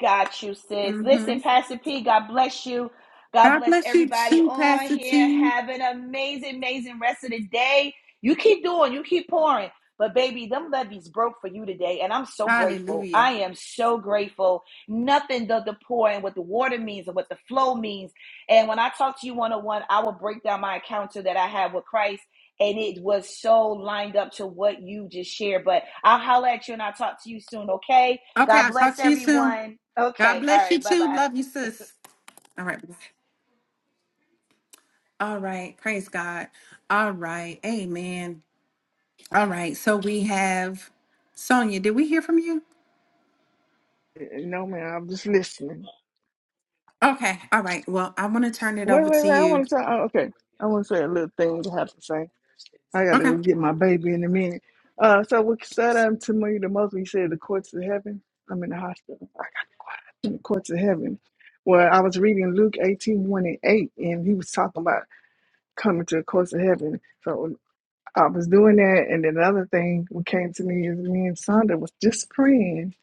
Speaker 2: Got you, sis.
Speaker 1: hmm
Speaker 2: Listen, Pastor P, God bless you. God
Speaker 1: God
Speaker 2: bless
Speaker 1: bless you
Speaker 2: everybody
Speaker 1: too,
Speaker 2: on
Speaker 1: Pastor
Speaker 2: here.
Speaker 1: T.
Speaker 2: Have an amazing, amazing rest of the day. You keep doing, you keep pouring. But baby, them levees broke for you today, and I'm so grateful.
Speaker 1: Hallelujah.
Speaker 2: I am so grateful. Nothing does the pour and what the water means and what the flow means. And when I talk to you one on one, I will break down my encounter that I have with Christ, and it was so lined up to what you just shared. But I'll holler at you and I'll talk to you soon, okay?
Speaker 1: Okay,
Speaker 2: God
Speaker 1: I'll talk
Speaker 2: bless
Speaker 1: to you soon.
Speaker 2: everyone.
Speaker 1: God
Speaker 2: Okay. All
Speaker 1: bless you
Speaker 2: right. Bye
Speaker 1: too.
Speaker 2: bye.
Speaker 1: Love you, sis. All right. bye. All right. Praise God. All right. Amen. All right. So we have Sonia. Did we hear from you?
Speaker 4: No, man, I'm just listening.
Speaker 1: Okay. All right. Well, I want to turn it
Speaker 4: Wait,
Speaker 1: over
Speaker 4: wait,
Speaker 1: to
Speaker 4: wait. I
Speaker 1: you.
Speaker 4: want to say, oh, okay. I want to say a little thing I have to say. I got to
Speaker 1: Okay.
Speaker 4: go get my baby in a minute. Uh, so what said unto me the most, he said, the courts of heaven. I'm in the hospital. I got in the courts of heaven. Well, I was reading Luke eighteen one and 8, and he was talking about coming to the courts of heaven. So I was doing that. And then another thing what came to me is me and Sonda was just praying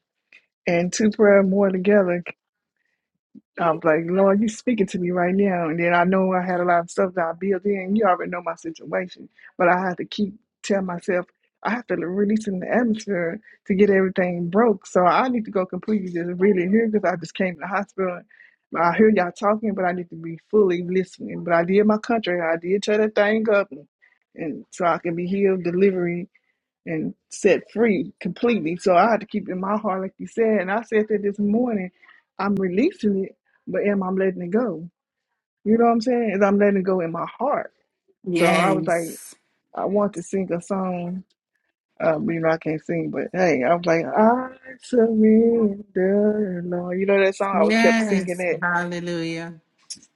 Speaker 4: and two prayer more together I was like, Lord, you speaking to me right now. And then I know I had a lot of stuff that I built in. You already know my situation. But I had to keep telling myself, I have to release in the atmosphere to get everything broke. So I need to go completely just really here because I just came to the hospital. I hear y'all talking, but I need to be fully listening. But I did my country. I did tear that thing up. And, and so I can be healed, delivery, and set free completely. So I had to keep it in my heart, like you said. And I said that this morning, I'm releasing it, but am I letting it go? You know what I'm saying? And I'm letting it go in my heart. So I was like,
Speaker 1: Yes.
Speaker 4: I want to sing a song. Um, you know, I can't sing, but hey, I was like, I surrender, Lord. You know that song? I was kept singing
Speaker 1: Yes.
Speaker 4: it
Speaker 1: Hallelujah.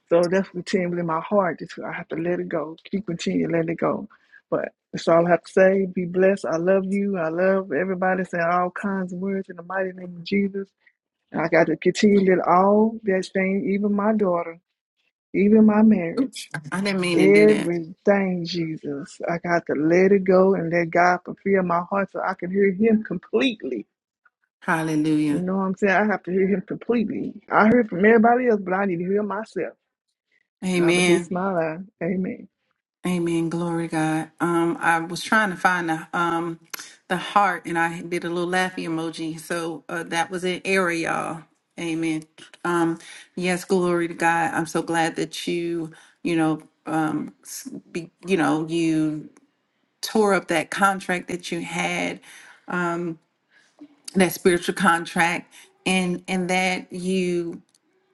Speaker 4: So that's continually my heart. It's, I have to let it go. Keep continuing, let it go. But that's all I have to say. Be blessed. I love you. I love everybody saying all kinds of words in the mighty name of Jesus. And I got to continue to all that thing, even my daughter, even my
Speaker 1: Oops.
Speaker 4: marriage,
Speaker 1: I didn't mean to do that.
Speaker 4: everything, Jesus. I got to let it go and let God fulfill my heart so I can hear Him completely. You
Speaker 1: Hallelujah.
Speaker 4: know what I'm saying? I have to hear Him completely. I heard from everybody else, but I need to hear myself. And I release
Speaker 1: Amen.
Speaker 4: my life. Amen.
Speaker 1: Amen. Glory to God. Um, I was trying to find the um the heart and I did a little laughy emoji. So uh, that was an error, y'all. Amen. Um, yes, glory to God. I'm so glad that you, you know, um, s- be, you know, you tore up that contract that you had um, that spiritual contract and and that you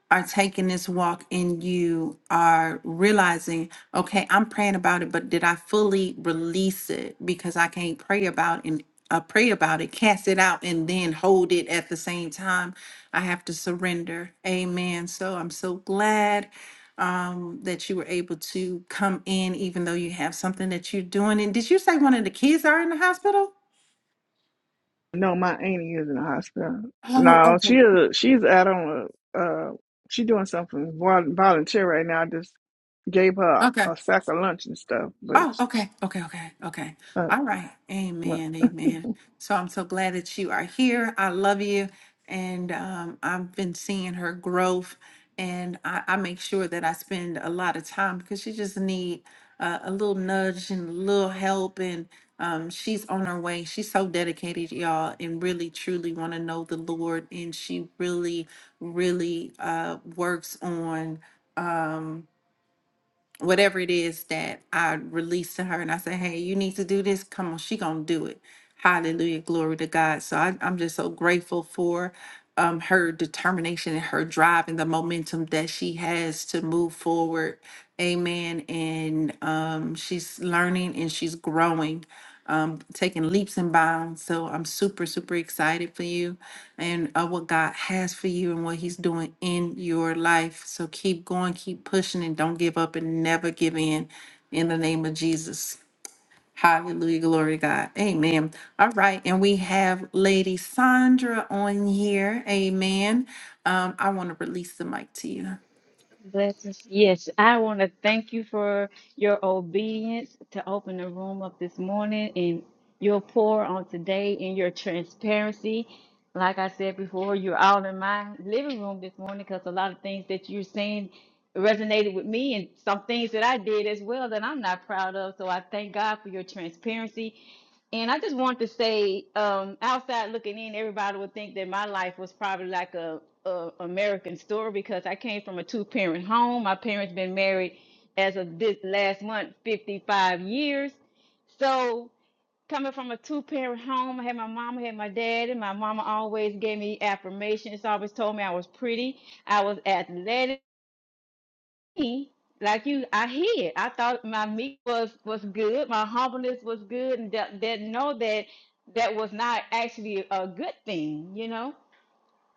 Speaker 1: are taking this walk and you are realizing okay i'm praying about it but did i fully release it because i can't pray about and uh, pray about it cast it out and then hold it at the same time i have to surrender amen so i'm so glad um, that you were able to come in even though you have something that you're doing and did you say one of the kids are in the hospital
Speaker 4: No, my auntie is in the hospital.
Speaker 1: oh
Speaker 4: No, she
Speaker 1: okay
Speaker 4: is. She's out on a. Uh, she doing something vol- volunteer right now. I just gave her
Speaker 1: okay
Speaker 4: a, sack of lunch and stuff. But
Speaker 1: Oh, okay, okay, okay, okay.
Speaker 4: uh,
Speaker 1: All right.
Speaker 4: well,
Speaker 1: Amen, amen. So I'm so glad that you are here. I love you. And um, I've been seeing her growth. And I, I make sure that I spend a lot of time because she just need uh, a little nudge and a little help. And um, she's on her way. She's so dedicated, y'all, and really, truly want to know the Lord. And she really, really uh, works on. Um, whatever it is that I release to her and I say, hey, you need to do this. Come on, she gonna do it. Hallelujah, glory to God. So I, I'm just so grateful for um, her determination and her drive and the momentum that she has to move forward. Amen. And um, she's learning and she's growing um, taking leaps and bounds. So I'm super, super excited for you and uh, what God has for you and what He's doing in your life. So keep going, keep pushing, and don't give up and never give in in the name of Jesus. Hallelujah. Glory to God. Amen. All right. And we have Lady Sandra on here. Amen. Um, I want to release the mic to you.
Speaker 6: Blessings. Yes, I want to thank you for your obedience to open the room up this morning and your pour on today and your transparency. Like I said before, you're all in my living room this morning because a lot of things that you're saying resonated with me and some things that I did as well that I'm not proud of. So I thank God for your transparency and I just want to say, um, outside looking in, everybody would think that my life was probably like a, a American story because I came from a two parent home. My parents been married as of this last month, 55 years. So coming from a two parent home, I had my mama, had my dad, and my mama always gave me affirmations, always told me I was pretty, I was athletic me, like you, I hid. I thought my meat was was good, my humbleness was good, and that, that know that that was not actually a good thing, you know.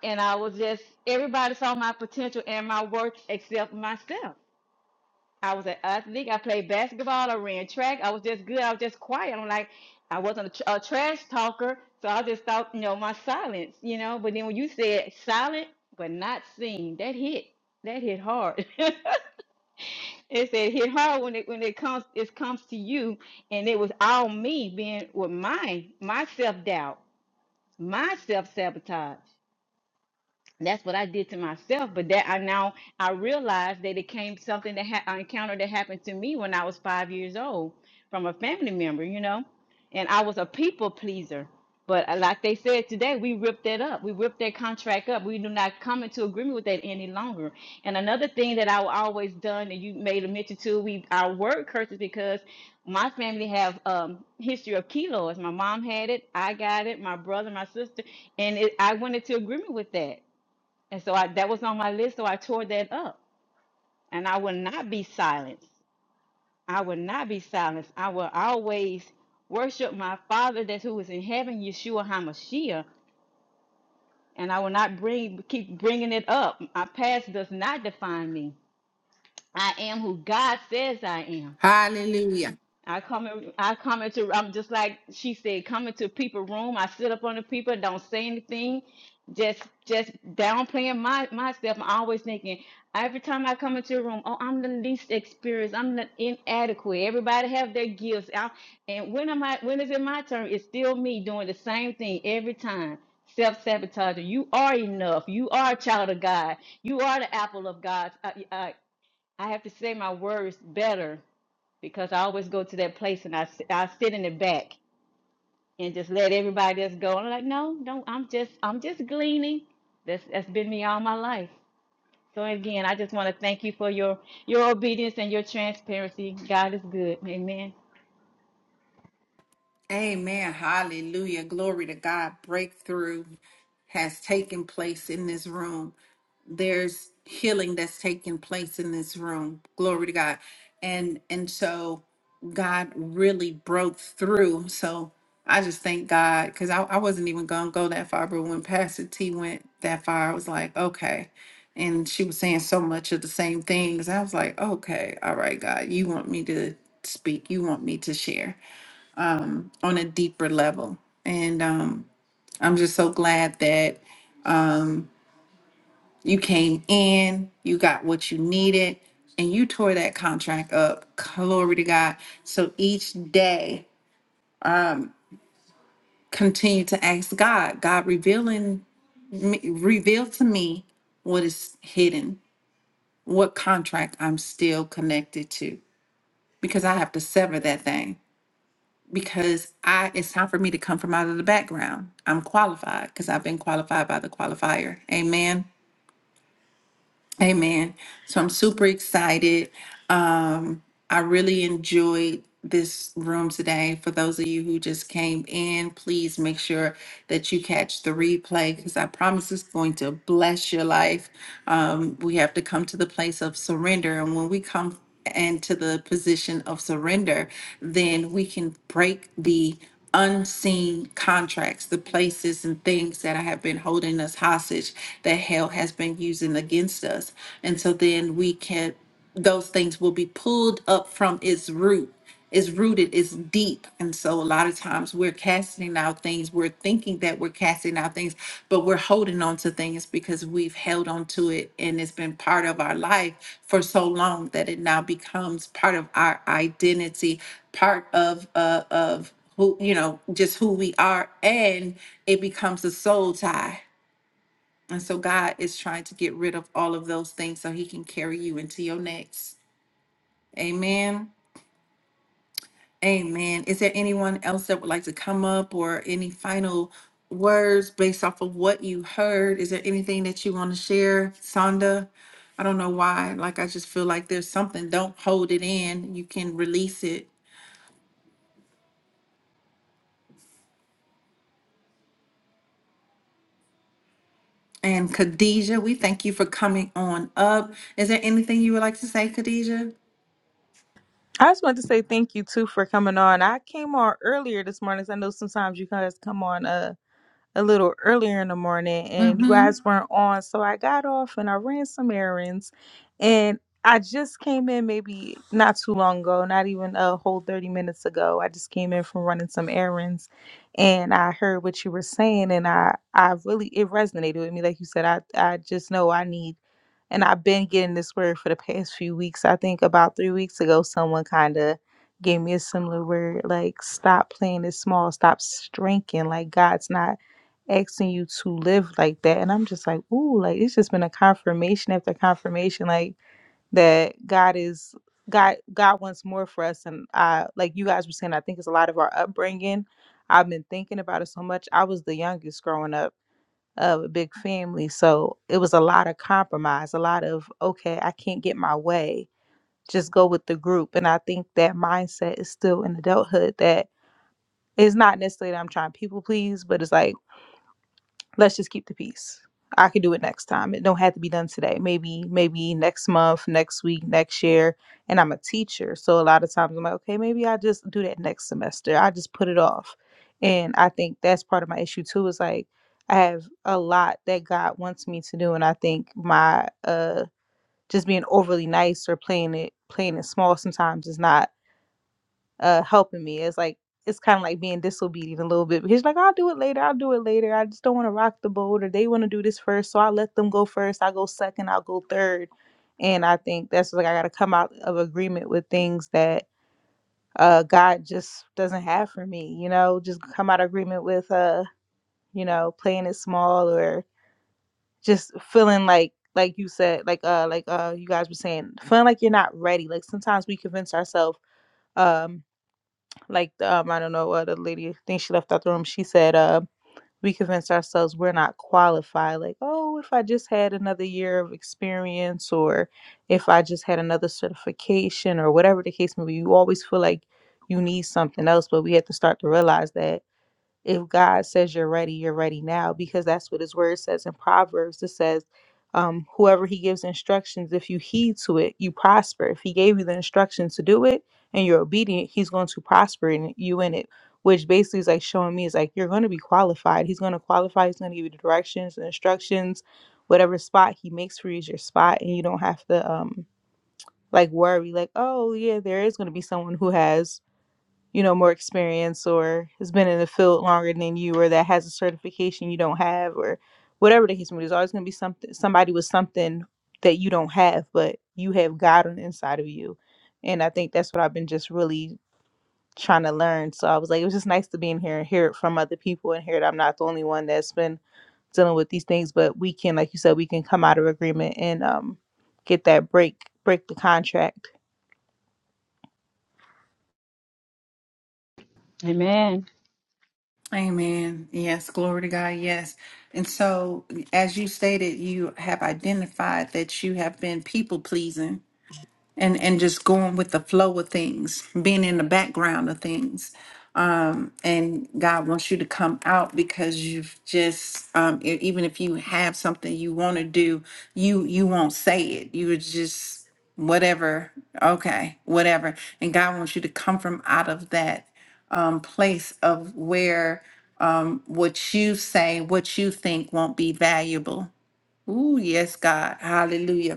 Speaker 6: And I was just everybody saw my potential and my worth except myself. I was an athlete. I played basketball. I ran track. I was just good. I was just quiet. I'm like I wasn't a, tr- a trash talker, so I just thought, you know, my silence, you know. But then when you said silent but not seen, that hit. That hit hard. It said hit hard when it when it comes it comes to you, and it was all me being with my my self doubt, my self sabotage that's what I did to myself. But that I now I realized that it came something that ha- I encountered that happened to me when I was five years old from a family member, you know, and I was a people pleaser. But uh, like they said today, we ripped that up. We ripped that contract up. We do not come into agreement with that any longer. And another thing that I always done, and you made a mention to, we our word curses because my family have um history of kilos. My mom had it. I got it. My brother, my sister, and it, I went into agreement with that. And so I, that was on my list, so I tore that up. And I will not be silenced. I will not be silenced. I will always worship my Father that's who is in heaven, Yeshua HaMashiach. And I will not bring keep bringing it up. My past does not define me. I am who God says I am.
Speaker 1: Hallelujah.
Speaker 6: I come in, I come into I'm just like she said, come into people room. I sit up on the people, don't say anything, just just downplaying my myself. I'm always thinking every time I come into a room, oh, I'm the least experienced, I'm the inadequate. Everybody have their gifts. I, and when am I when is it my turn? It's still me doing the same thing every time. Self sabotaging. You are enough. You are a child of God. You are the apple of God. I, I, I have to say my words better because I always go to that place and I, s- I sit in the back and just let everybody else go. I'm like, no, don't. I'm just I'm just gleaning. That's that's been me all my life. So again, I just want to thank you for your your obedience and your transparency. God is good. Amen.
Speaker 1: Amen. Hallelujah. Glory to God. Breakthrough has taken place in this room. There's healing that's taking place in this room. Glory to God. And and so God really broke through. So I just thank God because I, I wasn't even gonna go that far, but when Pastor T went that far, I was like, okay. And she was saying so much of the same things. I was like, okay, all right, God, you want me to speak, you want me to share on a deeper level. And um, I'm just so glad that you came in, you got what you needed, and you tore that contract up. Glory to God. So each day, continue to ask God, God, revealing, me, reveal to me what is hidden, what contract I'm still connected to, because I have to sever that thing. Because I, it's time for me to come from out of the background. I'm qualified because I've been qualified by the qualifier. Amen. Amen. So I'm super excited. I really enjoyed this room today. For those of you who just came in, please make sure that you catch the replay because I promise it's going to bless your life. Um, we have to come to the place of surrender. And when we come into the position of surrender, then we can break the unseen contracts, the places and things that have been holding us hostage that hell has been using against us. And so then we can those things will be pulled up from its root. It's rooted, it's deep. And so a lot of times we're casting out things, we're thinking that we're casting out things, but we're holding on to things because we've held on to it and it's been part of our life for so long that it now becomes part of our identity, part of uh of who, you know, just who we are, and it becomes a soul tie. And so God is trying to get rid of all of those things so he can carry you into your next. Amen. Amen. Is there anyone else that would like to come up or any final words based off of what you heard? Is there anything that you want to share, Sonda? I don't know why. Like, I just feel like there's something. Don't hold it in. You can release it. And Khadijah, we thank you for coming on up. Is there anything you would like to say, Khadijah?
Speaker 7: I just wanted to say thank you too for coming on. I came on earlier this morning. 'cause I know sometimes you guys come on. uh, a little earlier in the morning and you
Speaker 1: Mm-hmm.
Speaker 7: guys weren't on. So I got off and I ran some errands and I just came in maybe not too long ago, not even a whole 30 minutes ago. I just came in from running some errands and I heard what you were saying and I I really it resonated with me like you said I I just know I need and I've been getting this word for the past few weeks. I think about 3 weeks ago someone kind of gave me a similar word like stop playing this small, stop shrinking like God's not asking you to live like that. And I'm just like, ooh, like it's just been a confirmation after confirmation, like that God is God God wants more for us. And I like you guys were saying, I think it's a lot of our upbringing. I've been thinking about it so much. I was the youngest growing up of a big family. So it was a lot of compromise, a lot of, okay, I can't get my way. Just go with the group. And I think that mindset is still in adulthood that it's not necessarily that I'm trying to people please, but it's like let's just keep the peace. I could do it next time. It don't have to be done today. Maybe, maybe next month, next week, next year. And I'm a teacher. So a lot of times I'm like, okay, maybe I just do that next semester. I just put it off. And I think that's part of my issue too, is like I have a lot that God wants me to do. And I think my uh just being overly nice or playing it playing it small sometimes is not uh helping me. It's like it's kind of like being disobedient a little bit because you're like I'll do it later, I'll do it later. I just don't want to rock the boat or they want to do this first, so I let them go first. I go second, I'll go third. And I think that's like I got to come out of agreement with things that uh God just doesn't have for me, you know, just come out of agreement with uh, you know, playing it small or just feeling like like you said, like uh like uh you guys were saying, feeling like you're not ready. Like sometimes we convince ourselves um like um, I don't know what the lady I think she left out the room. She said, uh, "We convince ourselves we're not qualified. Like, oh, if I just had another year of experience, or if I just had another certification, or whatever the case may be, you always feel like you need something else. But we have to start to realize that." if God says you're ready, you're ready now, because that's what his word says in Proverbs. It says, um, whoever he gives instructions, if you heed to it, you prosper. If he gave you the instructions to do it and you're obedient, he's going to prosper in you in it, which basically is like showing me is like you're going to be qualified. He's going to qualify, he's going to give you the directions and instructions. Whatever spot he makes for you is your spot, and you don't have to um like worry, like, oh yeah, there is going to be someone who has you know more experience or has been in the field longer than you or that has a certification you don't have or whatever the case may be there's always going to be something somebody with something that you don't have but you have god on the inside of you and i think that's what i've been just really trying to learn so i was like it was just nice to be in here and hear it from other people and hear that i'm not the only one that's been dealing with these things but we can like you said we can come out of agreement and um get that break break the contract
Speaker 6: Amen.
Speaker 1: Amen. Yes, glory to God. Yes. And so, as you stated, you have identified that you have been people pleasing. and and just going with the flow of things being in the background of things um and god wants you to come out because you've just um e- even if you have something you want to do you you won't say it you would just whatever okay whatever and god wants you to come from out of that um place of where um what you say what you think won't be valuable Ooh, yes god hallelujah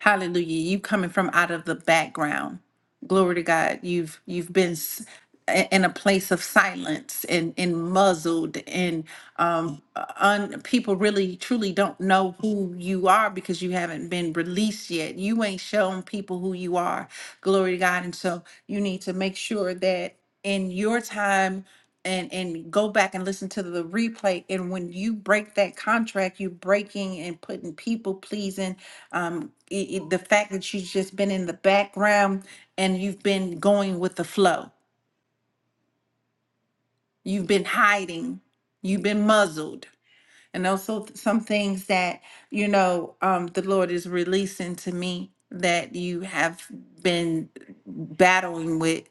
Speaker 1: Hallelujah. You coming from out of the background. Glory to God. You've you've been s- i- in a place of silence and and muzzled and um un, people really truly don't know who you are because you haven't been released yet. You ain't shown people who you are. Glory to God. And so you need to make sure that in your time and and go back and listen to the replay and when you break that contract you're breaking and putting people pleasing um, i- i- the fact that you've just been in the background and you've been going with the flow. You've been hiding. You've been muzzled. And also th- some things that, you know, um, the Lord is releasing to me that you have been battling with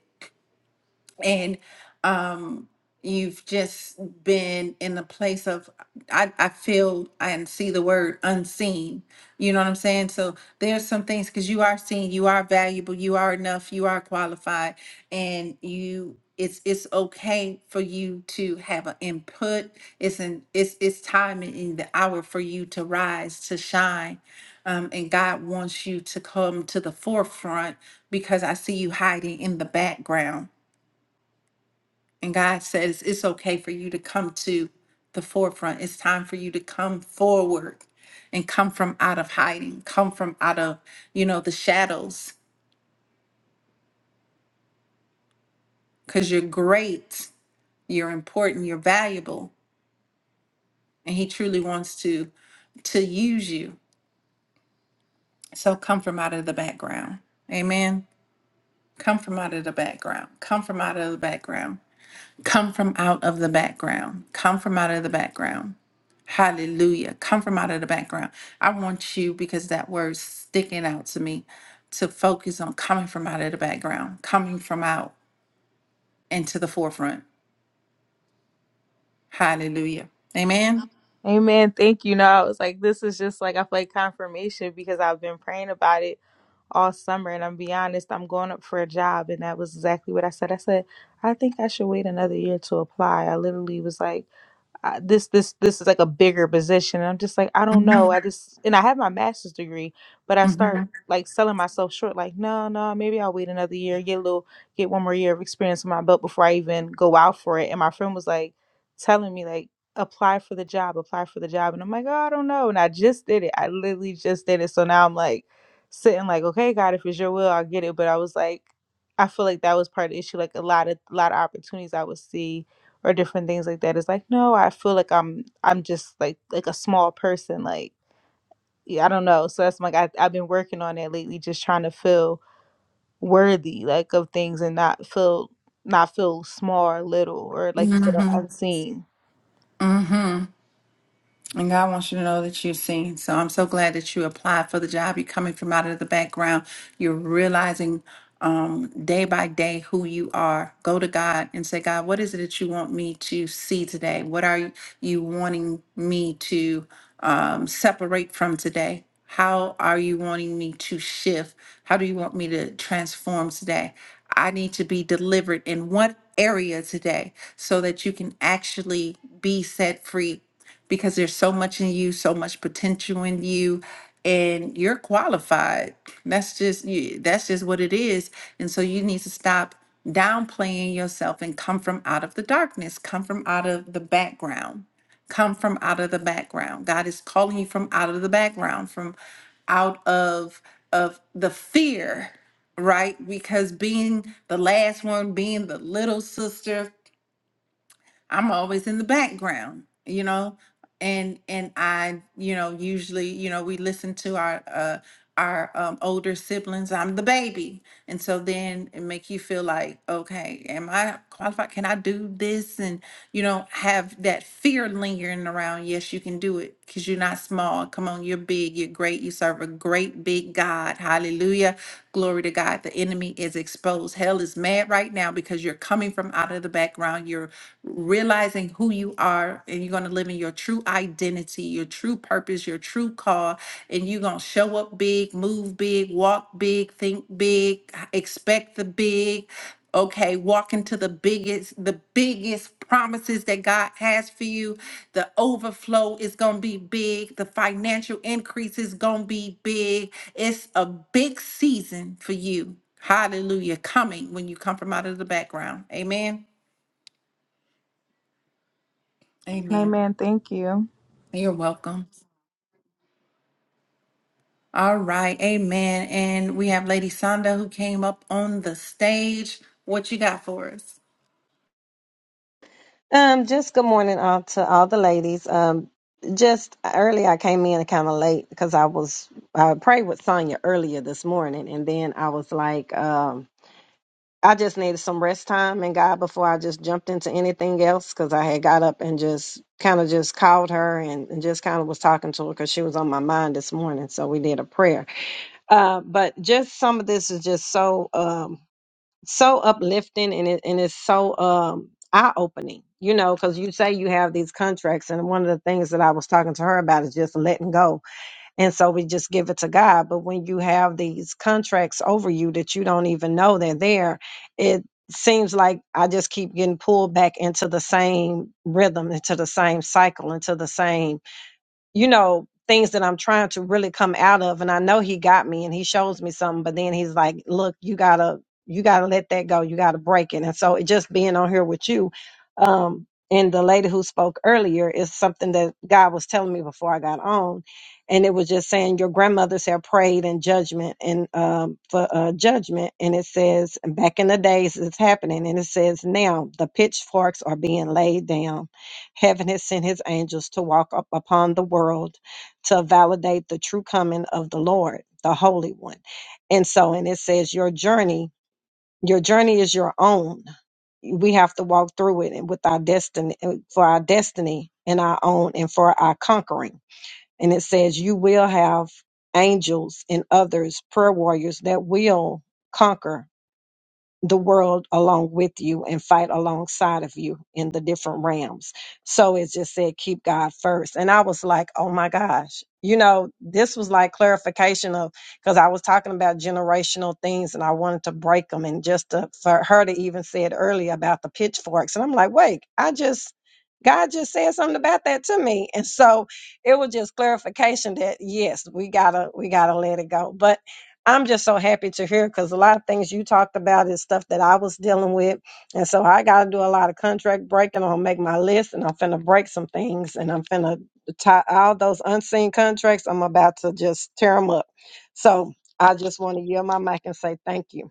Speaker 1: and um you've just been in a place of I, I feel and see the word unseen you know what i'm saying so there's some things because you are seen you are valuable you are enough you are qualified and you it's it's okay for you to have an input it's an it's it's time and in the hour for you to rise to shine um, and god wants you to come to the forefront because i see you hiding in the background and God says, it's okay for you to come to the forefront. It's time for you to come forward and come from out of hiding, come from out of, you know, the shadows, because you're great, you're important, you're valuable, and He truly wants to to use you. So come from out of the background. Amen. Come from out of the background. Come from out of the background. Come from out of the background. Come from out of the background Hallelujah. Come from out of the background. I want you, because that word's sticking out to me, to focus on coming from out of the background, coming from out into the forefront. Hallelujah. Amen.
Speaker 7: Amen. Thank you. No, I was like, this is just like I feel like confirmation because I've been praying about it all summer. And I'm be honest, I'm going up for a job, and that was exactly what I said. I said, I think I should wait another year to apply. I literally was like. I, this this this is like a bigger position and i'm just like i don't know
Speaker 1: Mm-hmm.
Speaker 7: i just and i have my master's degree but i
Speaker 1: Mm-hmm.
Speaker 7: start like selling myself short like no no maybe i'll wait another year get a little get one more year of experience in my belt before i even go out for it and my friend was like telling me like apply for the job apply for the job and i'm like oh i don't know and i just did it i literally just did it so now i'm like sitting like okay god if it's your will i'll get it but i was like i feel like that was part of the issue like a lot of a lot of opportunities i would see or different things like that. It's like, no, I feel like I'm I'm just like like a small person. Like yeah, I don't know. So that's like I I've been working on that lately, just trying to feel worthy like of things and not feel not feel small or little or like you said or unseen.
Speaker 1: Mm-hmm. And God wants you to know that you're seen. So I'm so glad that you applied for the job. You're coming from out of the background. You're realizing um, day by day who you are. Go to God and say, God, what is it that you want me to see today? What are you wanting me to um, separate from today? How are you wanting me to shift? How do you want me to transform today? I need to be delivered in what area today so that you can actually be set free because there's so much in you, so much potential in you, and you're qualified. That's just you, that's just what it is. And so you need to stop downplaying yourself and come from out of the darkness, come from out of the background. Come from out of the background. God is calling you from out of the background, from out of of the fear right? Because being the last one, being the little sister, I'm always in the background, you know, and and I, you know, usually, you know, we listen to our uh, our um, older siblings. I'm the baby, and so then it make you feel like, okay, am I qualified? Can I do this? And you know, have that fear lingering around. Yes, you can do it because you're not small. Come on, you're big. You're great. You serve a great big God. Hallelujah Glory to God. The enemy is exposed. Hell is mad right now because you're coming from out of the background. You're realizing who you are and you're going to live in your true identity, your true purpose, your true call. And you're going to show up big, move big, walk big, think big, expect the big okay walk into the biggest the biggest promises that god has for you the overflow is gonna be big the financial increase is gonna be big it's a big season for you hallelujah coming when you come from out of the background amen
Speaker 7: Hey
Speaker 1: amen
Speaker 7: man, Thank you.
Speaker 1: you're welcome all right amen and we have lady sonda who came up on the stage what you got for us
Speaker 8: Um, just good morning all to all the ladies. Um, just early I came in kind of late because I was I prayed with Sonya earlier this morning, and then I was like, um, I just needed some rest time and God before I just jumped into anything else because I had got up and just kind of just called her and, and just kind of was talking to her because she was on my mind this morning. So we did a prayer. Uh, but just some of this is just so. Um, so uplifting and it and it's so um eye opening, you know, because you say you have these contracts, and one of the things that I was talking to her about is just letting go, and so we just give it to God. But when you have these contracts over you that you don't even know they're there, it seems like I just keep getting pulled back into the same rhythm, into the same cycle, into the same you know, things that I'm trying to really come out of. And I know he got me and he shows me something, but then he's like, look, you gotta, you gotta let that go. You gotta break it. And so it just being on here with you, um, and the lady who spoke earlier is something that God was telling me before I got on. And it was just saying your grandmothers have prayed in judgment and um, for uh, judgment. And it says back in the days it's happening. And it says now the pitchforks are being laid down Heaven has sent his angels to walk up upon the world to validate the true coming of the Lord, the Holy One. And so, and it says, Your journey, your journey is your own. We have to walk through it and with our destiny uh, for our destiny and our own and for our conquering. And it says, You will have angels and others, prayer warriors that will conquer the world along with you and fight alongside of you in the different realms. So it just said, keep God first. And I was like, oh my gosh, you know, this was like clarification of because I was talking about generational things and I wanted to break them. And just to, for her to even say it earlier about the pitchforks. And I'm like, wait, I just, God just said something about that to me. And so it was just clarification that yes, we gotta, we gotta let it go. But I'm just so happy to hear because a lot of things you talked about is stuff that I was dealing with. And so I got to do a lot of contract breaking. I'm going to make my list and I'm finna break some things and I'm finna tie all those unseen contracts. I'm about to just tear them up. So I just want to yield my mic and say thank you.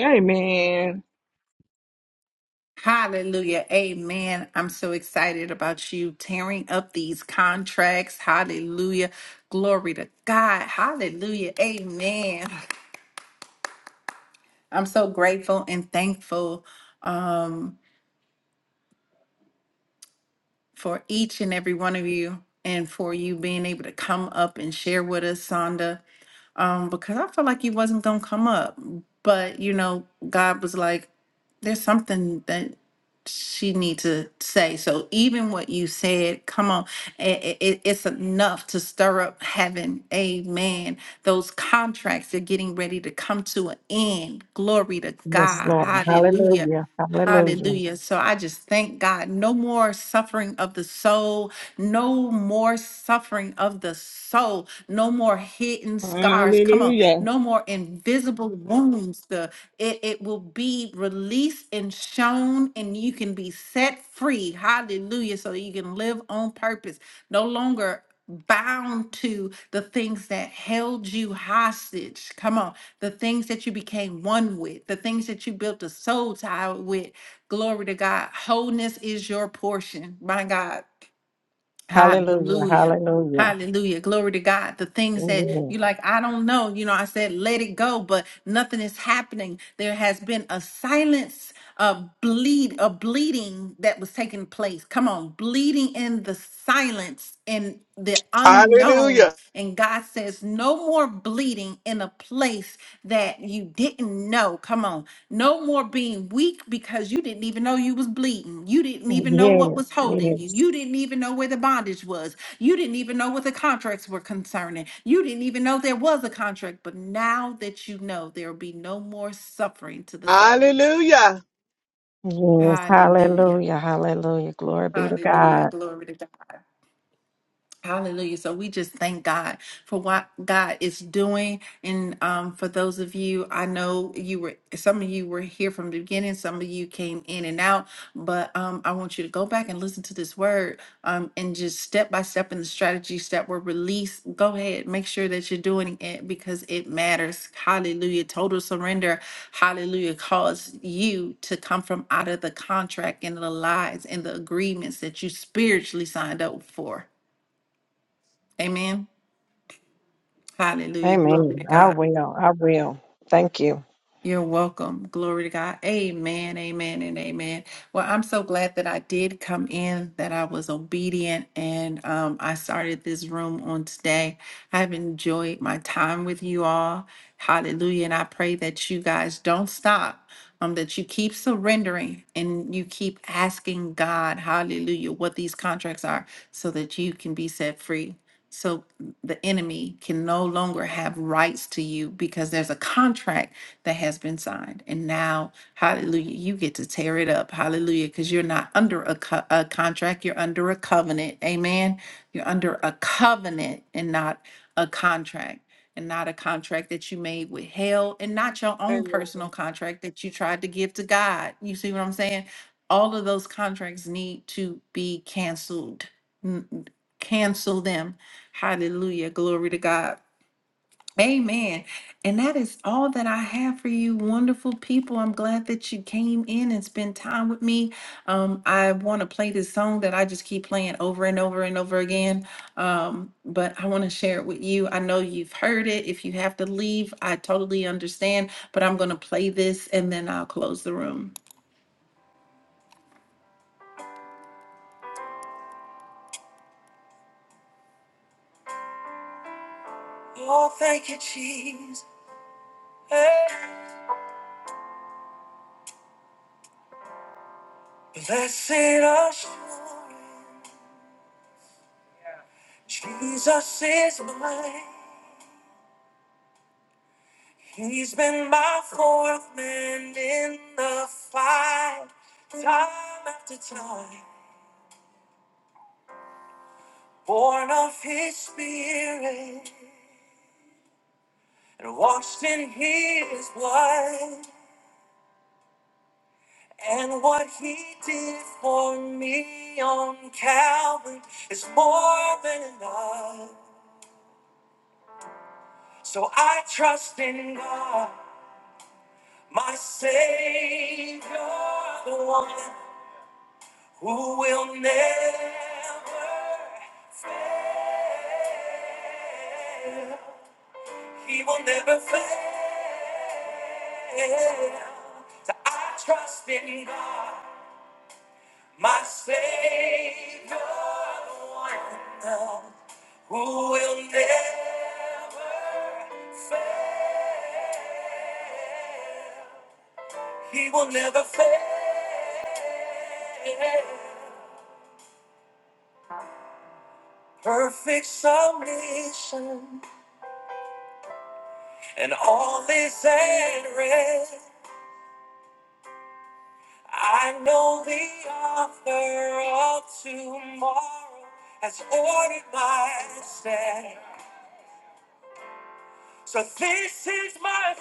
Speaker 4: amen.
Speaker 1: Hallelujah. Amen. I'm so excited about you tearing up these contracts. Hallelujah. Glory to God. Hallelujah. Amen. I'm so grateful and thankful for each and every one of you and for you being able to come up and share with us, Sonda, um, because I felt like you wasn't going to come up. But, you know, God was like, there's something that she need to say. So even what you said, come on, it, it, it's enough to stir up heaven. Amen. Those contracts are getting ready to come to an end. Glory to
Speaker 8: Yes,
Speaker 1: God.
Speaker 8: Lord.
Speaker 1: Hallelujah.
Speaker 8: Hallelujah. Hallelujah.
Speaker 1: Hallelujah. So I just thank God. No more suffering of the soul. No more suffering of the soul. No more hidden scars. Come on.
Speaker 4: Hallelujah.
Speaker 1: No more invisible wounds. The it, it will be released and shown, and you can be set free. Hallelujah. So that you can live on purpose, no longer bound to the things that held you hostage. Come on. The things that you became one with, the things that you built a soul tie with. Glory to God. Wholeness is your portion. My God.
Speaker 8: Hallelujah.
Speaker 1: Hallelujah.
Speaker 8: Hallelujah.
Speaker 1: Hallelujah. Glory to God. The things that
Speaker 8: Yes.
Speaker 1: you like, I don't know. You know, I said, let it go, but nothing is happening. There has been a silence, a bleed, a bleeding that was taking place. Come on, bleeding in the silence in the unknown.
Speaker 4: Hallelujah.
Speaker 1: And God says, no more bleeding in a place that you didn't know. Come on. No more being weak because you didn't even know you was bleeding. You didn't even know what
Speaker 8: Yes.
Speaker 1: was holding you.
Speaker 8: Yes.
Speaker 1: You didn't even know where the bondage was. You didn't even know what the contracts were concerning. You didn't even know there was a contract. But now that you know, there will be no more suffering to the soul.
Speaker 4: Hallelujah.
Speaker 8: Yes.
Speaker 1: Hallelujah.
Speaker 8: Hallelujah. Hallelujah. Glory be to God.
Speaker 1: Hallelujah. Glory to God. Hallelujah. So we just thank God for what God is doing. And um, for those of you, I know you were, some of you were here from the beginning, some of you came in and out, but um, I want you to go back and listen to this word um, and just step by step in the strategies that were released. Go ahead, make sure that you're doing it because it matters. Hallelujah. Total surrender. Hallelujah. Cause you to come from out of the contract and the lies and the agreements that you spiritually signed up for. Amen. Hallelujah. Glory to
Speaker 8: Amen. I
Speaker 1: God.
Speaker 8: will. I will. Thank you.
Speaker 1: You're welcome. Glory to God. Amen. Amen. And amen. Well, I'm so glad that I did come in, that I was obedient, and um, I started this room on today. I've enjoyed my time with you all. Hallelujah. And I pray that you guys don't stop, um, that you keep surrendering and you keep asking God, hallelujah, what these contracts are so that you can be set free. So the enemy can no longer have rights to you because there's a contract that has been signed. And now, hallelujah, you get to tear it up. Hallelujah, because you're not under a, co- a contract, you're under a covenant. Amen. You're under a covenant and not a contract. And not a contract that you made with hell, and not your own
Speaker 4: Amen.
Speaker 1: personal contract that you tried to give to God. You see what I'm saying? All of those contracts need to be canceled. N- Cancel them. Hallelujah. Glory to God. Amen. And that is all that I have for you, wonderful people. I'm glad that you came in and spent time with me. Um, I want to play this song that I just keep playing over and over and over again. Um, but I want to share it with you. I know you've heard it. If you have to leave, I totally understand. But I'm going to play this and then I'll close the room. Oh, thank you, Jesus. Blessed assurance, Jesus is mine. He's been my fourth man in the fight, time after time, born of his spirit and washed in his blood. And what he did for me on Calvary is more than enough. So I trust in God, my Savior, the one. who will never fail. He will never fail. So I trust in God, my Savior, one who will never fail. He will never fail. Perfect submission and all is at rest. I know the author of tomorrow has ordered my step. So this is my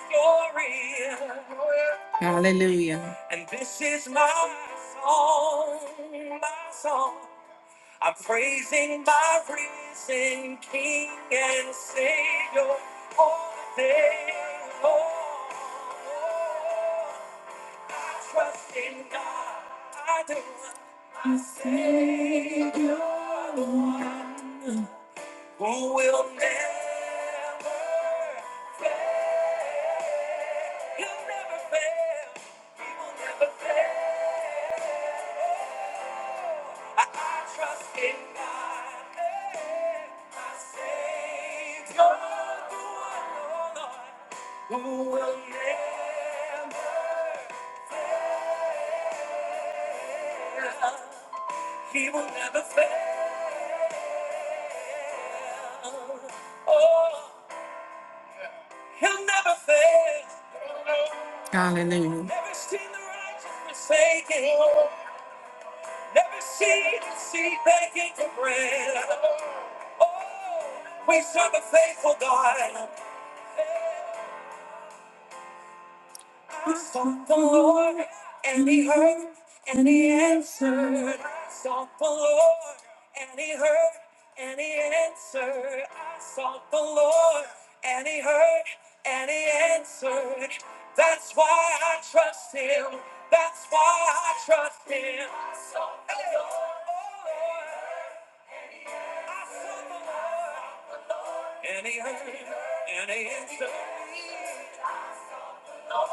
Speaker 1: story. Hallelujah. And this is my song, my song. I'm praising my risen King and Savior all day long. I trust in God, I do. My Savior, one who will never fail. He'll never fail. He will never fail. I, I trust in God, eh, my Savior, the one, oh Lord, who will never fail. He will never fail. Oh, he'll never fail. Hallelujah. Never seen the righteous forsaken. Never seen the seed begging for bread. Oh, we serve a faithful God. I sought the Lord and he heard and he answered. I sought the Lord and he heard and he answered. I sought the Lord and he heard and he answered. That's why I trust him. That's why I trust him. I sought the Lord. I sought the Lord. And he heard and he answered. Yeah.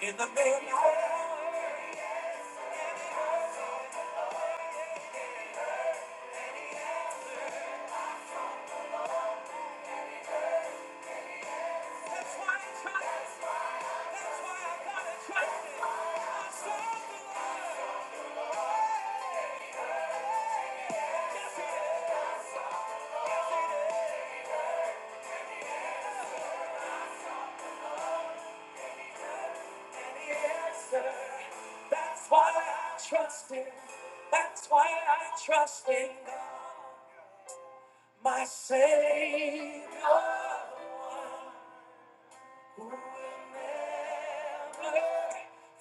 Speaker 1: In the middle. That's why I trust him. That's why I trust in God, my Savior, who will never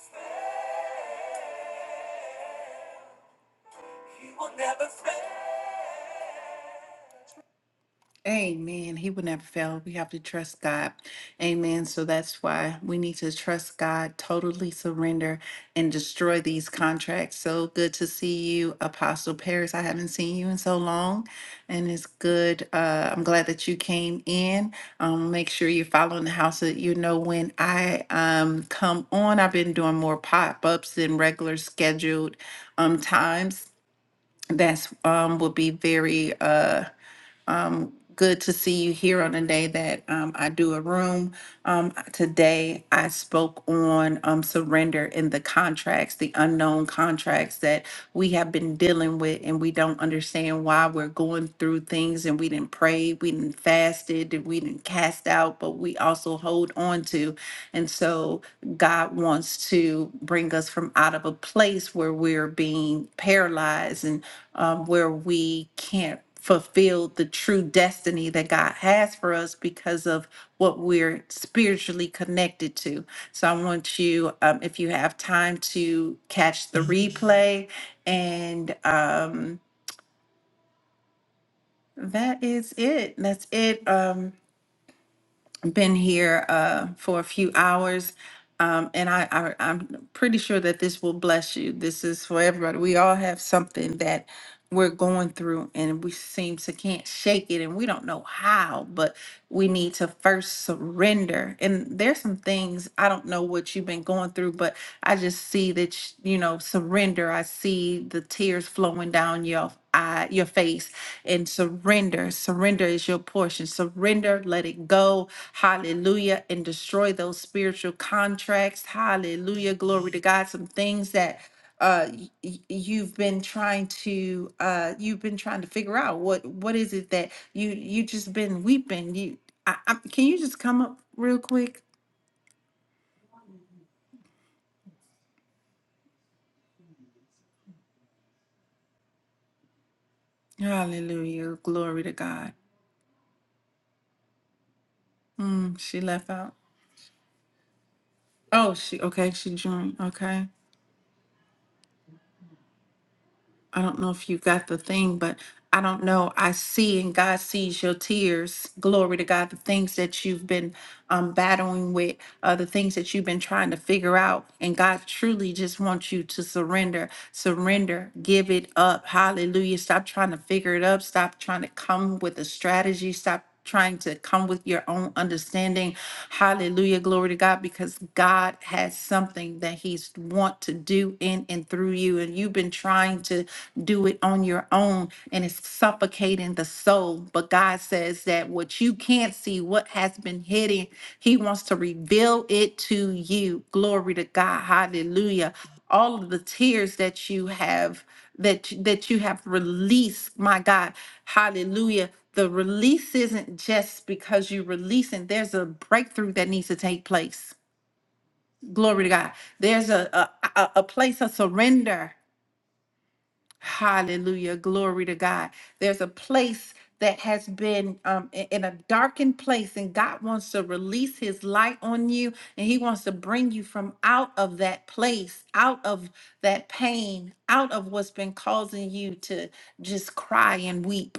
Speaker 1: fail. He will never fail. Amen. He will never fail. We have to trust God. Amen. So that's why we need to trust God, totally surrender and destroy these contracts. So good to see you, Apostle Paris. I haven't seen you in so long, and it's good. Uh, I'm glad that you came in. Um, make sure you're following the house so that you know when I um, come on. I've been doing more pop ups than regular scheduled um, times. That's um, will be very. Uh, um, good to see you here on the day that um, I do a room. Um, today, I spoke on um, surrender in the contracts, the unknown contracts that we have been dealing with, and we don't understand why we're going through things and we didn't pray, we didn't fasted, and we didn't cast out, but we also hold on to. And so, God wants to bring us from out of a place where we're being paralyzed and um, where we can't fulfill the true destiny that God has for us because of what we're spiritually connected to. So I want you, um, if you have time, to catch the replay. And um, that is it. That's it. Um, been here uh, for a few hours. Um, and I, I, I'm pretty sure that this will bless you. This is for everybody. We all have something that we're going through and we seem to can't shake it and we don't know how, but we need to first surrender. And there's some things, I don't know what you've been going through, but I just see that, sh- you know, surrender. I see the tears flowing down your eye, your face and surrender. Surrender is your portion. Surrender, let it go. Hallelujah. And destroy those spiritual contracts. Hallelujah. Glory to God. Some things that uh y- y- you've been trying to uh you've been trying to figure out what what is it that you you just been weeping you I, I, can you just come up real quick hallelujah glory to god mm, she left out oh she okay she joined okay I don't know if you got the thing, but I don't know. I see and God sees your tears. Glory to God, the things that you've been um, battling with, uh, the things that you've been trying to figure out. And God truly just wants you to surrender, surrender, give it up. Hallelujah. Stop trying to figure it up. Stop trying to come with a strategy. Stop trying to come with your own understanding. Hallelujah. Glory to God because God has something that he's want to do in and through you and you've been trying to do it on your own and it's suffocating the soul. But God says that what you can't see, what has been hidden, he wants to reveal it to you. Glory to God. Hallelujah. All of the tears that you have that that you have released my god hallelujah the release isn't just because you release and there's a breakthrough that needs to take place glory to god there's a a, a a place of surrender Hallelujah. Glory to God. There's a place that has been um, i- in a darkened place, and God wants to release His light on you, and He wants to bring you from out of that place, out of that pain, out of what's been causing you to just cry and weep.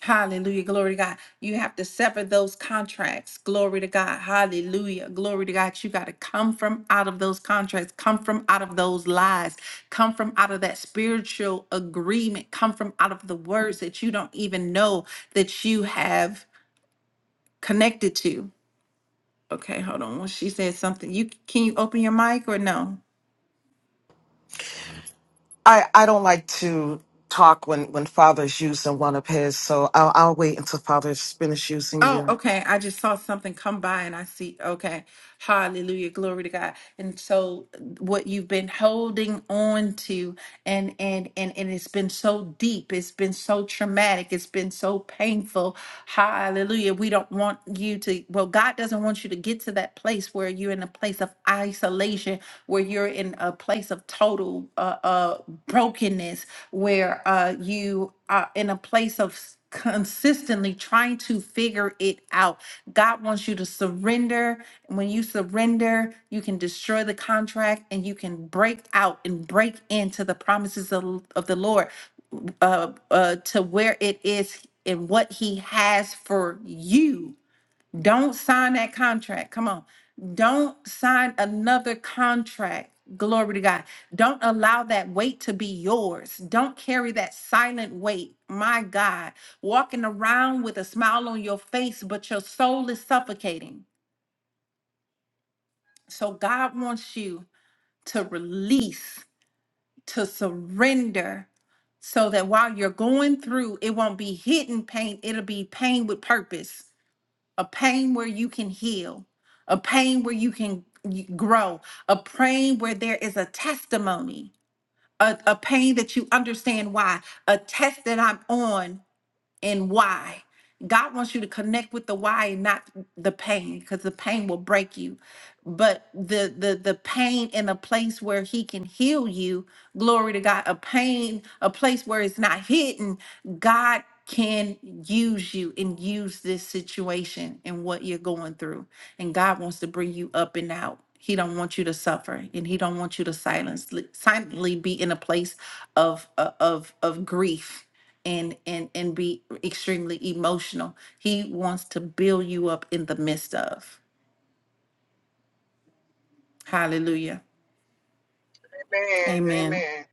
Speaker 1: Hallelujah. Glory to God. You have to sever those contracts. Glory to God. Hallelujah. Glory to God. You got to come from out of those contracts, come from out of those lies, come from out of that spiritual agreement, come from out of the words that you don't even know that you have connected to. Okay, hold on. She said something. You can you open your mic or no?
Speaker 9: I, I don't like to talk when, when Father's using one of his, so I'll, I'll wait until Father's finished using
Speaker 1: Oh,
Speaker 9: you.
Speaker 1: okay. I just saw something come by and I see. Okay. Hallelujah. Glory to God. And so what you've been holding on to and and and and it's been so deep. It's been so traumatic. It's been so painful. Hallelujah. We don't want you to well, God doesn't want you to get to that place where you're in a place of isolation, where you're in a place of total uh uh brokenness, where uh you are in a place of consistently trying to figure it out. God wants you to surrender. When you surrender, you can destroy the contract and you can break out and break into the promises of, of the Lord uh, uh, to where it is and what He has for you don't sign that contract. Come on. Don't sign another contract. Glory to God. Don't allow that weight to be yours. Don't carry that silent weight. My God, walking around with a smile on your face, but your soul is suffocating. So God wants you to release, to surrender, so that while you're going through, it won't be hidden pain. It'll be pain with purpose a pain where you can heal, a pain where you can y- grow, a pain where there is a testimony, a, a pain that you understand why, a test that I'm on and why. God wants you to connect with the why and not the pain because the pain will break you but the the the pain in a place where he can heal you glory to god a pain a place where it's not hidden god can use you and use this situation and what you're going through and god wants to bring you up and out he don't want you to suffer and he don't want you to silently silently be in a place of uh, of of grief and and and be extremely emotional he wants to build you up in the midst of hallelujah
Speaker 4: Amen.
Speaker 1: Amen.
Speaker 4: Amen.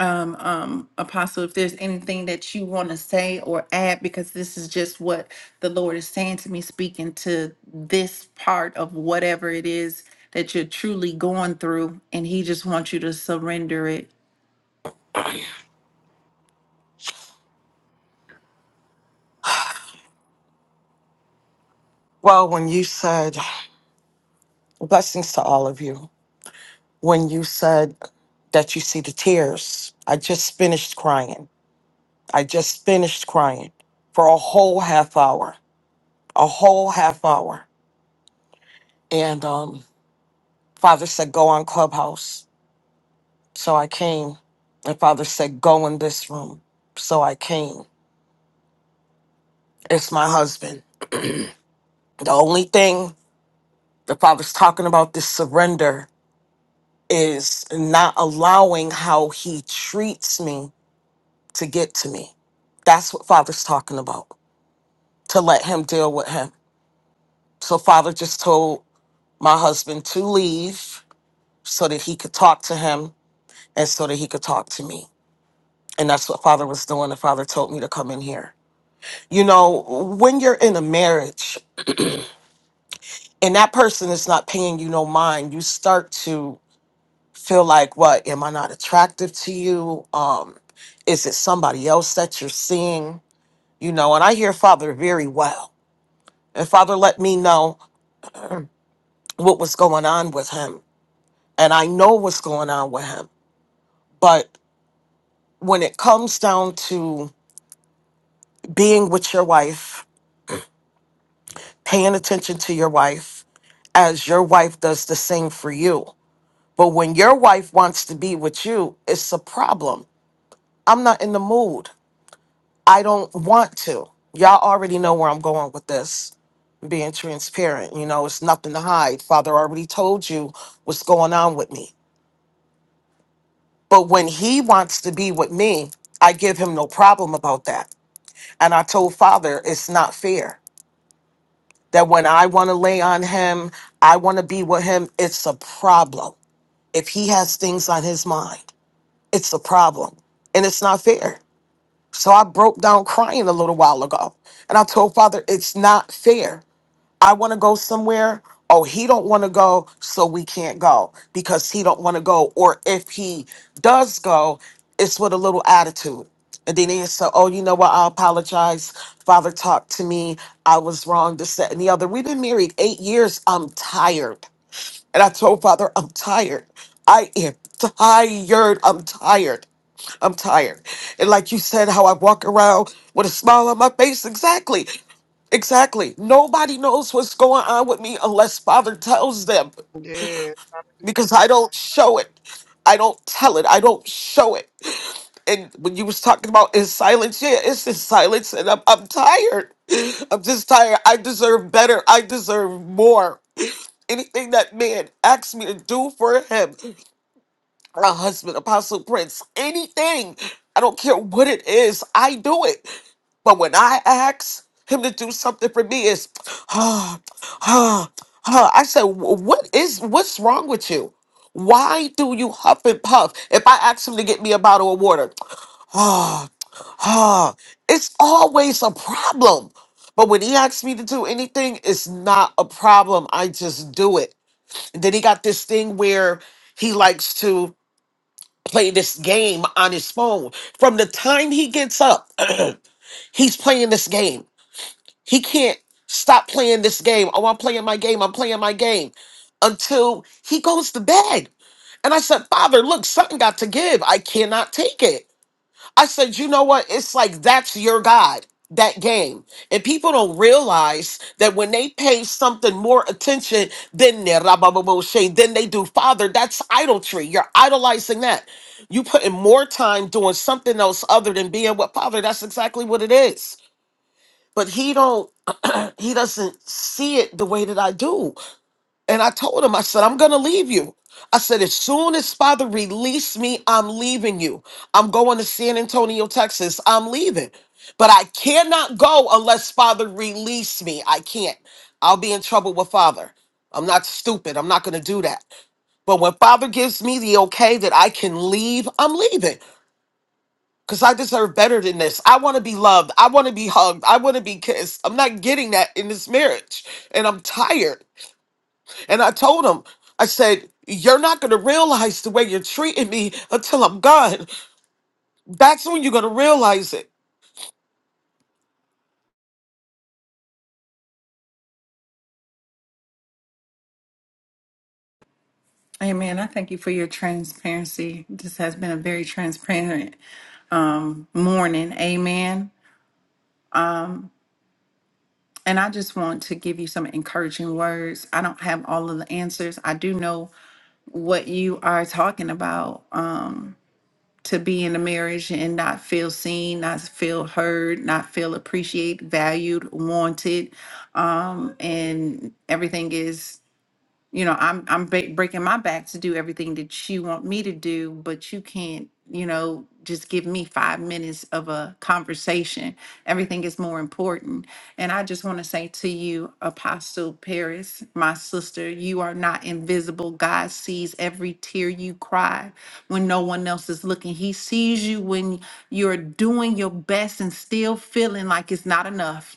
Speaker 1: Um, um, Apostle, if there's anything that you want to say or add, because this is just what the Lord is saying to me, speaking to this part of whatever it is that you're truly going through, and He just wants you to surrender it.
Speaker 9: Well, when you said, blessings to all of you, when you said that you see the tears, I just finished crying. I just finished crying for a whole half hour, a whole half hour. And um, Father said, go on Clubhouse. So I came. And Father said, go in this room. So I came. It's my husband. The only thing The Father's talking about this surrender is not allowing how He treats me to get to me. That's what Father's talking about, to let Him deal with Him. So, Father just told my husband to leave so that he could talk to Him and so that he could talk to me. And that's what Father was doing. And Father told me to come in here. You know, when you're in a marriage and that person is not paying you no mind, you start to feel like what am i not attractive to you um is it somebody else that you're seeing you know and i hear father very well and father let me know what was going on with him and i know what's going on with him but when it comes down to being with your wife paying attention to your wife as your wife does the same for you but when your wife wants to be with you it's a problem i'm not in the mood I don't want to. Y'all already know where I'm going with this, being transparent. You know, it's nothing to hide. Father already told you what's going on with me. But when he wants to be with me, I give him no problem about that. And I told Father, it's not fair that when I want to lay on him, I want to be with him, it's a problem. If he has things on his mind, it's a problem. And it's not fair. So I broke down crying a little while ago. And I told Father, it's not fair I want to go somewhere. Oh, he don't want to go, so we can't go because he don't want to go. Or if he does go, it's with a little attitude. And then they say, "Oh, you know what? I apologize. Father talked to me. I was wrong. This, that, and the other. We've been married eight years. I'm tired. And I told Father, I'm tired. I am tired. I'm tired. I'm tired. And like you said, how I walk around with a smile on my face. Exactly. Exactly. Nobody knows what's going on with me unless Father tells them
Speaker 4: Yes.
Speaker 9: because I don't show it. I don't tell it. I don't show it. And when you was talking about in silence, yeah, it's in silence, and I'm I'm tired. I'm just tired. I deserve better. I deserve more anything that man asks me to do for him, my husband, Apostle Prince, anything, I don't care what it is, I do it. But when I ask him to do something for me, it's, ah, ah, ah. I said, "Wh- what is, what's wrong with you? Why do you huff and puff? If I ask him to get me a bottle of water, ah, ah, it's always a problem. But when he asks me to do anything, it's not a problem. I just do it. Then he got this thing where he likes to play this game on his phone. From the time he gets up, he's playing this game. He can't stop playing this game. Oh, I'm playing my game. I'm playing my game until he goes to bed. And I said, Father, look, something got to give. I cannot take it. I said, you know what? It's like that's your God, that game. And people don't realize that when they pay something more attention than their rabababoshe, than they do Father, that's idolatry. You're idolizing that. You putting more time doing something else other than being with Father. That's exactly what it is. But he don't he doesn't see it the way that I do. And I told him, I said, I'm going to leave you. I said, as soon as Father release me, I'm leaving you. I'm going to San Antonio, Texas. I'm leaving. But I cannot go unless Father release me. I can't. I'll be in trouble with Father. I'm not stupid. I'm not going to do that. But when Father gives me the okay that I can leave, I'm leaving because I deserve better than this. I want to be loved. I want to be hugged. I want to be kissed. I'm not getting that in this marriage. And I'm tired. And I told him, I said, You're not going to realize the way you're treating me until I'm gone. That's when you're going to realize it.
Speaker 1: Amen. I thank you for your transparency. This has been a very transparent um, morning. Amen. And I just want to give you some encouraging words. I don't have all of the answers. I do know what you are talking about. to be in a marriage and not feel seen, not feel heard, not feel appreciated, valued, wanted. Um, and everything is you know i'm i'm ba- breaking my back to do everything that you want me to do but you can't you know just give me 5 minutes of a conversation everything is more important and i just want to say to you apostle paris my sister you are not invisible god sees every tear you cry when no one else is looking he sees you when you're doing your best and still feeling like it's not enough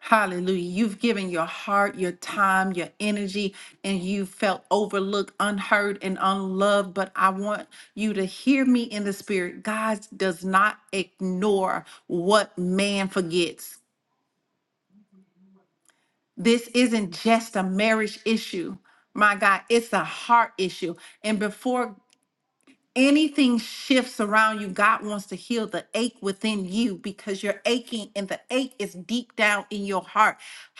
Speaker 1: Hallelujah. You've given your heart, your time, your energy, and you felt overlooked, unheard, and unloved. But I want you to hear me in the spirit. God does not ignore what man forgets. This isn't just a marriage issue. My God, it's a heart issue. And before anything shifts around you, God wants to heal the ache within you because you're aching and the ache is deep down in your heart.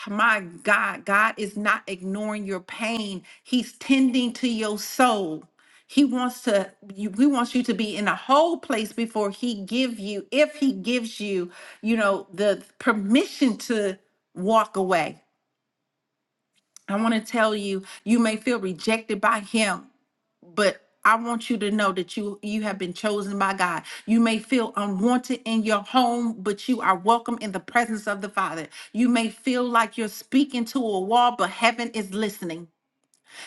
Speaker 1: My God, God is not ignoring your pain. He's tending to your soul. He wants to you, he wants you to be in a whole place before he give you if he gives you, you know, the permission to walk away. I want to tell you, you may feel rejected by him but I want you to know that you you have been chosen by God. You may feel unwanted in your home, but you are welcome in the presence of the Father. You may feel like you're speaking to a wall, but heaven is listening.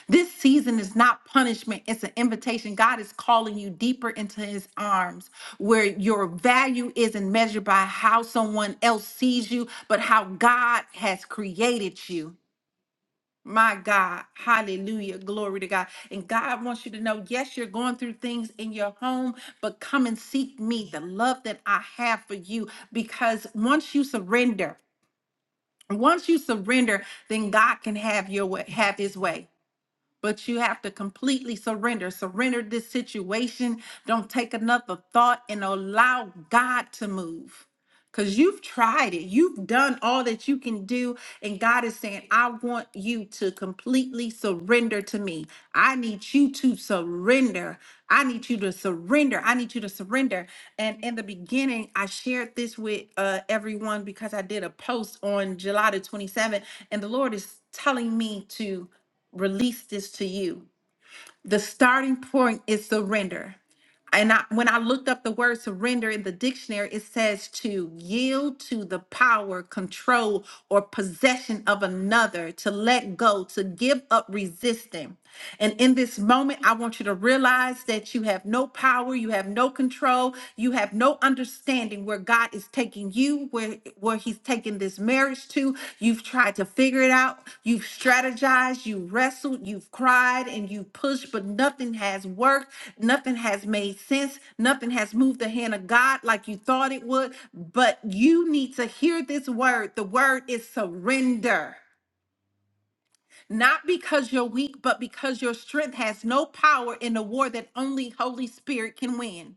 Speaker 1: This season is not punishment, it's an invitation. God is calling you deeper into his arms where your value isn't measured by how someone else sees you, but how God has created you. My God, hallelujah, glory to God. And God wants you to know yes, you're going through things in your home, but come and seek me, the love that I have for you, because once you surrender, once you surrender, then God can have your way, have his way. But you have to completely surrender. Surrender this situation. Don't take another thought and allow God to move. Because you've tried it, you've done all that you can do. And God is saying, I want you to completely surrender to me. I need you to surrender. I need you to surrender. I need you to surrender. And in the beginning, I shared this with uh, everyone because I did a post on July the 27th, and the Lord is telling me to release this to you. The starting point is surrender. And I, when I looked up the word surrender in the dictionary, it says to yield to the power, control, or possession of another, to let go, to give up resisting. And in this moment, I want you to realize that you have no power, you have no control, you have no understanding where God is taking you where where he's taking this marriage to you've tried to figure it out you've strategized you wrestled you've cried and you pushed but nothing has worked nothing has made sense nothing has moved the hand of god like you thought it would but you need to hear this word the word is surrender not because you're weak but because your strength has no power in a war that only holy spirit can win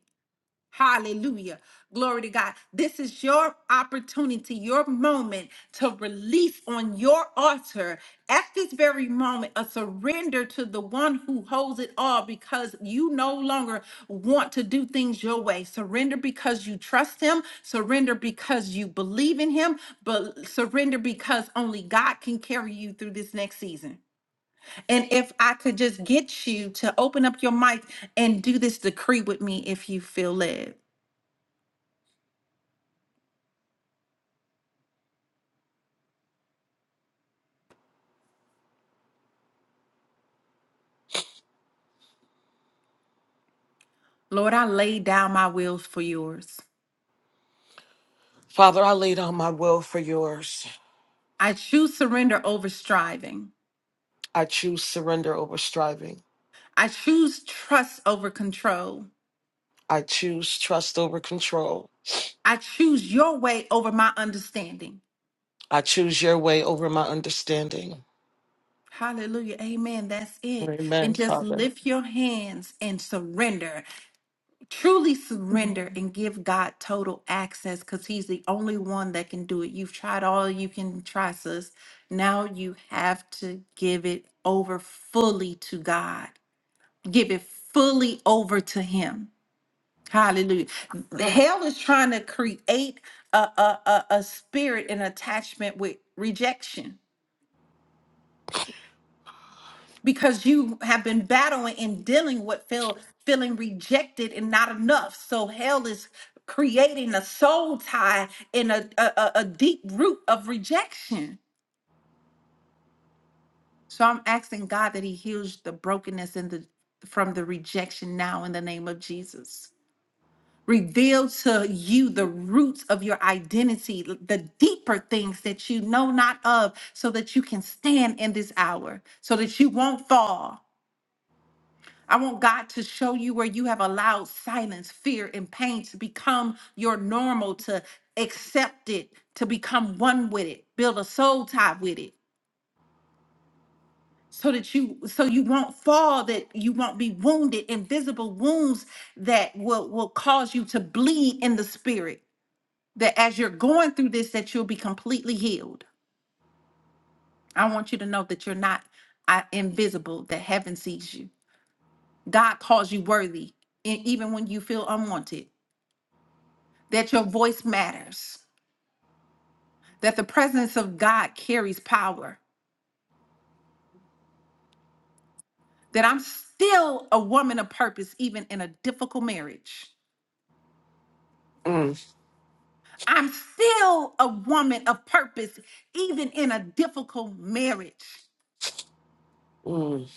Speaker 1: Hallelujah. Glory to God. This is your opportunity, your moment to release on your altar at this very moment a surrender to the one who holds it all because you no longer want to do things your way. Surrender because you trust him, surrender because you believe in him, but surrender because only God can carry you through this next season. And if I could just get you to open up your mic and do this decree with me if you feel led. Lord, I lay down my wills for yours.
Speaker 9: Father, I lay down my will for yours.
Speaker 1: I choose surrender over striving.
Speaker 9: I choose surrender over striving.
Speaker 1: I choose trust over control.
Speaker 9: I choose trust over control.
Speaker 1: I choose your way over my understanding.
Speaker 9: I choose your way over my understanding.
Speaker 1: Hallelujah. Amen. That's it.
Speaker 9: Amen,
Speaker 1: And just
Speaker 9: Father.
Speaker 1: lift your hands and surrender. Truly surrender and give God total access because He's the only one that can do it. You've tried all you can try, sis. Now you have to give it over fully to God. give it fully over to him. Hallelujah. The hell is trying to create a, a, a, a spirit and attachment with rejection because you have been battling and dealing with feel, feeling rejected and not enough. So hell is creating a soul tie and a, a, a a deep root of rejection. So I'm asking God that He heals the brokenness and the from the rejection now in the name of Jesus. Reveal to you the roots of your identity, l- the deeper things that you know not of, so that you can stand in this hour, so that you won't fall. I want God to show you where you have allowed silence, fear, and pain to become your normal, to accept it, to become one with it, build a soul tie with it. So that you so you won't fall, that you won't be wounded, invisible wounds that will, will cause you to bleed in the spirit that as you're going through this that you'll be completely healed i want you to know that you're not uh, invisible that heaven sees you god calls you worthy and even when you feel unwanted that your voice matters that the presence of god carries power that i'm still a woman of purpose even in a difficult marriage
Speaker 9: Mm,
Speaker 1: i'm still a woman of purpose even in a difficult marriage
Speaker 9: mm.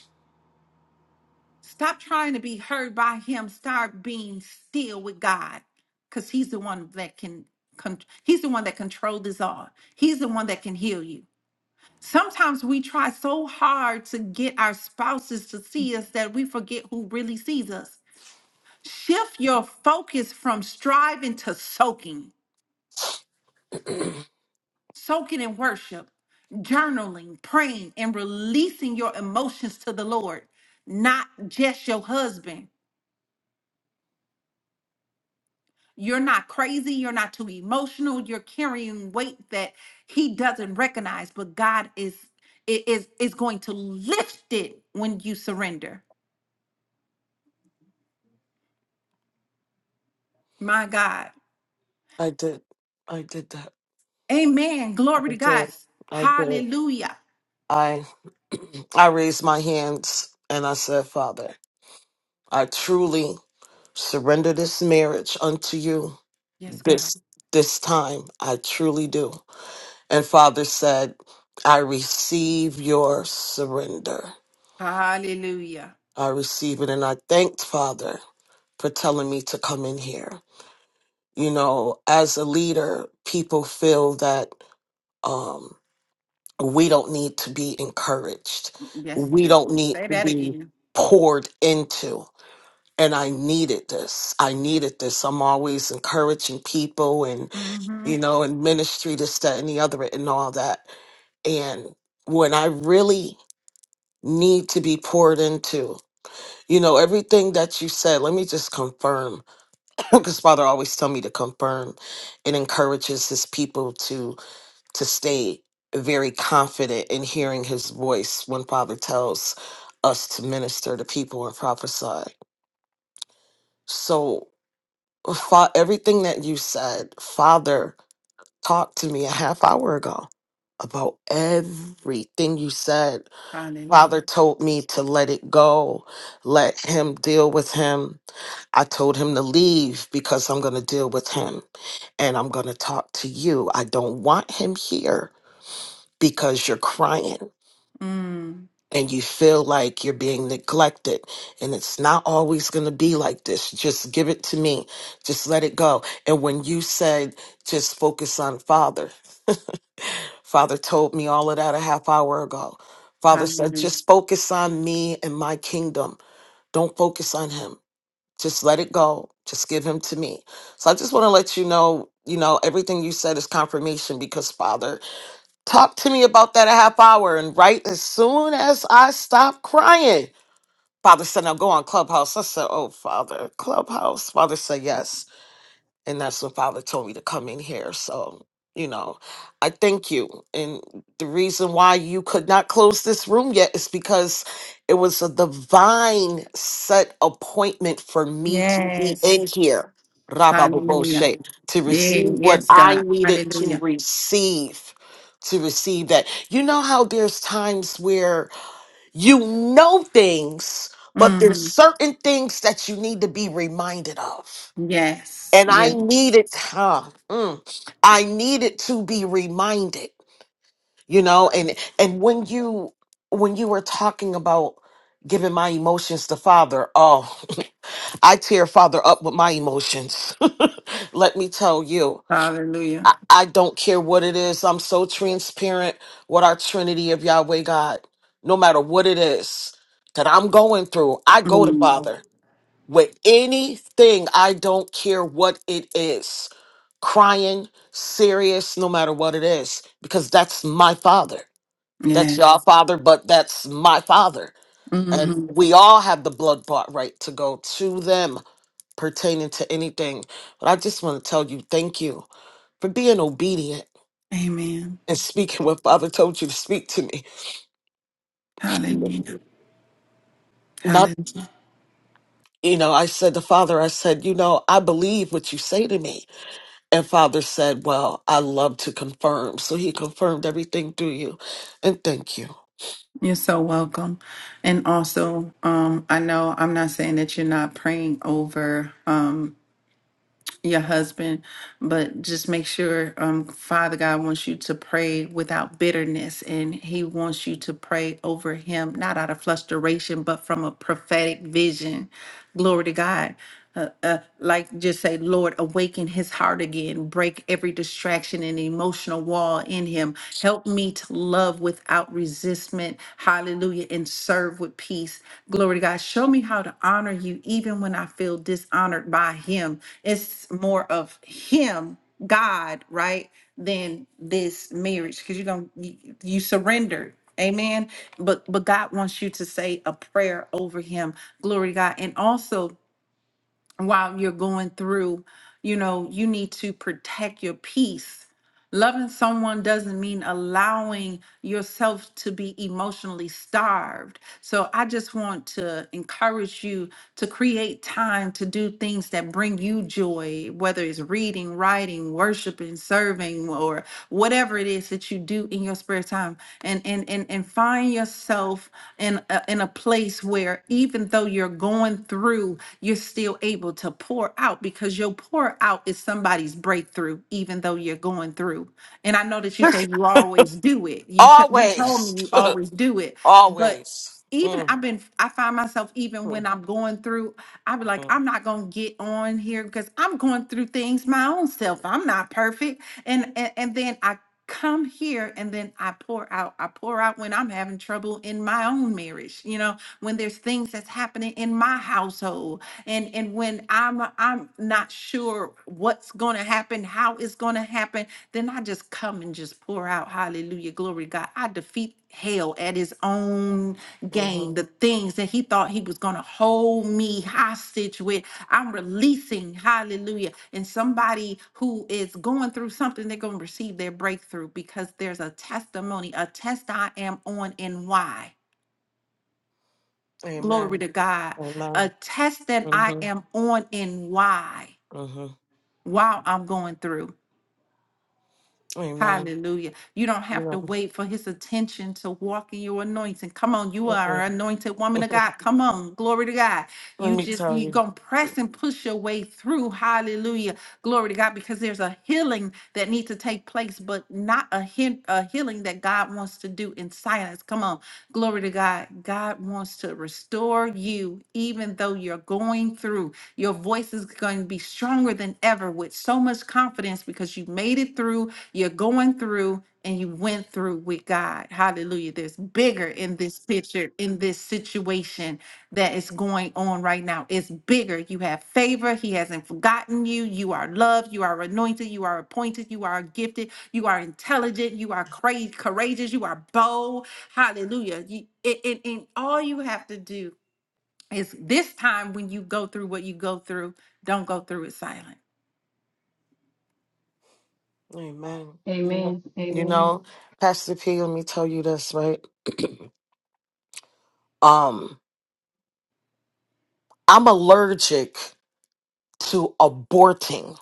Speaker 1: Stop trying to be heard by him. Start being still with God, because He's the one that can. Con- he's the one that controls this all. He's the one that can heal you. Sometimes we try so hard to get our spouses to see us that we forget who really sees us. Shift your focus from striving to soaking, soaking in worship, journaling, praying, and releasing your emotions to the Lord, not just your husband. You're not crazy. You're not too emotional. You're carrying weight that he doesn't recognize, but God is i- is is going to lift it when you surrender. My God.
Speaker 9: I did. I did that.
Speaker 1: Amen. Glory
Speaker 9: I
Speaker 1: to
Speaker 9: did.
Speaker 1: God.
Speaker 9: I did.
Speaker 1: Hallelujah.
Speaker 9: I I raised my hands and I said, Father, I truly surrender this marriage unto you
Speaker 1: Yes, God.
Speaker 9: this this time i truly do and father said i receive your surrender
Speaker 1: Hallelujah.
Speaker 9: i receive it and i thanked father for telling me to come in here you know as a leader people feel that um we don't need to be encouraged
Speaker 1: Yes.
Speaker 9: we don't need
Speaker 1: Say
Speaker 9: to
Speaker 1: that
Speaker 9: be
Speaker 1: again.
Speaker 9: poured into and i needed this i needed this i'm always encouraging people
Speaker 1: hmm
Speaker 9: you know, in ministry, this, that, and the other, and all that. And when I really need to be poured into, you know, everything that you said, let me just confirm, because Father always tell me to confirm and encourages his people to to stay very confident in hearing his voice when Father tells us to minister to people and prophesy. So, fa- everything that you said, Father talked to me a half hour ago about everything you said.
Speaker 1: Hallelujah.
Speaker 9: Father told me to let it go, let him deal with him. I told him to leave because I'm going to deal with him and I'm going to talk to you. I don't want him here because you're crying
Speaker 1: Mm.
Speaker 9: and you feel like you're being neglected and it's not always going to be like this. Just give it to me. Just let it go. And when you said just focus on father, Father told me all of that a half hour ago. Father said,
Speaker 1: Hallelujah.
Speaker 9: just focus on me and my kingdom. Don't focus on him. Just let it go. Just give him to me. So I just want to let you know, you know, everything you said is confirmation because Father talked to me about that a half hour. And right as soon as I stopped crying, Father said, now go on Clubhouse. I said, oh, Father, Clubhouse. Father said, yes and that's when father told me to come in here so you know i thank you and the reason why you could not close this room yet is because it was a divine set appointment for me to be in
Speaker 1: Yes.
Speaker 9: here Rabba
Speaker 1: Hallelujah.
Speaker 9: Baboshe, to
Speaker 1: Yeah,
Speaker 9: receive what
Speaker 1: yes,
Speaker 9: i
Speaker 1: God.
Speaker 9: needed to
Speaker 1: Hallelujah.
Speaker 9: receive to receive that you know how there's times where you know things but
Speaker 1: Mm-hmm.
Speaker 9: there's certain things that you need to be reminded of
Speaker 1: Yes.
Speaker 9: and I
Speaker 1: Yes.
Speaker 9: needed, huh, mm, I needed to be reminded, you know, and and when you when you were talking about giving my emotions to Father, oh, I tear Father up with my emotions. Let me tell you.
Speaker 1: Hallelujah.
Speaker 9: I, I don't care what it is. I'm so transparent with our Trinity of Yahweh God, no matter what it is that I'm going through. I go to
Speaker 1: Mm.
Speaker 9: Father with anything. I don't care what it is crying, serious, no matter what it is, because that's my father. That's
Speaker 1: Yes.
Speaker 9: your father, but that's my father. And
Speaker 1: hmm
Speaker 9: we all have the blood bought right to go to them pertaining to anything. But I just want to tell you thank you for being obedient
Speaker 1: Amen.
Speaker 9: and speaking what Father told you to speak to me.
Speaker 1: Hallelujah.
Speaker 9: Not,
Speaker 1: Hallelujah.
Speaker 9: you know, I said to Father, I said, you know, I believe what you say to me And Father said, Well, I love to confirm. So he confirmed everything through you. And thank you.
Speaker 1: You're so welcome. And also, um, I know I'm not saying that you're not praying over. um. your husband, but just make sure um, Father God wants you to pray without bitterness, and He wants you to pray over him, not out of frustration, but from a prophetic vision. Glory to God. Uh, uh, like just say, Lord, awaken his heart again, break every distraction and emotional wall in him. Help me to love without resistment. Hallelujah. And serve with peace. Glory to God. Show me how to honor you even when I feel dishonored by Him. It's more of Him, God, right? Than this marriage because you're going you, you surrendered. Amen. But but God wants you to say a prayer over him. Glory to God. And also while you're going through, you know, you need to protect your peace. Loving someone doesn't mean allowing yourself to be emotionally starved. So I just want to encourage you to create time to do things that bring you joy, whether it's reading, writing, worshiping, serving, or whatever it is that you do in your spare time. And and and, and find yourself in a, in a place where even though you're going through you're still able to pour out because your pour out is somebody's breakthrough, even though you're going through. And I know that you say you always do it. You said you told
Speaker 9: Always.
Speaker 1: me you always do it, but
Speaker 9: Always.
Speaker 1: even
Speaker 9: Mm,
Speaker 1: I've been I find myself even when
Speaker 9: mm,
Speaker 1: I'm going through, I be like,
Speaker 9: mm,
Speaker 1: I'm not gonna get on here because I'm going through things my own self. I'm not perfect and, and and then I come here and then I pour out. I pour out when I'm having trouble in my own marriage, you know, when there's things that's happening in my household and and when I'm I'm not sure what's going to happen, how it's going to happen, then I just come and just pour out hallelujah glory to God. I defeat hell at his own game,
Speaker 9: mhm.
Speaker 1: the things that he thought he was going to hold me hostage with. I'm releasing, hallelujah. And somebody who is going through something, they're going to receive their breakthrough because there's a testimony, a test I am on and why. Glory
Speaker 9: Amen.
Speaker 1: to God. A
Speaker 9: Amen.
Speaker 1: test that I
Speaker 9: hmm
Speaker 1: am on and why,
Speaker 9: hmm
Speaker 1: while I'm going through.
Speaker 9: Amen.
Speaker 1: Hallelujah. You don't
Speaker 9: You
Speaker 1: have to
Speaker 9: know,
Speaker 1: wait for his attention to walk in your anointing. Come on, you are
Speaker 9: mm-mm.
Speaker 1: an anointed woman of God. Come on, glory to God. You
Speaker 9: let me
Speaker 1: just
Speaker 9: tell
Speaker 1: you
Speaker 9: you.
Speaker 1: gonna press and push your way through. Hallelujah. Glory to God, because there's a healing that needs to take place, but not a hint a healing that God wants to do in silence. Come on, glory to God. God wants to restore you, even though you're going through. Your voice is going to be stronger than ever with so much confidence because you made it through, you're going through, and you went through with God. Hallelujah. There's bigger in this picture, in this situation that is going on right now. It's bigger. You have favor. He hasn't forgotten you. You are loved. You are anointed. You are appointed. You are gifted. You are intelligent. You are cra- courageous. You are bold. Hallelujah. You, and, and and all you have to do it's this time when you go through what you go through, don't go through it silent.
Speaker 9: Amen. You know,
Speaker 6: Amen.
Speaker 9: you
Speaker 6: Amen.
Speaker 9: know, Pastor P, let me tell you this, right? Um, I'm allergic to aborting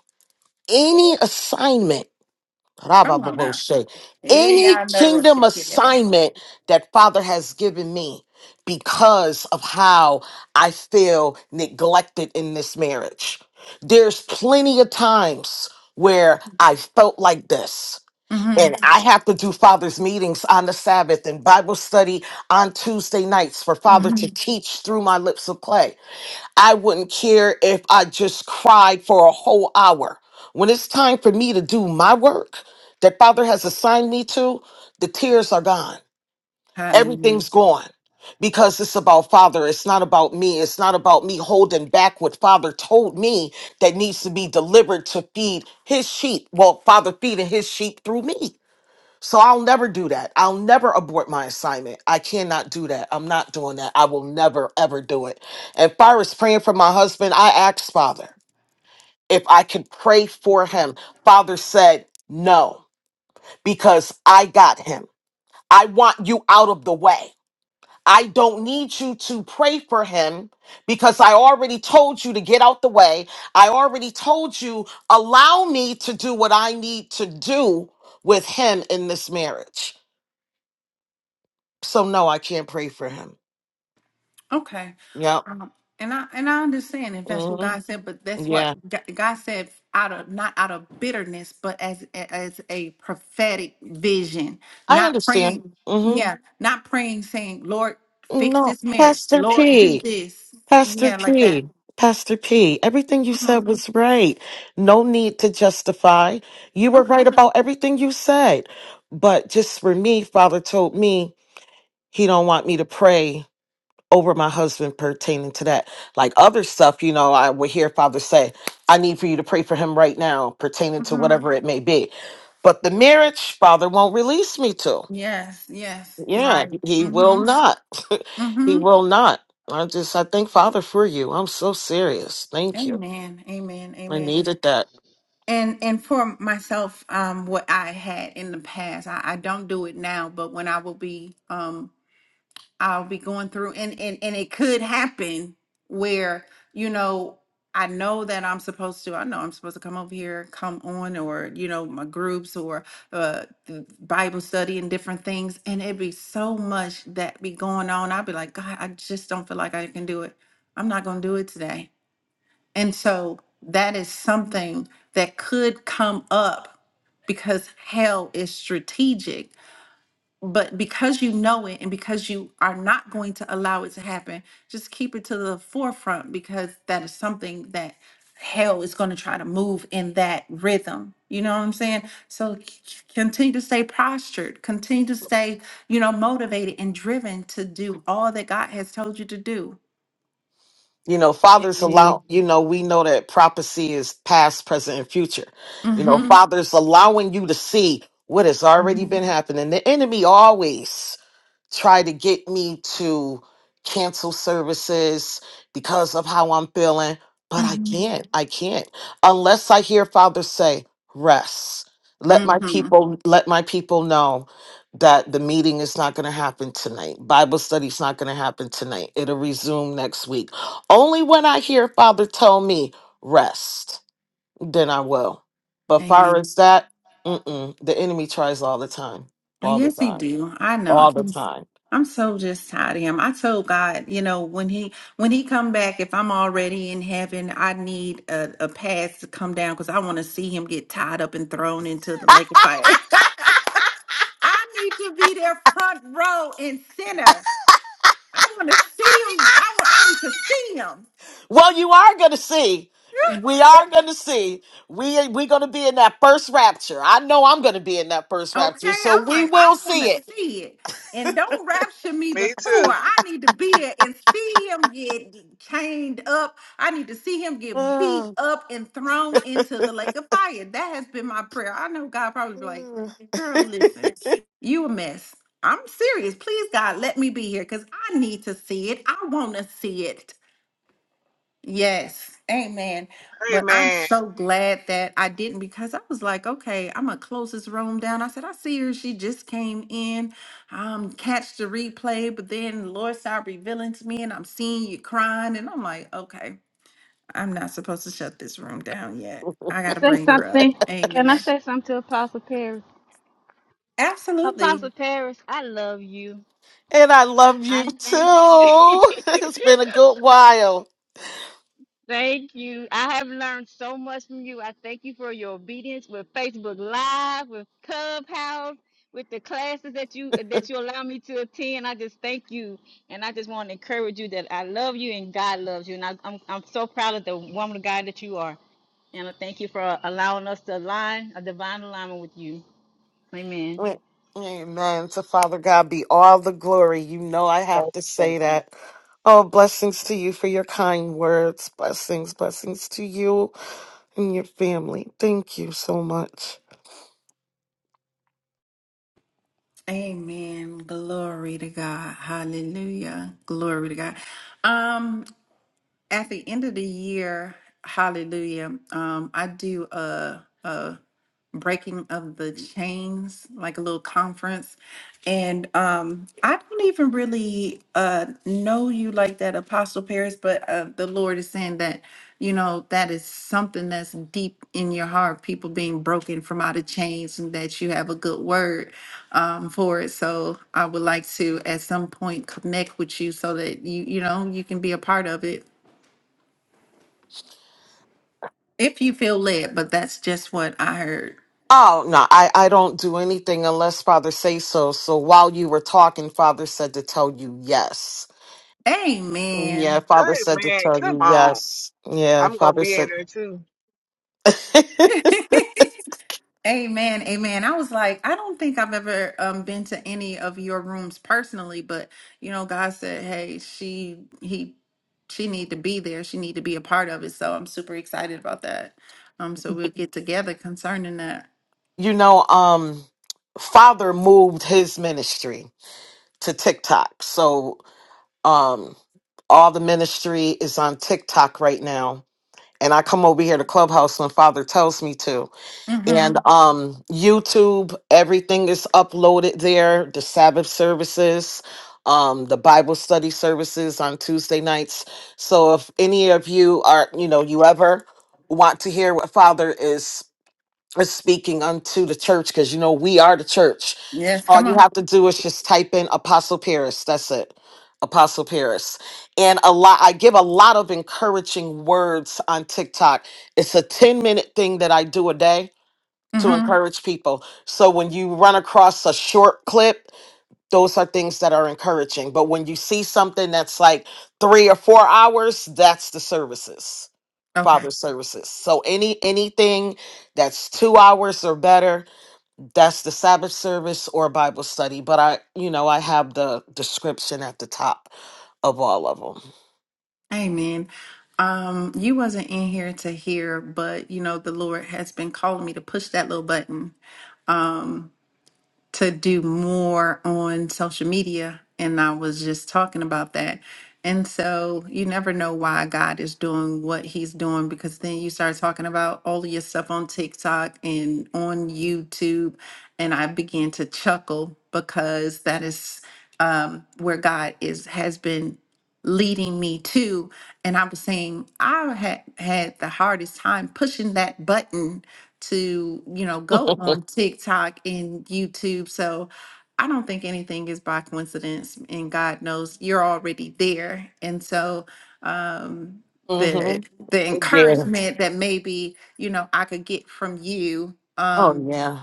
Speaker 9: any assignment
Speaker 1: Come on now.
Speaker 9: Rabababoshe.
Speaker 1: Eh,
Speaker 9: Any
Speaker 1: y'all, lo
Speaker 9: kingdom
Speaker 1: sé qué le va a hacer.
Speaker 9: assignment that Father has given me because of how I feel neglected in this marriage. There's plenty of times where I felt like this.
Speaker 1: hmm
Speaker 9: And I have to do Father's meetings on the Sabbath and Bible study on Tuesday nights for Father
Speaker 1: hmm
Speaker 9: to teach through my lips of clay. I wouldn't care if I just cried for a whole hour. When it's time for me to do my work that Father has assigned me to, the tears are gone.
Speaker 1: Hallelujah.
Speaker 9: Everything's gone because it's about Father. It's not about me. It's not about me holding back what Father told me that needs to be delivered to feed his sheep. Well, Father feeding his sheep through me. So I'll never do that. I'll never abort my assignment. I cannot do that. I'm not doing that. I will never, ever do it. And if I was praying for my husband, I asked Father if I could pray for him. Father said, no, because I got him. I want you out of the way. I don't need you to pray for him because I already told you to get out the way. I already told you, allow me to do what I need to do with him in this marriage. So no, I can't pray for him.
Speaker 1: Okay.
Speaker 9: Yep.
Speaker 1: Um, and I and I understand if that's what
Speaker 9: hmm
Speaker 1: God said, but that's what
Speaker 9: Yeah,
Speaker 1: G- God said out of not out of bitterness, but as as a prophetic vision,
Speaker 9: I
Speaker 1: not
Speaker 9: understand.
Speaker 1: praying.
Speaker 9: hmm
Speaker 1: Yeah, not praying, saying, "Lord, fix
Speaker 9: No,
Speaker 1: this marriage.
Speaker 9: Pastor
Speaker 1: Lord, do
Speaker 9: P,
Speaker 1: this."
Speaker 9: Pastor
Speaker 1: Yeah, like that.
Speaker 9: P, Pastor P. Everything you
Speaker 1: hmm
Speaker 9: said was right. No need to justify. You were
Speaker 1: Okay.
Speaker 9: right about everything you said. But just for me, Father told me he don't want me to pray over my husband pertaining to that. Like other stuff, you know, I would hear Father say, I need for you to pray for him right now, pertaining to
Speaker 1: Mm-hmm.
Speaker 9: whatever it may be. But the marriage, Father won't release me to.
Speaker 1: Yes, yes, you're
Speaker 9: Yeah,
Speaker 1: right.
Speaker 9: he
Speaker 1: Mm-hmm.
Speaker 9: will not. he
Speaker 1: Mm-hmm.
Speaker 9: will not. I just, I thank Father for you. I'm so serious. Thank you.
Speaker 1: Amen. Amen.
Speaker 9: I
Speaker 1: Amen.
Speaker 9: needed that.
Speaker 1: And and for myself, um, what I had in the past, I, I don't do it now, but when I will be um I'll be going through and and and it could happen where you know I know that I'm supposed to I know I'm supposed to come over here come on or you know my groups or uh the Bible study and different things and it'd be so much that be going on I'd be like God I just don't feel like I can do it I'm not going to do it today and so that is something that could come up because hell is strategic but because you know it and because you are not going to allow it to happen, just keep it to the forefront because that is something that hell is going to try to move in that rhythm. You know what I'm saying? So c- c- continue to stay postured, continue to stay, you know, motivated and driven to do all that God has told you to do.
Speaker 9: You know, fathers
Speaker 6: Amen.
Speaker 9: allow, you know, we know that prophecy is past, present, and future. You know,
Speaker 1: Mm-hmm.
Speaker 9: fathers allowing you to see what has already been happening. The enemy always try to get me to cancel services because of how I'm feeling, but I
Speaker 1: Mm-hmm.
Speaker 9: can't. I can't unless I hear Father say, "Rest. Let my
Speaker 1: Mm-hmm.
Speaker 9: people let my people know that the meeting is not going to happen tonight. Bible study's not going to happen tonight. It'll resume next week. Only when I hear Father tell me, "Rest," then I will. But far
Speaker 1: Amen.
Speaker 9: as that, mm-mm, the enemy tries all the time.
Speaker 1: Oh,
Speaker 9: All the
Speaker 1: Yes, he
Speaker 9: time.
Speaker 1: do. I know. I
Speaker 9: All the
Speaker 1: can-
Speaker 9: time
Speaker 1: I'm so just tired of him. I told God, you know, when he when he come back, if I'm already in heaven, I need a, a pass to come down because I want to see him get tied up and thrown into the lake of fire. I need to be there front row and center. I want to see him. I, wa- I need to see him.
Speaker 9: Well, you are going to see. We are going to see. We we going to be in that first rapture. I know I'm going to be in that first
Speaker 1: Okay,
Speaker 9: rapture, so
Speaker 1: I'm
Speaker 9: we
Speaker 1: like, I
Speaker 9: will
Speaker 1: want
Speaker 9: see
Speaker 1: to
Speaker 9: it.
Speaker 1: see it. And don't rapture me
Speaker 4: Me
Speaker 1: before.
Speaker 4: too.
Speaker 1: I need to be there and see him get chained up. I need to see him get beat
Speaker 9: Uh,
Speaker 1: up and thrown into the lake of fire. That has been my prayer. I know God probably be like,
Speaker 9: uh.
Speaker 1: girl, listen, you a mess. I'm serious. Please, God, let me be here because I need to see it. I want to see it. Yes, amen. But I'm
Speaker 4: Amen.
Speaker 1: so glad that I didn't because I was like, okay, I'm gonna close this room down. I said, I see her. She just came in. Um, catch the replay, but then the Lord started revealing to me, and I'm seeing you crying, and I'm like, okay, I'm not supposed to shut this room down yet. I gotta
Speaker 6: Say
Speaker 1: bring her up.
Speaker 6: something. Can I
Speaker 1: Amen.
Speaker 6: say something to Apostle Paris?
Speaker 1: Absolutely.
Speaker 6: Apostle Paris, I love you.
Speaker 9: and I love you
Speaker 6: I thank you.
Speaker 9: too. It's been a good while.
Speaker 6: Thank you. I have learned so much from you. I thank you for your obedience with Facebook Live, with Clubhouse, with the classes that you that you allow me to attend. I just thank you, and I just want to encourage you that I love you and God loves you, and I, I'm I'm so proud of the woman of God that you are. And I thank you for allowing us to align a divine alignment with you. Amen.
Speaker 9: Amen. To Father God be all the glory. You know I have to say that. Oh, blessings to you for your kind words. Blessings, blessings to you and your family. Thank you so much.
Speaker 1: Amen. Glory to God. Hallelujah. Glory to God. Um. at the end of the year, hallelujah, um, I do a, a breaking of the chains, like a little conference. And um, I don't even really uh, know you like that, Apostle Paris, but uh, the Lord is saying that, you know, that is something that's deep in your heart, people being broken from out of chains, and that you have a good word um, for it. So I would like to, at some point, connect with you so that you, you know, you can be a part of it. If you feel led, but that's just what I heard.
Speaker 9: Oh no, I, I don't do anything unless Father says so. So while you were talking, Father said to tell you yes. Yeah,
Speaker 1: Amen.
Speaker 9: Father said to
Speaker 4: Amen.
Speaker 9: tell
Speaker 4: Come
Speaker 9: you
Speaker 4: on.
Speaker 9: yes. Yeah,
Speaker 4: I'm gonna
Speaker 9: Father
Speaker 4: be
Speaker 9: said
Speaker 4: in there too.
Speaker 1: Amen. Amen. I was like, I don't think I've ever um been to any of your rooms personally, but you know, God said, Hey, she he she need to be there. She need to be a part of it. So I'm super excited about that. Um, so we'll get together concerning that.
Speaker 9: you know, um Father moved his ministry to TikTok. So um all the ministry is on TikTok right now. And I come over here to Clubhouse when Father tells me to. and
Speaker 1: Mm-hmm.
Speaker 9: um youtube everything is uploaded there the sabbath services um the bible study services on tuesday nights so if any of you are you know you ever want to hear what father is is speaking unto the church because you know we are the church
Speaker 1: Yes,
Speaker 9: all
Speaker 1: come
Speaker 9: you
Speaker 1: on.
Speaker 9: have to do is just type in apostle paris that's it apostle paris and a lot i give a lot of encouraging words on tiktok it's a 10 minute thing that i do a day to
Speaker 1: Mm-hmm.
Speaker 9: encourage people. So when you run across a short clip, those are things that are encouraging. But when you see something that's like three or four hours, that's the services,
Speaker 1: Okay.
Speaker 9: father services. So any anything that's two hours or better, that's the Sabbath service or Bible study. But I, you know, I have the description at the top of all of
Speaker 1: Amen. Um, you wasn't in here to hear, but you know, the Lord has been calling me to push that little button to do more on social media. And I was just talking about that. And so you never know why God is doing what he's doing because then you start talking about all of your stuff on TikTok and on YouTube. And I began to chuckle because that is um, where God is has been leading me to. And I was saying I had had the hardest time pushing that button to, you know, go
Speaker 9: them.
Speaker 1: on TikTok and YouTube. So I don't think anything is by coincidence. And God knows you're already there. And so um
Speaker 9: hmm
Speaker 1: the the
Speaker 9: Yeah.
Speaker 1: encouragement that maybe, you know, I could get from you. um
Speaker 9: Oh yeah.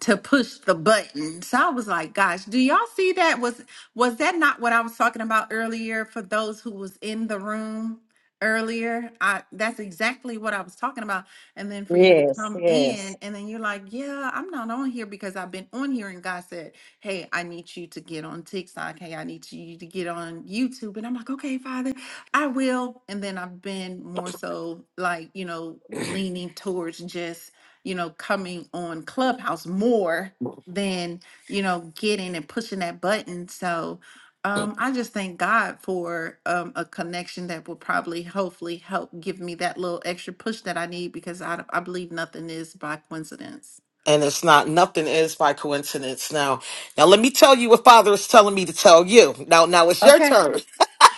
Speaker 1: to push the button. So I was like, gosh, do y'all see that? Was was that not what I was talking about earlier for those who was in the room earlier? I that's exactly what I was talking about. And then for you to
Speaker 8: Yes,
Speaker 1: come
Speaker 8: yes.
Speaker 1: in and then you're like, Yeah, I'm not on here because I've been on here and God said, Hey, I need you to get on TikTok. Hey, I need you to get on YouTube. And I'm like, Okay, Father, I will. And then I've been more so like, you know, leaning towards just you know, coming on Clubhouse more than, you know, getting and pushing that button. So um, I just thank God for um, a connection that will probably hopefully help give me that little extra push that I need because I, I believe nothing is by coincidence.
Speaker 9: and it's not nothing is by coincidence now now let me tell you what father is telling me to tell you now now it's your
Speaker 1: Okay.
Speaker 9: turn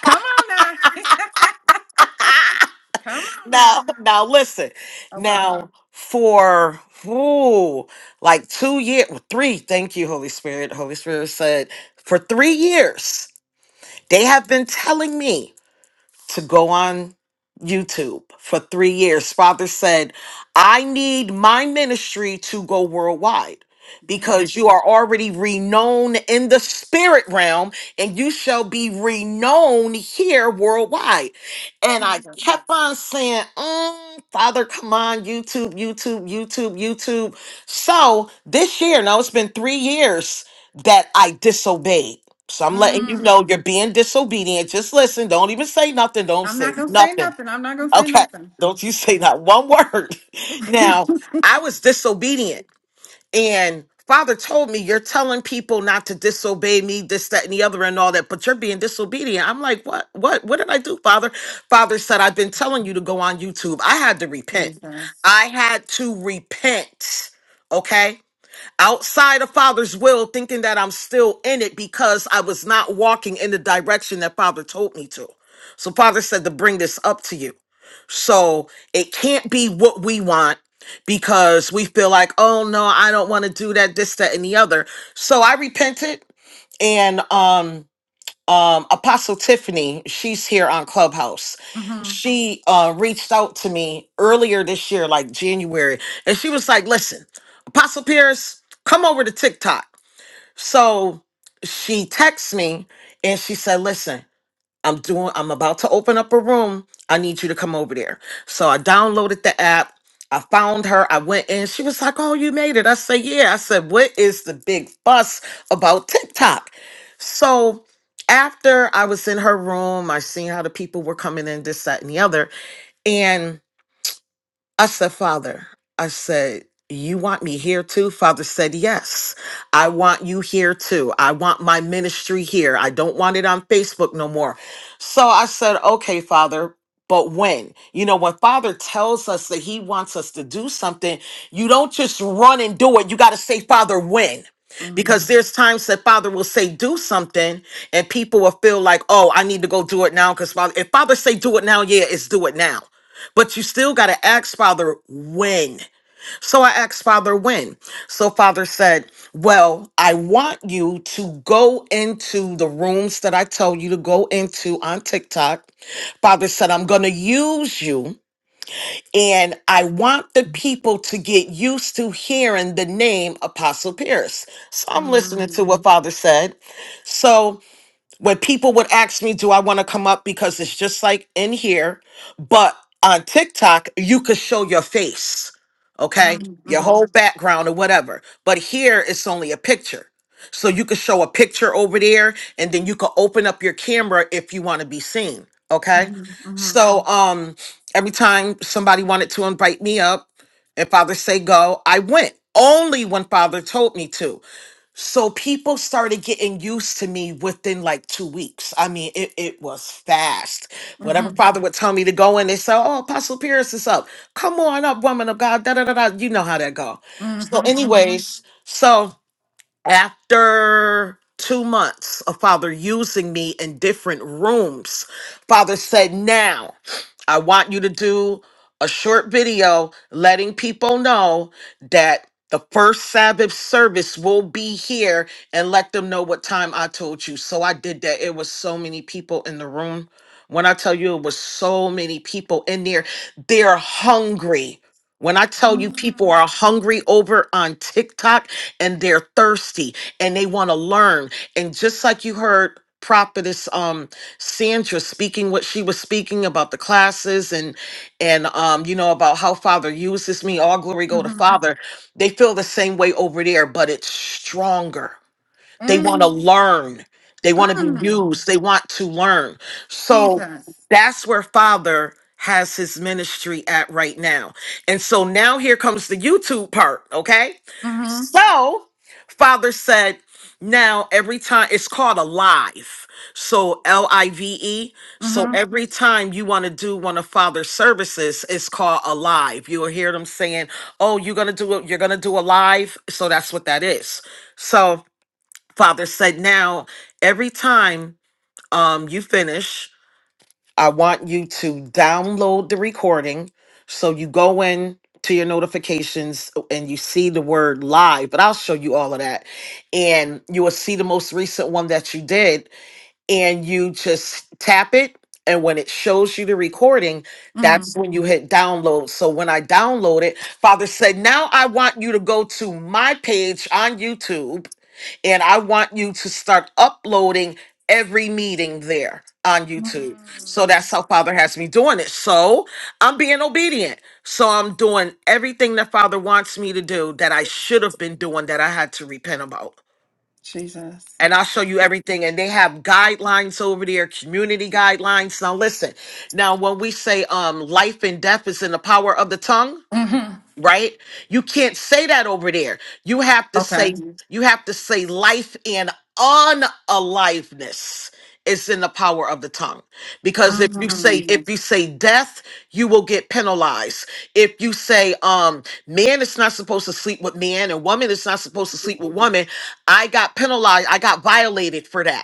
Speaker 1: Come on now. Come on
Speaker 9: now
Speaker 1: now.
Speaker 9: now listen
Speaker 1: Okay.
Speaker 9: now for ooh, like two years three thank you holy spirit holy spirit said for three years they have been telling me to go on YouTube for three years. Father said, I need my ministry to go worldwide because
Speaker 1: Yes.
Speaker 9: you are already renowned in the spirit realm and you shall be renowned here worldwide. And I
Speaker 1: Jesus.
Speaker 9: kept on saying, "Mm, Father, come on, YouTube, YouTube, YouTube, YouTube. So this year, now it's been three years that I disobeyed. So I'm letting you
Speaker 1: hmm
Speaker 9: know you're being disobedient. Just listen. Don't even say nothing. Don't
Speaker 1: I'm
Speaker 9: say
Speaker 1: not gonna,
Speaker 9: nothing.
Speaker 1: not gonna say
Speaker 9: Okay.
Speaker 1: nothing.
Speaker 9: Don't you say not one word. Now, I was disobedient. And Father told me, You're telling people not to disobey me, this, that, and the other, and all that, but you're being disobedient. I'm like, What? What? What did I do, Father? Father said, I've been telling you to go on YouTube. I had to repent. I had to repent. Okay outside of Father's will, thinking that I'm still in it because I was not walking in the direction that Father told me to. So, Father said to bring this up to you. So, it can't be what we want because we feel like, oh no, I don't want to do that, this, that, and the other. So, I repented and, um, um apostle tiffany she's here on clubhouse
Speaker 1: hmm
Speaker 9: she uh reached out to me earlier this year like january and she was like listen apostle pierce come over to tiktok so she texts me and she said listen I'm doing I'm about to open up a room. I need you to come over there. So I downloaded the app. I found her. I went in. She was like, "Oh, you made it." I said, "Yeah." I said, "What is the big fuss about TikTok?" So after I was in her room, I seen how the people were coming in, this, that, and the other. I said, Father, I said, you want me here too? Father said, Yes, I want you here too. I want my ministry here. I don't want it on Facebook no more. So I said, Okay, Father, but when? You know, when Father tells us that He wants us to do something, you don't just run and do it. You got to say, Father, when?
Speaker 1: hmm
Speaker 9: Because there's times that Father will say, Do something, and people will feel like, Oh, I need to go do it now. Because Father, if Father say, Do it now, yeah, it's do it now. But you still got to ask Father when. So I asked Father when. So Father said, Well, I want you to go into the rooms that I told you to go into on TikTok. Father said, I'm going to use you. And I want the people to get used to hearing the name Apostle Pierce. So I'm listening
Speaker 1: hmm
Speaker 9: to what Father said. So when people would ask me, Do I want to come up? Because it's just like in here, but on TikTok, you could show your face,
Speaker 1: hmm
Speaker 9: okay? Your
Speaker 1: hmm
Speaker 9: whole background or whatever. But here, it's only a picture. So you could show a picture over there and then you could open up your camera if you want to be seen, okay?
Speaker 1: hmm
Speaker 9: So um every time somebody wanted to invite me up and Father say go, I went only when Father told me to. So people started getting used to me within like two weeks. I mean, it, it was fast. Whatever father would tell me to go in, they say, Oh, Apostle Pierce is up. Come on up, woman of God. Da da da da. You know how that go.
Speaker 1: hmm
Speaker 9: So,
Speaker 1: hmm
Speaker 9: anyways, so after two months of father using me in different rooms father said now i want you to do a short video letting people know that the first sabbath service will be here and let them know what time i told you so i did that it was so many people in the room when i tell you it was so many people in there they're hungry when I tell you people are
Speaker 1: Mm-hmm.
Speaker 9: hungry over on TikTok, and they're thirsty and they want to learn. And just like you heard prophetess um sandra speaking what she was speaking about the classes and and um you know about how father uses me all glory go to father they feel the same way over there but it's stronger they want to
Speaker 1: And
Speaker 9: learn. They want to be
Speaker 1: mm,
Speaker 9: used. They want to learn. So
Speaker 1: Jesus.
Speaker 9: that's where Father has his ministry at right now. And so now here comes the YouTube part, okay?
Speaker 1: Mm-hmm.
Speaker 9: So Father said, now every time it's called a live. So L I V E. So Mhm.
Speaker 1: Mm-hmm.
Speaker 9: every time you want to do one of Father's services, it's called a live. You'll hear them saying, "Oh, you're gonna do it. You're gonna do a live." So that's what that is. So father said now every time um you finish i want you to download the recording so you go in to your notifications uh, and you see the word live but i'll show you all of that and you will see the most recent one that you did and you just tap it and when it shows you the recording that's
Speaker 1: Mm-hmm.
Speaker 9: when you hit download so when i download it father said now i want you to go to my page on youtube and i want you to start uploading every meeting there on youtube so that's how father has me doing it so i'm being obedient so i'm doing everything that father wants me to do that i should have been doing that i had to repent about
Speaker 1: Jesus.
Speaker 9: and I'll show you everything. And they have guidelines over there, community guidelines. Now listen, now when we say um life and death is in the power of the tongue,
Speaker 1: Mm-hmm.
Speaker 9: right you can't say that over there you have to say
Speaker 1: Okay.
Speaker 9: Mhm. you have to say life and unaliveness is in the power of the tongue because if you
Speaker 1: Mm-hmm.
Speaker 9: say Mhm. if you say death you will get penalized if you say um man is not supposed to sleep with man and woman is not supposed to sleep with woman i got penalized i got violated for that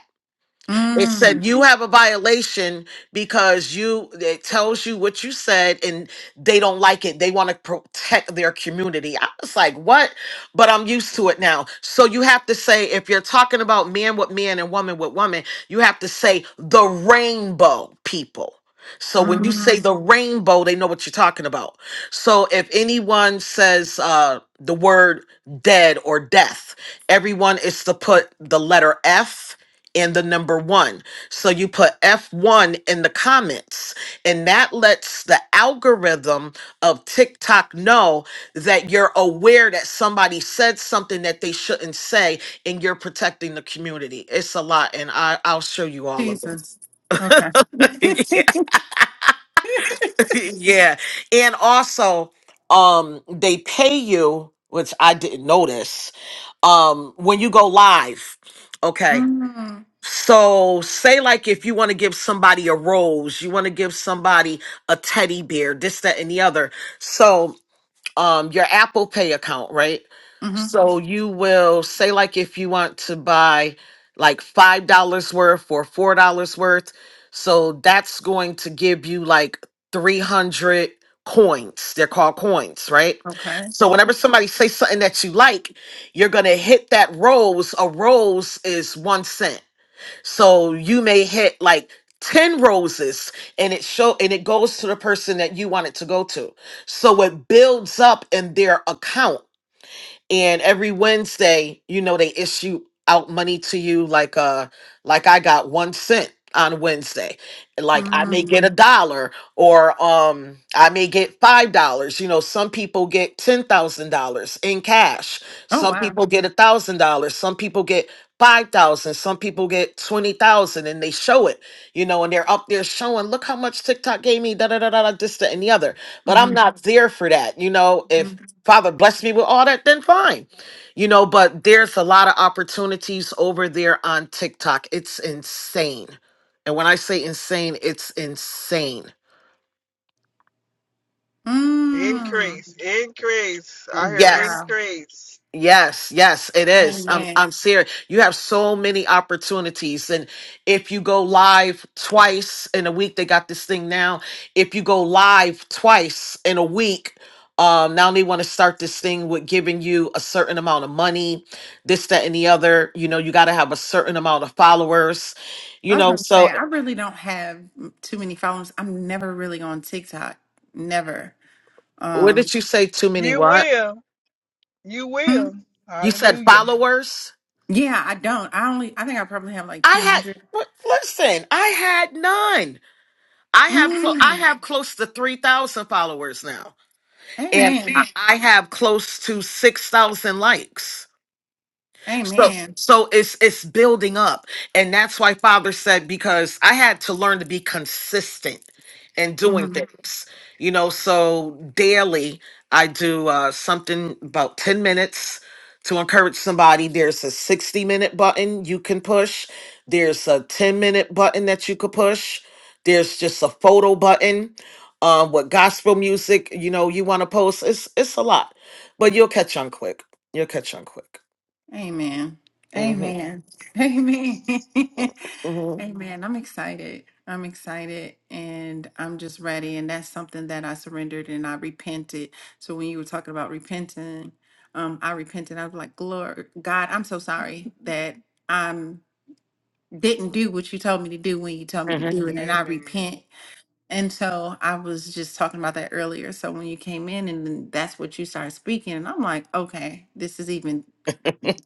Speaker 9: it said
Speaker 1: mm
Speaker 9: you have a violation because you it tells you what you said and they don't like it. They want to protect their community. I was like, what? But I'm used to it now. So you have to say if you're talking about man with man and woman with woman, you have to say the rainbow people. So when you say
Speaker 1: mm
Speaker 9: the rainbow, they know what you're talking about. So if anyone says uh, the word dead or death, everyone is to put the letter F and the number one. So you put F1 in the comments, and that lets the algorithm of TikTok know that you're aware that somebody said something that they shouldn't say, and you're protecting the community. It's a lot, and I, I'll show you all of it.
Speaker 1: Jesus. Okay.
Speaker 9: yeah, yeah. And also, um, they pay you, which I didn't notice, um, when you go live. Okay
Speaker 1: mm
Speaker 9: So, say like if you want to give somebody a rose, you want to give somebody a teddy bear, this, that, and the other. So, um, your Apple Pay account, right?
Speaker 1: Mm-hmm.
Speaker 9: So you will say like if you want to buy like five dollars worth or four dollars worth. So that's going to give you like three hundred coins. They're called coins, right?
Speaker 1: Okay.
Speaker 9: So whenever somebody says something that you like, you're gonna hit that rose. A rose is one cent so you may hit like 10 roses and it show and it goes to the person that you want it to go to. So it builds up in their account and every Wednesday, you know, they issue out money to you like uh like I got one cent on Wednesday. Like I may
Speaker 1: mm
Speaker 9: get a dollar or um I may get five dollars. You know, some people get ten thousand dollars in cash.
Speaker 1: Oh
Speaker 9: Some
Speaker 1: wow.
Speaker 9: people get a thousand dollars, some people get five thousand, some people get twenty thousand and they show it, you know, and they're up there showing, look how much TikTok gave me, da da da da da this, that, and the other. But I'm
Speaker 1: Mm-hmm.
Speaker 9: not there for that. You know, if Father bless me with all that, then fine. You know, but there's a lot of opportunities over there on TikTok. It's insane. And when I say insane, it's insane.
Speaker 1: mm
Speaker 4: Increase. Increase. I hear
Speaker 9: Yes.
Speaker 1: Wow.
Speaker 4: increase.
Speaker 9: Yes, yes, it is. I'm
Speaker 1: Amen.
Speaker 9: I'm serious. You have so many opportunities. And if you go live twice in a week, they got this thing now. If you go live twice in a week, um, now they want to start this thing with giving you a certain amount of money, this, that, and the other. You know, you gotta have a certain amount of followers. You
Speaker 1: I was
Speaker 9: know,
Speaker 1: gonna
Speaker 9: so
Speaker 1: say
Speaker 9: eh,
Speaker 1: I really don't have too many followers. I'm never really on TikTok. Never.
Speaker 9: what
Speaker 1: Um,
Speaker 9: did you say? Too many
Speaker 4: You
Speaker 9: what?
Speaker 4: will. You
Speaker 1: mm,
Speaker 4: will.
Speaker 9: You said
Speaker 4: Hallelujah.
Speaker 9: followers?
Speaker 1: yeah, I don't. I only. I think I probably have like
Speaker 9: I
Speaker 1: two
Speaker 9: had
Speaker 1: hundred.
Speaker 9: listen, I had none. I have clo- I
Speaker 1: Mm,
Speaker 9: have close to three thousand followers now, and
Speaker 1: amen.
Speaker 9: I I have close to six thousand likes. So
Speaker 1: Amen.
Speaker 9: so it's it's building up. And that's why father said because I had to learn to be consistent in doing
Speaker 1: Mhm.
Speaker 9: things. You know, so daily I do uh something about 10 minutes to encourage somebody. There's a 60 minute button you can push. There's a 10 minute button that you could push. There's just a photo button. Um, what gospel music, you know, you want to post. It's it's a lot. But you'll catch on quick. You'll catch on quick.
Speaker 1: Amen.
Speaker 9: Mm-hmm.
Speaker 1: Amen. Amen.
Speaker 9: Mhm,
Speaker 1: Amen. I'm excited. I'm excited and I'm just ready. And that's something that I surrendered and I repented. So when you were talking about repenting, um, I repented. I was like, Lord God, I'm so sorry that I'm didn't do what you told me to do when you told me to
Speaker 9: mhm,
Speaker 1: do it. And I
Speaker 4: Amen.
Speaker 1: repent And so I was just talking about that earlier. So when you came in and then that's what you started speaking, and I'm like, okay, this is even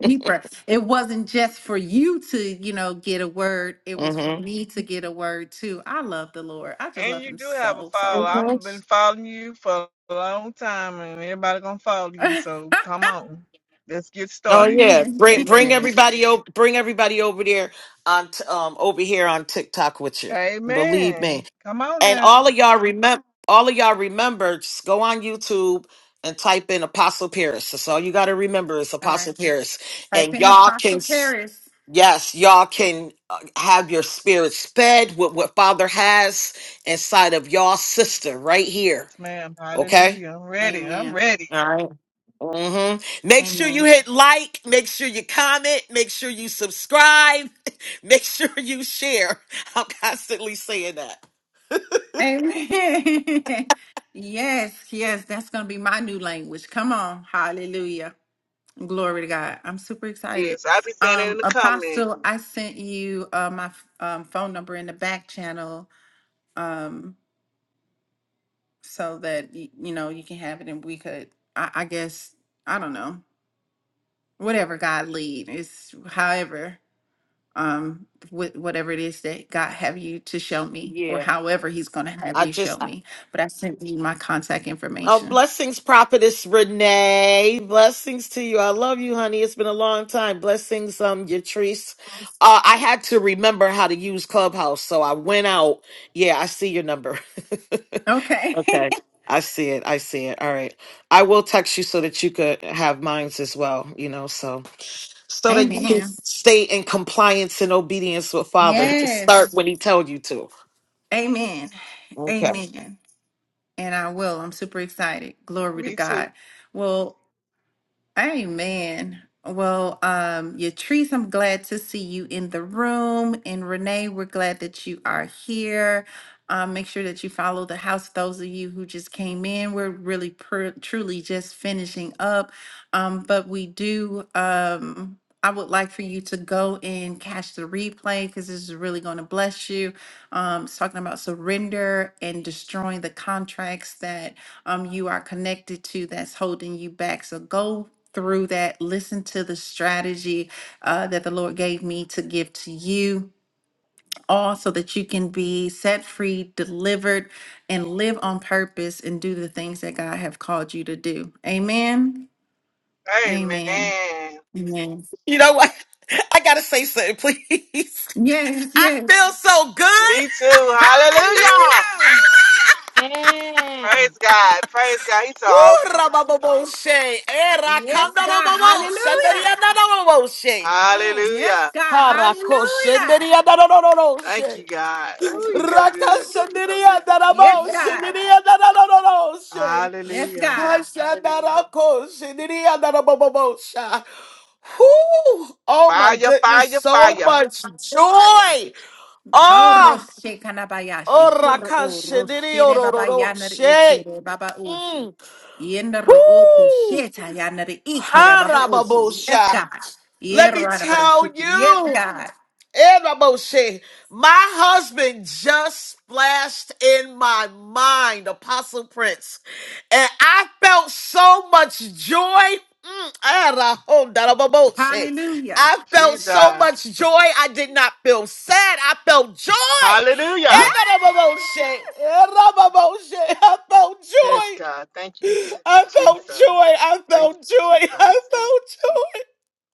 Speaker 1: deeper. It wasn't just for you to, you know, get a word. It was for
Speaker 9: mhm,
Speaker 1: me to get a word too. I love the Lord. I just
Speaker 4: And
Speaker 1: love
Speaker 4: you
Speaker 1: him
Speaker 4: do have a
Speaker 1: so, so
Speaker 4: follow.
Speaker 9: mhm.
Speaker 4: I've been
Speaker 1: much.
Speaker 4: following you for a long time and everybody gonna follow you. So come on. Let's get
Speaker 9: Oh
Speaker 4: started.
Speaker 9: yeah,
Speaker 1: Amen.
Speaker 9: bring bring
Speaker 4: Amen.
Speaker 9: everybody over. Bring everybody over there on t- um over here on TikTok with you. Believe me.
Speaker 4: Amen. Come on
Speaker 9: And
Speaker 4: now.
Speaker 9: all of y'all remember. All of y'all remember. Just go on YouTube and type in Apostle Paris. That's all you got to remember is
Speaker 1: All right.
Speaker 9: Apostle Paris.
Speaker 1: Type
Speaker 9: And
Speaker 1: in
Speaker 9: y'all can
Speaker 1: Apostle
Speaker 9: s-
Speaker 1: Paris.
Speaker 9: yes, y'all can uh, have your spirit sped with what Father has inside of y'all sister right here.
Speaker 4: Yes, ma'am.
Speaker 9: Okay.
Speaker 4: Hallelujah. I'm ready. I'm
Speaker 1: Amen.
Speaker 4: ready.
Speaker 9: hmm Make sure you
Speaker 1: Amen.
Speaker 9: hit like, make sure you comment, make sure you subscribe, make sure you share. I'm constantly saying that.
Speaker 1: Amen. yes, yes, that's gonna be my new language. Come on. Hallelujah. Glory to God. I'm super excited.
Speaker 4: Yes, I'll be saying it in
Speaker 1: Um,
Speaker 4: the comment.
Speaker 1: Apostle, I sent you uh, my f- um, phone number in the back channel um, so that, y- you know, you can have it and we could, I, I guess, I don't know, whatever God lead is, however, um, wh- whatever it is that God have you to show me or
Speaker 9: Yeah.
Speaker 1: however he's going to have
Speaker 9: I
Speaker 1: you show
Speaker 9: just, I-
Speaker 1: me. But I sent you my contact
Speaker 9: oh,
Speaker 1: information.
Speaker 9: blessings, prophetess Renee. Blessings to you. I love you, honey. It's been a long time. Blessings, um, Yatrice. Uh, I had to remember how to use Clubhouse, so I went out. Yeah, I see your number.
Speaker 1: Okay.
Speaker 9: Okay. I see it. I see it. All right. I will text you so that you could have minds as well, you know, so so that you can
Speaker 1: Amen.
Speaker 9: stay in compliance and obedience with Father to start
Speaker 1: Yes.
Speaker 9: when he tells you to.
Speaker 1: Amen.
Speaker 9: Okay.
Speaker 1: Amen. And I will. I'm super excited. Glory to
Speaker 4: Me too.
Speaker 1: God. Well, amen. Well, um, Yatrice, I'm glad to see you in the room. And Renee, we're glad that you are here. Um, make sure that you follow the house. Those of you who just came in, we're really pr- truly just finishing up. Um, but we do, um, I would like for you to go and catch the replay because this is really going to bless you. Um, it's talking about surrender and destroying the contracts that um, you are connected to that's holding you back. So go through that. Listen to the strategy uh, that the Lord gave me to give to you, all so that you can be set free, delivered, and live on purpose and do the things that God have called you to do. Amen. Amen.
Speaker 4: Amen.
Speaker 1: Amen.
Speaker 9: You know what? I gotta say something, please.
Speaker 1: Yes.
Speaker 9: I
Speaker 1: Yes.
Speaker 9: feel so good.
Speaker 4: Me too. Hallelujah.
Speaker 6: Amen.
Speaker 4: Praise God. Praise God. He's so
Speaker 9: Woo,
Speaker 4: awesome.
Speaker 9: rabababoshe, eh, rakandadababoshe, shandadiyadadababoshe. Mm.
Speaker 4: Hallelujah.
Speaker 9: Harakoshe,
Speaker 4: Thank
Speaker 9: ndadiyadadadadaboshe.
Speaker 4: you, God. Ooh, you're so
Speaker 9: Raka
Speaker 4: good.
Speaker 9: shandiria darabo shandiria darararo she.
Speaker 1: Yes,
Speaker 4: Hallelujah.
Speaker 1: God.
Speaker 9: Hashandarako shandiria darabobobo sha. Whew. Oh my
Speaker 4: Fire,
Speaker 9: goodness,
Speaker 4: fire,
Speaker 9: so
Speaker 4: fire.
Speaker 9: much joy.
Speaker 1: How
Speaker 9: Ah,
Speaker 1: roshe kanabayashi
Speaker 9: oh,
Speaker 1: kuro
Speaker 9: raka
Speaker 1: o
Speaker 9: shandirio
Speaker 1: roshere baba
Speaker 9: rororo
Speaker 1: yanar
Speaker 9: she.
Speaker 1: ikere baba oshi.
Speaker 9: Mm.
Speaker 1: Yender oko
Speaker 9: Whew.
Speaker 1: sheta yanar ikere baba
Speaker 9: Harababo
Speaker 1: oshi. Yes,
Speaker 9: sha.
Speaker 1: God.
Speaker 9: Let me
Speaker 1: Yerra
Speaker 9: tell
Speaker 1: Yes,
Speaker 9: you.
Speaker 1: God.
Speaker 9: And Ramon My husband just flashed in my mind, Apostle Prince. And I felt so much joy. Mm, and I hope
Speaker 1: Hallelujah.
Speaker 9: I felt so
Speaker 4: Jesus.
Speaker 9: much joy. I did not feel sad. I felt joy. And
Speaker 1: Yes.
Speaker 4: Hallelujah.
Speaker 9: that Ramon said, I felt
Speaker 4: Yes,
Speaker 9: joy.
Speaker 4: God. Thank you,
Speaker 9: I felt joy.
Speaker 4: Jesus.
Speaker 9: I
Speaker 4: Thank
Speaker 9: felt
Speaker 4: you,
Speaker 9: joy. I
Speaker 4: Jesus.
Speaker 9: felt joy.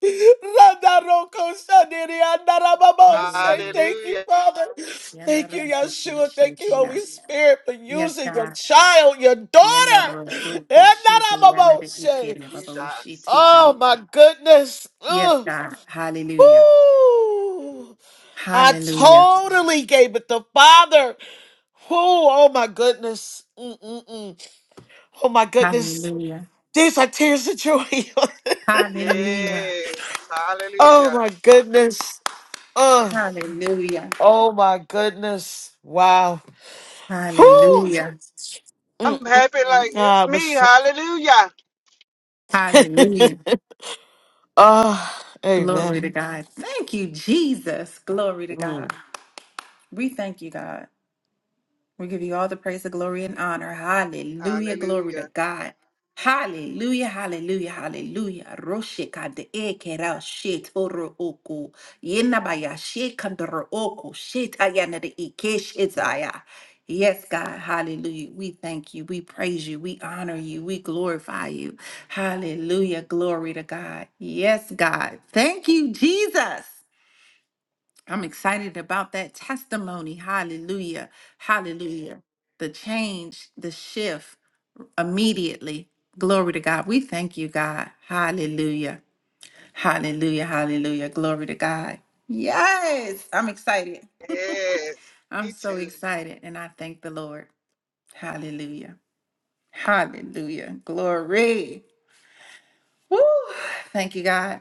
Speaker 9: Zandaroko shandiri andarababoshe.
Speaker 1: Hallelujah.
Speaker 9: Thank you,
Speaker 4: Hallelujah,
Speaker 9: Father. Thank you,
Speaker 1: Yanar doko
Speaker 9: Yeshua. Thank
Speaker 1: sheta
Speaker 9: you, Holy Spirit, for
Speaker 1: Yes,
Speaker 9: using your
Speaker 1: God.
Speaker 9: child, your daughter.
Speaker 1: Yender doko sheta yanar
Speaker 9: Andarababoshe.
Speaker 1: ikere baba oshi
Speaker 4: Jesus.
Speaker 1: tikan.
Speaker 9: Oh, my goodness.
Speaker 1: Yes,
Speaker 9: Ugh.
Speaker 1: God. Hallelujah.
Speaker 9: Woo. I
Speaker 1: Hallelujah.
Speaker 9: totally gave it to Father. Woo. Oh, my goodness. Mm-mm-mm. Oh, my goodness.
Speaker 1: Hallelujah.
Speaker 9: These are tears of joy.
Speaker 1: Hallelujah.
Speaker 4: Yes.
Speaker 9: oh,
Speaker 4: Hallelujah.
Speaker 9: my goodness.
Speaker 1: Hallelujah.
Speaker 9: Oh my goodness. Wow. Whew.
Speaker 1: Hallelujah.
Speaker 4: I'm happy
Speaker 9: Mm-mm-mm.
Speaker 4: like it's
Speaker 9: Ah, but
Speaker 4: me.
Speaker 9: sh-
Speaker 4: Hallelujah.
Speaker 1: Hallelujah.
Speaker 9: oh,
Speaker 1: Glory to
Speaker 9: amen.
Speaker 1: God. Thank you, Jesus. Glory to
Speaker 9: Mm.
Speaker 1: God. We thank you, God. We give you all the praise, the glory, and honor. Hallelujah. Glory to
Speaker 4: Hallelujah.
Speaker 1: God. Hallelujah, hallelujah, hallelujah. Roshe kade e kera she toro oko. Yena baya she kandoro oko. She tayana de ike she taya. Yes, God. Hallelujah. We thank you. We praise you. We honor you. We glorify you. Hallelujah. Glory to God. Yes, God. Thank you, Jesus. I'm excited about that testimony. Hallelujah. Hallelujah. The change, the shift immediately. Glory to God. We thank you, God. Hallelujah. Hallelujah. Hallelujah. Glory to God. Yes. I'm excited.
Speaker 4: Yes.
Speaker 1: I'm
Speaker 4: Me
Speaker 1: so
Speaker 4: too.
Speaker 1: excited. And I thank the Lord. Hallelujah. Hallelujah. Glory. Woo. Thank you, God.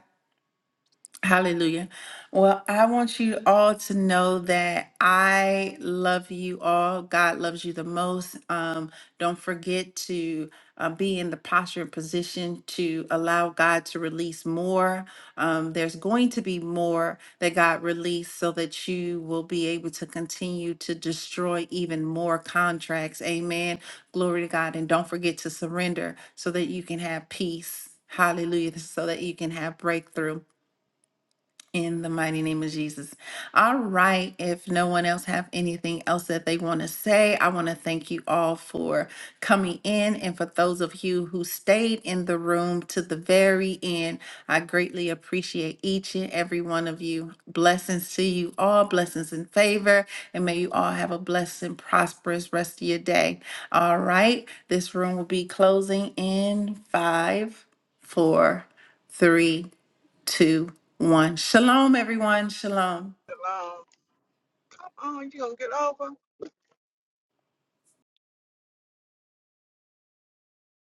Speaker 1: Hallelujah. Well, I want you all to know that I love you all. God loves you the most. Um, don't forget to uh, be in the posture and position to allow God to release more. Um, there's going to be more that God released so that you will be able to continue to destroy even more contracts. Amen. Glory to God. And don't forget to surrender so that you can have peace. Hallelujah. So that you can have breakthrough in the mighty name of Jesus. All right, if no one else have anything else that they want to say, I want to thank you all for coming in and for those of you who stayed in the room to the very end. I greatly appreciate each and every one of you. Blessings to you all, blessings and favor, and may you all have a blessed and prosperous rest of your day. All right, this room will be closing in five, four, three two, one. Shalom, everyone. Shalom.
Speaker 4: Alone. Come on, you gonna get over?